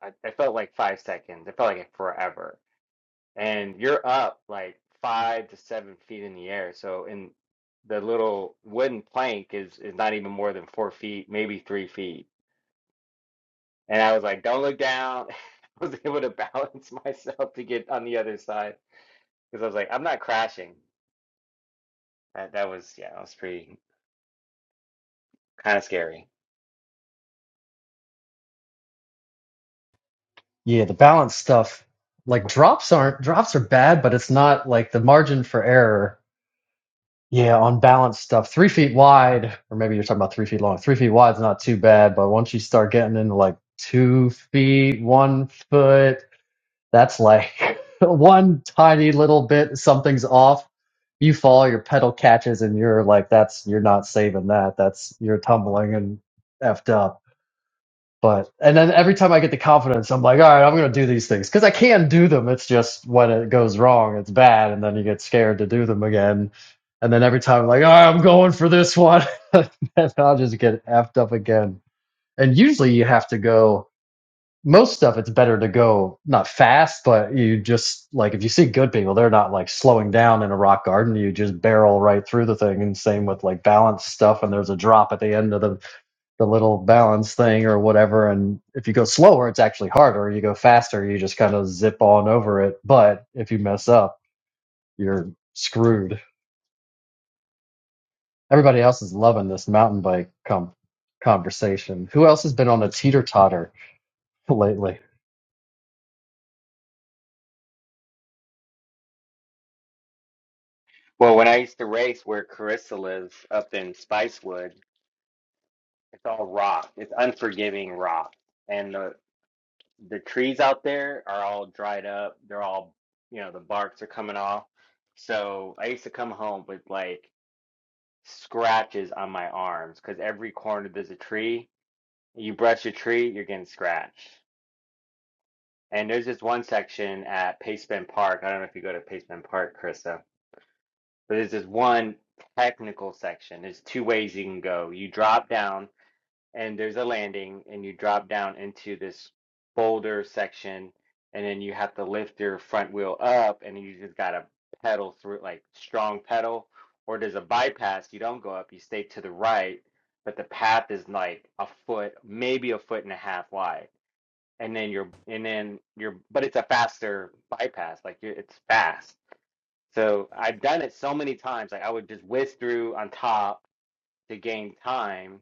Speaker 5: I, I felt like five seconds. It felt like forever. And you're up like five to seven feet in the air. So in the little wooden plank is is not even more than four feet, maybe three feet. And I was like, don't look down. [laughs] I was able to [laughs] balance myself to get on the other side because I was like, I'm not crashing. That that was yeah, that was pretty kind of scary.
Speaker 2: Yeah, the balance stuff like drops aren't drops are bad, but it's not like the margin for error Yeah, on balance stuff, three feet wide, or maybe you're talking about three feet long. Three feet wide's not too bad, but once you start getting into like two feet, one foot, that's like [laughs] one tiny little bit, something's off. You fall, your pedal catches, and you're like, that's, you're not saving that. That's, you're tumbling and effed up. But and then every time I get the confidence, I'm like, all right, I'm gonna do these things because I can do them. It's just when it goes wrong, it's bad, and then you get scared to do them again. And then every time, I'm like, all right, I'm going for this one, [laughs] and I'll just get effed up again. And usually, you have to go. Most stuff, it's better to go not fast, but you just like if you see good people, they're not like slowing down in a rock garden. You just barrel right through the thing. And same with like balance stuff. And there's a drop at the end of the the little balance thing or whatever. And if you go slower, it's actually harder. You go faster, you just kind of zip on over it. But if you mess up, you're screwed. Everybody else is loving this mountain bike com- conversation. Who else has been on a teeter totter [laughs] lately?
Speaker 5: Well, when I used to race where Carissa lives up in Spicewood, it's all rock. It's unforgiving rock and the the trees out there are all dried up. They're all, you know, the barks are coming off. So I used to come home with like scratches on my arms because every corner there's a tree. You brush a tree, you're getting scratched. And there's this one section at Paceman Park. I don't know if you go to Paceman Park, Krista, but there's this one technical section. There's two ways you can go. You drop down and there's a landing and you drop down into this boulder section and then you have to lift your front wheel up and you just gotta pedal through like strong pedal or there's a bypass you don't go up you stay to the right but the path is like a foot maybe a foot and a half wide and then you're and then you're but it's a faster bypass like you're, it's fast so I've done it so many times like I would just whiz through on top to gain time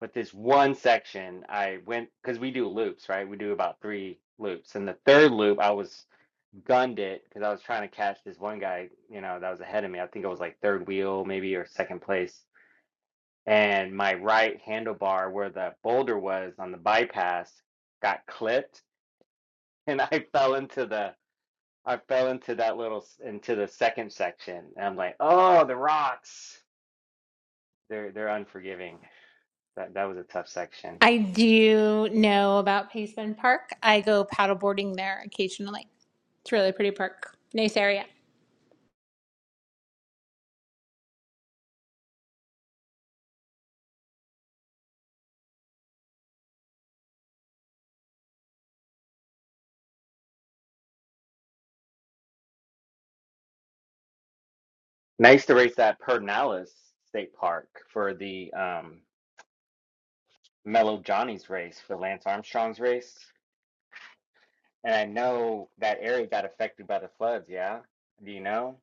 Speaker 5: but this one section, I went because we do loops, right? We do about three loops. And the third loop, I was gunned it because I was trying to catch this one guy, you know, that was ahead of me. I think it was like third wheel, maybe, or second place. And my right handlebar, where the boulder was on the bypass, got clipped, [laughs] and I fell into the I fell into that little into the second section. And I'm like, oh, the rocks. They're they're unforgiving. That that was a tough section.
Speaker 8: I do know about Paceman Park. I go paddleboarding there occasionally. It's really a pretty park. Nice area.
Speaker 5: And I used to race at Pernalis State Park for the um, Mellow Johnny's race, for Lance Armstrong's race. And I know that area got affected by the floods, yeah? Do you know?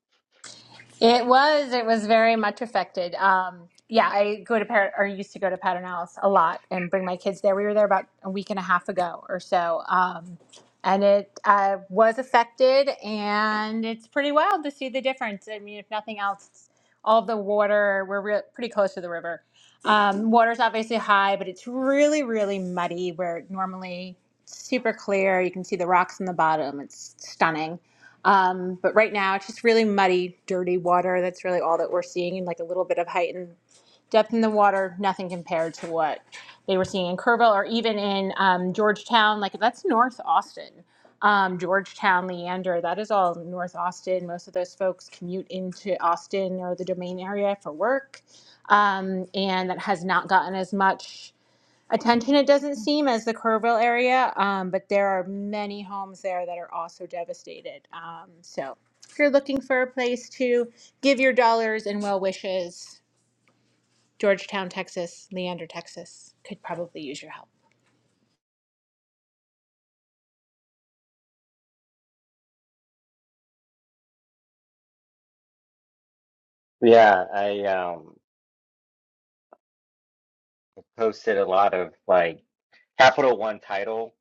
Speaker 8: It was. It was very much affected. Um, yeah, I go to Pat or used to go to Pattern House a lot and bring my kids there. We were there about a week and a half ago or so, um, and it uh, was affected. And it's pretty wild to see the difference. I mean, if nothing else, it's all the water. We're real pretty close to the river. Um, water's obviously high, but it's really, really muddy. Where normally it's super clear, you can see the rocks in the bottom. It's stunning um, but right now, it's just really muddy, dirty water. That's really all that we're seeing, and like a little bit of height and depth in the water. Nothing compared to what they were seeing in Kerrville or even in um, Georgetown. Like that's North Austin, um, Georgetown, Leander. That is all North Austin. Most of those folks commute into Austin or the Domain area for work, um, and that has not gotten as much. Attention, it doesn't seem as the Kerrville area, um, but there are many homes there that are also devastated. Um, so if you're looking for a place to give your dollars and well wishes, Georgetown, Texas, Leander, Texas could probably use your help.
Speaker 5: Yeah, I um, posted a lot of like Capital One title.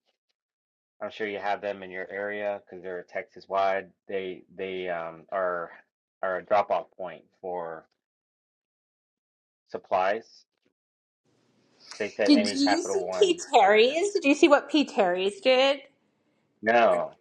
Speaker 5: I'm sure you have them in your area because they're Texas wide. They they um, are are a drop off point for supplies. So they said
Speaker 8: Did
Speaker 5: any
Speaker 8: you see
Speaker 5: Capital One
Speaker 8: P.
Speaker 5: or
Speaker 8: Terry's? Did you see what P. Terry's did?
Speaker 5: no,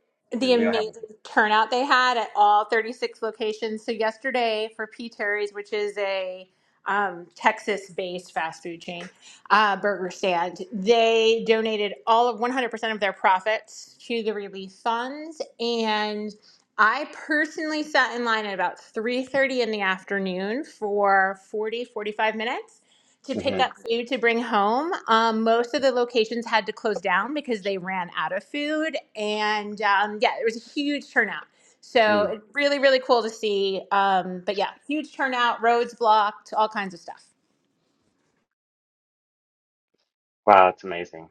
Speaker 5: 'cause
Speaker 8: the
Speaker 5: we don't have
Speaker 8: amazing turnout they had at all 36 locations. So yesterday for P. Terry's, which is a um, Texas-based fast food chain uh, burger stand, they donated all of 100% of their profits to the relief funds, and I personally sat in line at about 3:30 in the afternoon for 40, 45 minutes to pick
Speaker 5: a.
Speaker 8: up food to bring home. Um, most of the locations had to close down because they ran out of food, and um, yeah, it was a huge turnout. So
Speaker 5: Mhm.
Speaker 8: it's really, really cool to see. Um, but yeah, huge turnout, roads blocked, all kinds of stuff.
Speaker 5: Wow, it's amazing.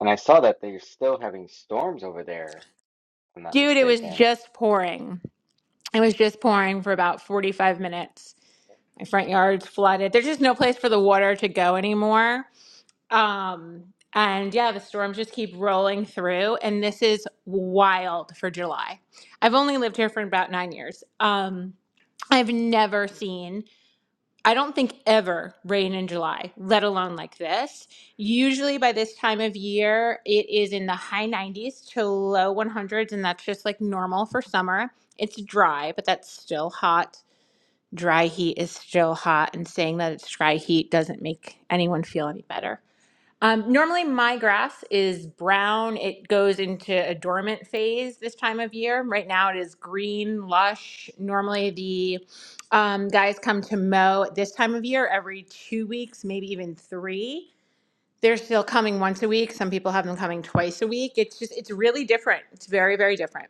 Speaker 5: And I saw that they're still having storms over there, if I'm not
Speaker 8: Dude, it was
Speaker 5: mistaken.
Speaker 8: just pouring. It was just pouring for about 45 minutes. My front yard's flooded. There's just no place for the water to go anymore. Um, and yeah, the storms just keep rolling through, and this is wild for July. I've only lived here for about nine years. Um, I've never seen, I don't think ever rain in July, let alone like this. Usually by this time of year, it is in the high 90s to low 100s, and that's just like normal for summer. It's dry, but that's still hot. Dry heat is still hot, and saying that it's dry heat doesn't make anyone feel any better. Um, normally, my grass is brown. It goes into a dormant phase this time of year. Right now, it is green, lush. Normally, the um, guys come to mow at this time of year every two weeks, maybe even three. They're still coming once a week. Some people have them coming twice a week. It's just, it's really different. It's very, very different.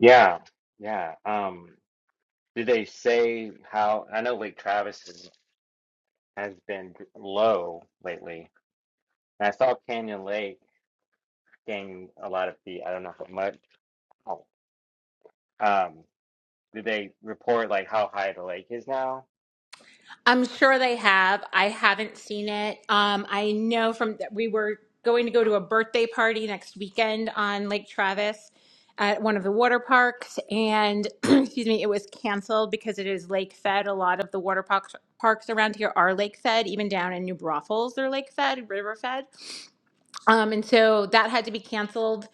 Speaker 5: Yeah, yeah. Um, did they say how? I know Lake Travis is, has been d- low lately. And I saw Canyon Lake gain a lot of feet. I don't know how much. Oh, um, did they report like how high the lake is now?
Speaker 8: I'm sure they have. I haven't seen it. Um, I know from we were going to go to a birthday party next weekend on Lake Travis at one of the water parks, and [clears throat] excuse me, it was canceled because it is lake fed. A lot of the water parks parks around here are lake fed. Even down in New Braunfels, they're lake fed, river fed. Um, and so that had to be canceled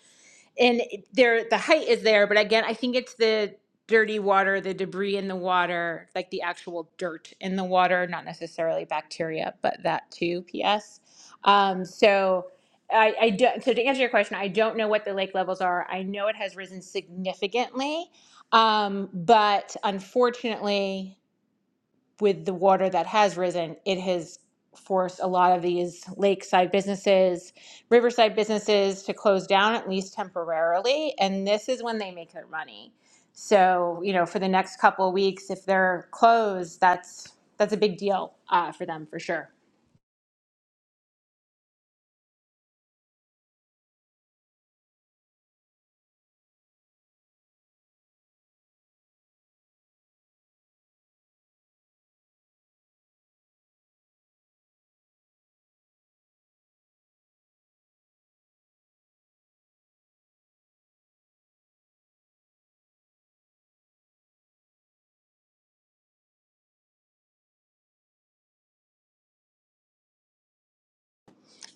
Speaker 8: and it- there the height is there but again i think it's the dirty water the debris in the water like the actual dirt in the water not necessarily bacteria but that too ps um, so I, I don't so to answer your question i don't know what the lake levels are i know it has risen significantly um, but unfortunately with the water that has risen, it has forced a lot of these lakeside businesses, riverside businesses to close down at least temporarily. And this is when they make their money. So, you know, for the next couple of weeks, if they're closed, that's that's a big deal uh, for them for sure.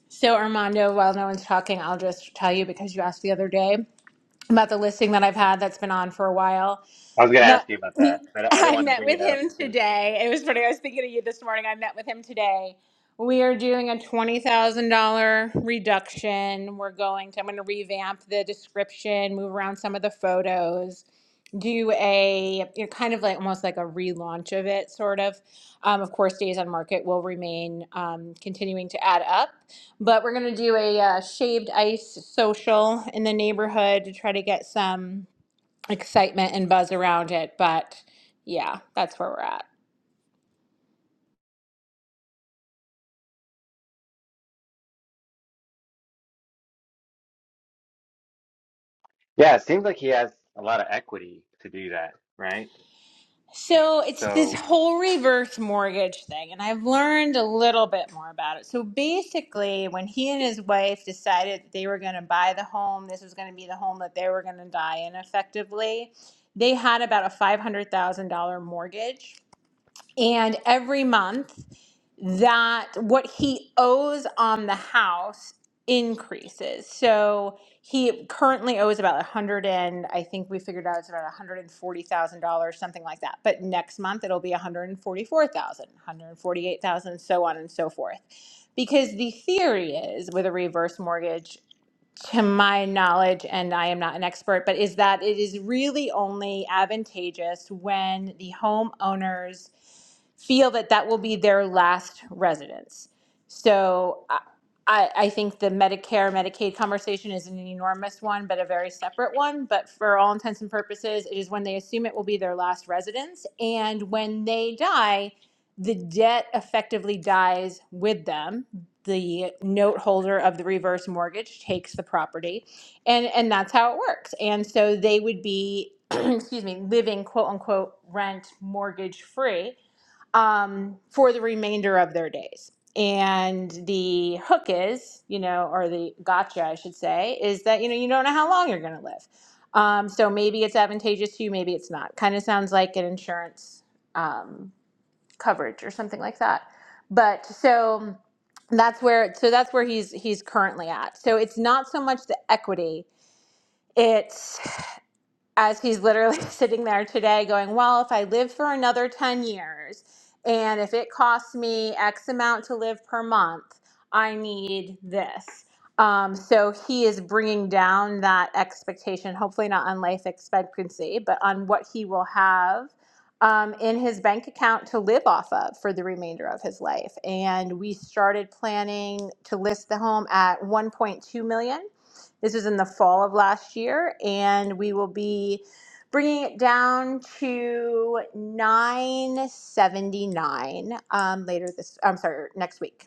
Speaker 8: So, Armando, while no one's talking, I'll just tell you because you asked the other day about the listing that I've had that's been on for a while.
Speaker 5: I was gonna
Speaker 8: met
Speaker 5: ask you about
Speaker 8: [laughs]
Speaker 5: that, but I I didn't
Speaker 8: I
Speaker 5: want to
Speaker 8: met
Speaker 5: bring
Speaker 8: with
Speaker 5: it up
Speaker 8: him
Speaker 5: because
Speaker 8: today. It was funny. I was thinking of you this morning. I met with him today. We are doing a twenty thousand dollar reduction. We're going to. I'm going to revamp the description, move around some of the photos, do a you know, kind of like almost like a relaunch of it, sort of. Um, of course, days on market will remain um, continuing to add up, but we're going to do a uh, shaved ice social in the neighborhood to try to get some excitement and buzz around it. But yeah, that's where we're at.
Speaker 5: yeah, it seems like he has a lot of equity to do that, right?
Speaker 8: So it's this
Speaker 5: So,
Speaker 8: whole reverse mortgage thing, and I've learned a little bit more about it. So basically, when he and his wife decided that they were going to buy the home, this was going to be the home that they were going to die in effectively, they had about a $500,000 mortgage. and every month that what he owes on the house increases. So he currently owes about a hundred and I think we figured out it's about one hundred and forty thousand dollars, something like that. But next month it'll be one hundred and forty-four thousand, one hundred and forty-eight thousand, hundred and forty-four thousand, hundred and forty-eight thousand, so on and so forth. Because the theory is with a reverse mortgage to my knowledge, and I am not an expert, but is that it is really only advantageous when the homeowners feel that that will be their last residence. So I, I I think the Medicare, Medicaid conversation is an enormous one, but a very separate one. But for all intents and purposes, it is when they assume it will be their last residence. And when they die, the debt effectively dies with them the note holder of the reverse mortgage takes the property and and that's how it works and so they would be [clears throat] excuse me living quote unquote rent mortgage free um, for the remainder of their days and the hook is you know or the gotcha i should say is that you know you don't know how long you're going to live um, so maybe it's advantageous to you maybe it's not kind of sounds like an insurance um, coverage or something like that. But so that's where so that's where he's he's currently at. So it's not so much the equity. It's as he's literally [laughs] sitting there today going, Well, if I live for another 10 years and if it costs me X amount to live per month, I need this. Um, so he is bringing down that expectation, hopefully not on life expectancy, but on what he will have um, in his bank account to live off of for the remainder of his life. And we started planning to list the home at 1.2 million this was in the fall of last year, and we will be bringing it down to 979 um, later this. I'm sorry, next week.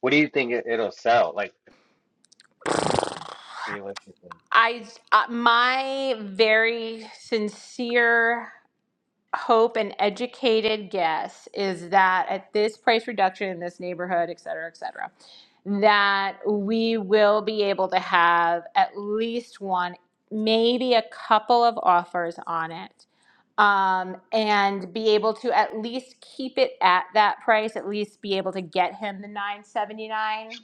Speaker 5: What do you think it, it'll sell, like realistically?
Speaker 8: I uh, my very sincere. hope an educated guess is that at this price reduction in this neighborhood, et cetera, et cetera, that we will be able to have at least one, maybe a couple of offers on it. Um, and be able to at least keep it at that price, at least be able to get him the 979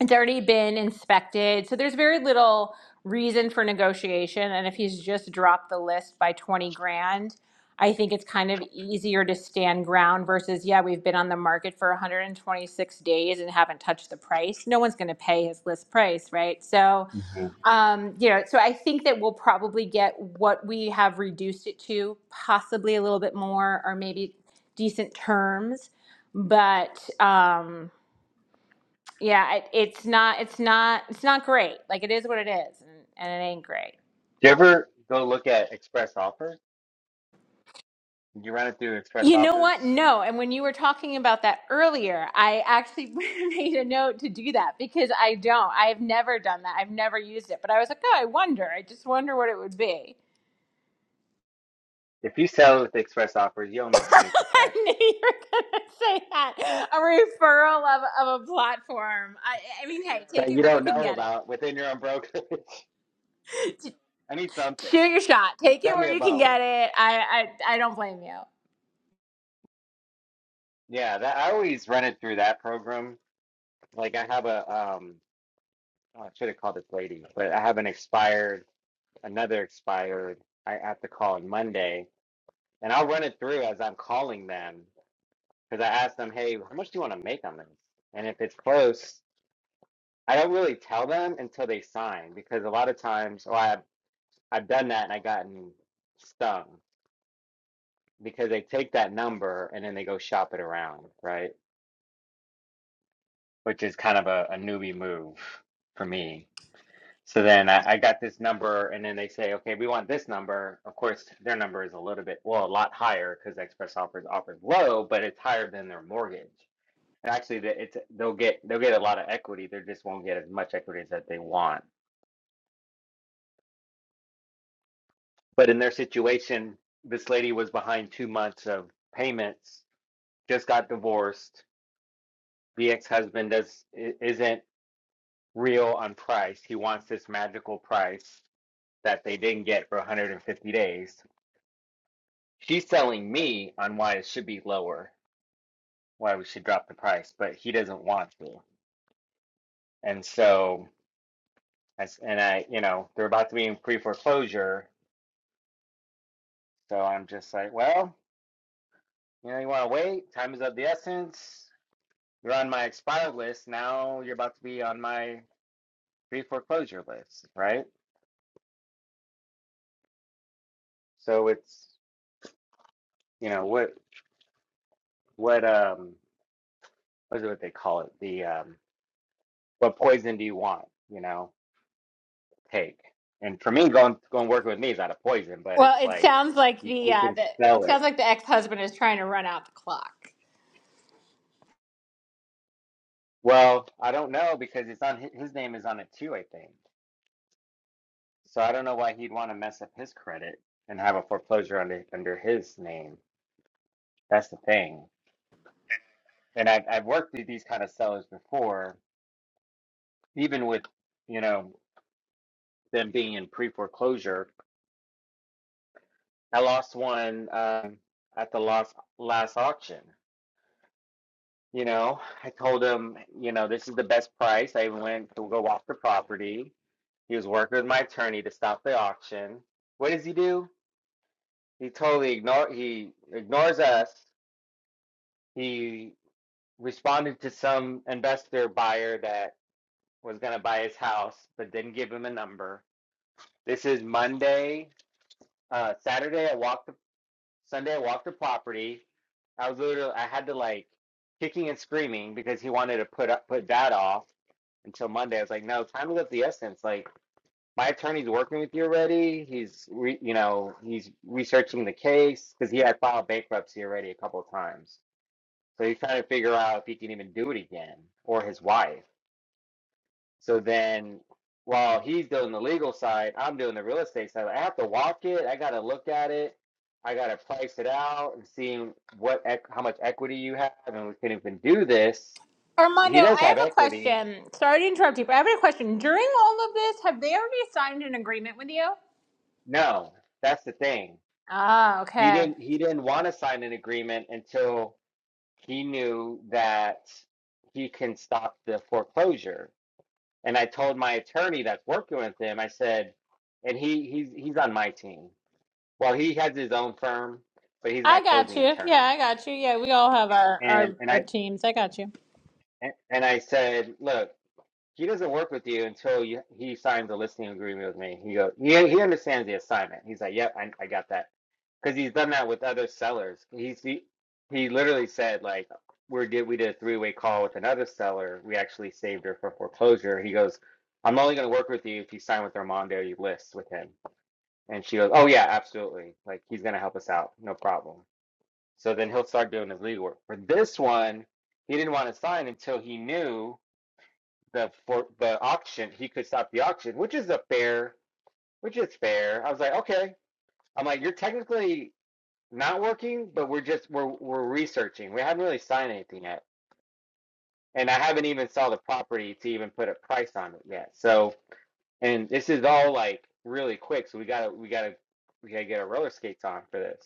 Speaker 8: it's already been inspected. So there's very little reason for negotiation. And if he's just dropped the list by 20 grand, I think it's kind of easier to stand ground versus, yeah, we've been on the market for 126 days and haven't touched the price. No one's going to pay his list price, right? So,
Speaker 5: hmm Do
Speaker 8: um, you know, so I think that we'll probably get what we have reduced it to, possibly a little bit more or maybe decent terms. But, um, yeah it, it's not it's not it's not great like it is what it is and, and it ain't great
Speaker 5: you ever go look at Express Offers? You run it through Express
Speaker 8: you know what
Speaker 5: Offers.
Speaker 8: no and when you were talking about that earlier i actually [laughs] made a note to do that because i don't i've never done that i've never used it but i was like oh i wonder i just wonder what it would be
Speaker 5: If you sell with Express Offers, you owe
Speaker 8: [laughs]
Speaker 5: me 20%
Speaker 8: i knew you were going to say that a referral of, of a platform I, I mean hey take
Speaker 5: that
Speaker 8: it
Speaker 5: you
Speaker 8: where you
Speaker 5: don't
Speaker 8: can
Speaker 5: know
Speaker 8: get
Speaker 5: about
Speaker 8: it
Speaker 5: within your own brokerage. [laughs] I need
Speaker 8: shoot
Speaker 5: something.
Speaker 8: your shot take it
Speaker 5: Throw me
Speaker 8: where
Speaker 5: a
Speaker 8: you can
Speaker 5: bone.
Speaker 8: get it i i, I don't blame you
Speaker 5: Yeah, that I always run it through that program. Like I have a um, oh, I should have called this lady, but I have an expired, another expired. I have to call on Monday, and I'll run it through as I'm calling them. because I ask them, hey, how much do you want to make on this? And if it's close, I don't really tell them until they sign because a lot of times, well, I've, I've done that and I gotten stung because they take that number and then they go shop it around, right? Which is kind of a, a newbie move for me. So then I, I got this number and then they say, okay, we want this number. Of course, their number is a little bit, well, a lot higher because Express Offers offers low, but it's higher than their mortgage. Actually, the- it's they'll get they'll get a lot of equity. They just won't get as much equity as that they want. But in their situation, this lady was behind two months of payments, just got divorced. The ex-husband does i- isn't real on price. He wants this magical price that they didn't get for 150 days. She's selling me on why it should be lower, why we should drop the price, but he doesn't want to. And so, as and I, you know, they're about to be in pre-foreclosure So I'm just like, well, you know, you want to wait. Time is of the essence. You're on my expired list. Now you're about to be on my pre foreclosure list, right? So it's, you know, what, what, um, what is it what they call it? The, um, what poison do you want, you know, take? And for me, going, going working with me is not a poison, but
Speaker 8: Well,
Speaker 5: it's
Speaker 8: it
Speaker 5: like,
Speaker 8: sounds like
Speaker 5: you,
Speaker 8: the,
Speaker 5: you
Speaker 8: uh,
Speaker 5: can
Speaker 8: the
Speaker 5: sell
Speaker 8: it sounds
Speaker 5: it.
Speaker 8: like the ex-husband is trying to run out the clock.
Speaker 5: Well, I don't know because it's on his name is on it too, I think. So I don't know why he'd want to mess up his credit and have a foreclosure under under his name. That's the thing. And I've I've worked with these kind of sellers before, even with you know them being in pre foreclosure. I lost one um, at the last last auction. You know, I told him, you know, this is the best price. I even went to go walk the property. He was working with my attorney to stop the auction. What does he do? He totally ignore he ignores us. He responded to some investor buyer that was going to buy his house but didn't give him a number. This is Monday, uh, Saturday. I walked the Sunday. I walked the property. I was literally I had to like kicking and screaming because he wanted to put up put that off until Monday. I was like, no, time is of the essence. Like my attorney's working with you already. He's re, you know he's researching the case because he had filed bankruptcy already a couple of times. So he's trying to figure out if he can even do it again or his wife. So then while he's doing the legal side, I'm doing the real estate side. Like, I have to walk it. I got to look at it. I got to price it out and see what eq how much equity you have and we can even do this.
Speaker 8: Armando,
Speaker 5: He does
Speaker 8: I have
Speaker 5: have
Speaker 8: a
Speaker 5: equity.
Speaker 8: question. Sorry to interrupt you, but I have a question. During all of this, have they already signed an agreement with you?
Speaker 5: No, that's the thing.
Speaker 8: Ah,
Speaker 5: He
Speaker 8: okay.
Speaker 5: didn't he didn't want to sign an agreement until he knew that he can stop the foreclosure. And I told my attorney that's working with him, I said, and he he's he's on my team. Well, he has his own firm, but he's my
Speaker 8: I got
Speaker 5: closing
Speaker 8: you. Yeah,
Speaker 5: attorney.
Speaker 8: I got you. Yeah, we all have our
Speaker 5: And
Speaker 8: our,
Speaker 5: and
Speaker 8: our
Speaker 5: I
Speaker 8: teams. I got you.
Speaker 5: and and I said, look, he doesn't work with you until you, he signs a listing agreement with me. He goes, he he understands the assignment. He's like, yep, I, I got that because he's done that with other sellers. He's he, he literally said like we did we did a three way call with another seller. We actually saved her from foreclosure. He goes. I'm only going to work with you if you sign with Armando, you list with him. And she goes, Oh, yeah, absolutely. Like, he's going to help us out. No problem. So then he'll start doing his legal work. For this one, he didn't want to sign until he knew the for the auction he could stop the auction, which is a fair, which is fair. I was like, okay. I'm like, you're technically not working, but we're just we're we're researching. We haven't really signed anything yet, and I haven't even saw the property to even put a price on it yet. So, and this is all like really quick. So we gotta we gotta we gotta get our roller skates on for this.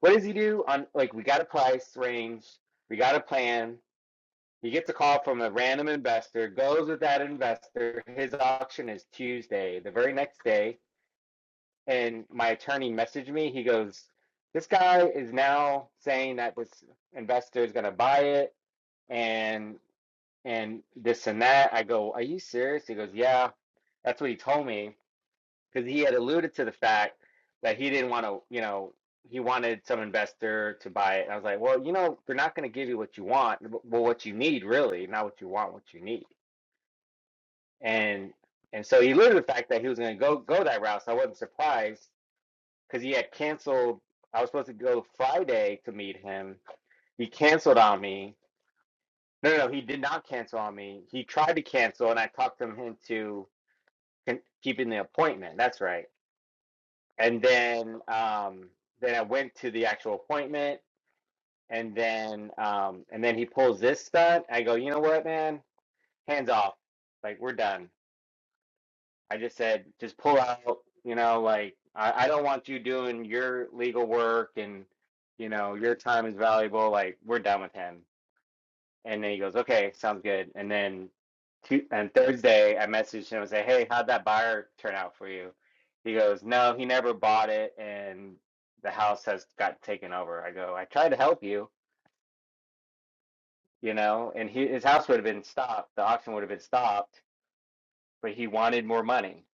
Speaker 5: What does he do on like we got a price range, we got a plan, He gets a call from a random investor, goes with that investor. His auction is Tuesday, the very next day. And my attorney messaged me. He goes, This guy is now saying that this investor is going to buy it and and this and that. I go, Are you serious? He goes, Yeah, that's what he told me. Because he had alluded to the fact that he didn't want to, you know, he wanted some investor to buy it. And I was like, Well, you know, they're not going to give you what you want, w- well, what you need, really, not what you want, what you need. And and so he alluded to the fact that he was going to go go that route. So I wasn't surprised because he had canceled. I was supposed to go Friday to meet him. He canceled on me. No, no, no, he did not cancel on me. He tried to cancel, and I talked him into con- keeping the appointment. That's right. And then um, then I went to the actual appointment, and then um, and then he pulls this stunt. I go, you know what, man? Hands off. Like we're done I just said, just pull out, you know, like I, I don't want you doing your legal work and you know, your time is valuable, like we're done with him. And then he goes, Okay, sounds good. And then two and Thursday I messaged him and say, Hey, how'd that buyer turn out for you? He goes, No, he never bought it and the house has got taken over. I go, I tried to help you, you know, and he, his house would have been stopped, the auction would have been stopped, but he wanted more money.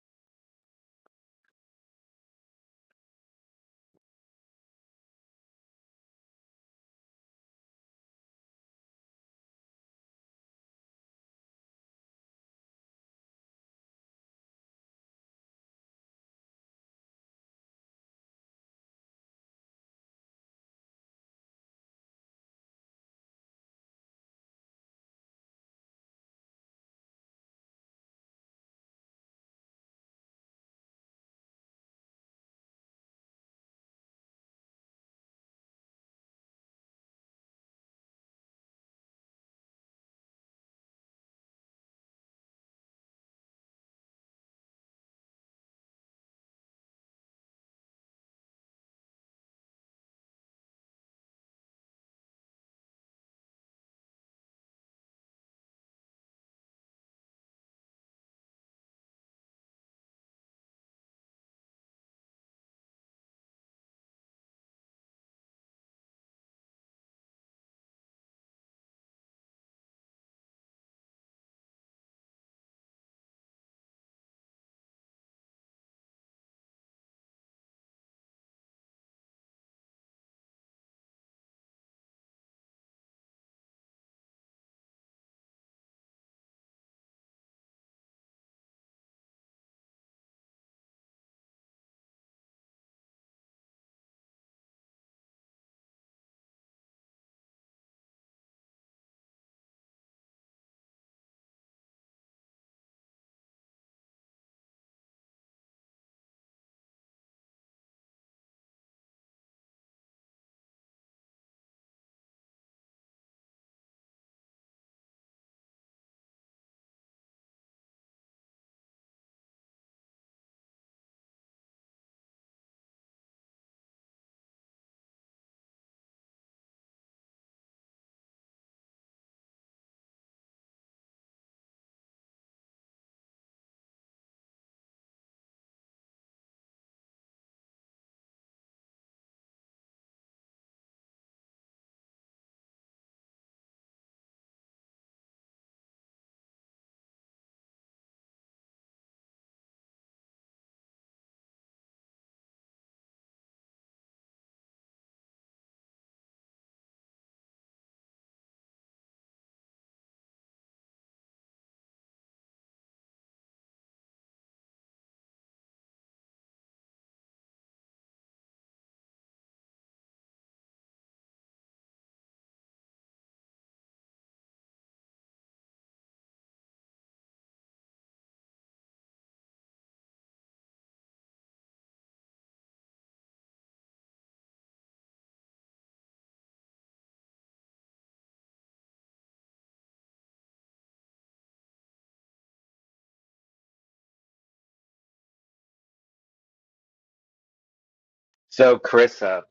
Speaker 5: So Carissa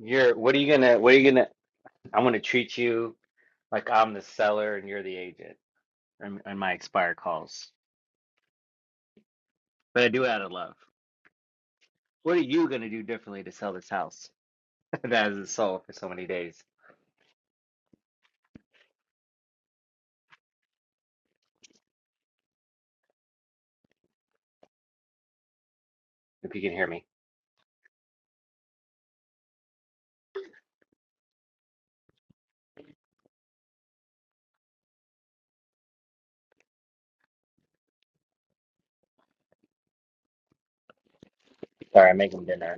Speaker 5: You're what are you gonna what are you gonna I'm gonna treat you like I'm the seller and you're the agent in, in my expire calls. But I do it out of love. What are you gonna do differently to sell this house [laughs] that hasn't sold for so many days? If you can hear me. Sorry, I'm making dinner.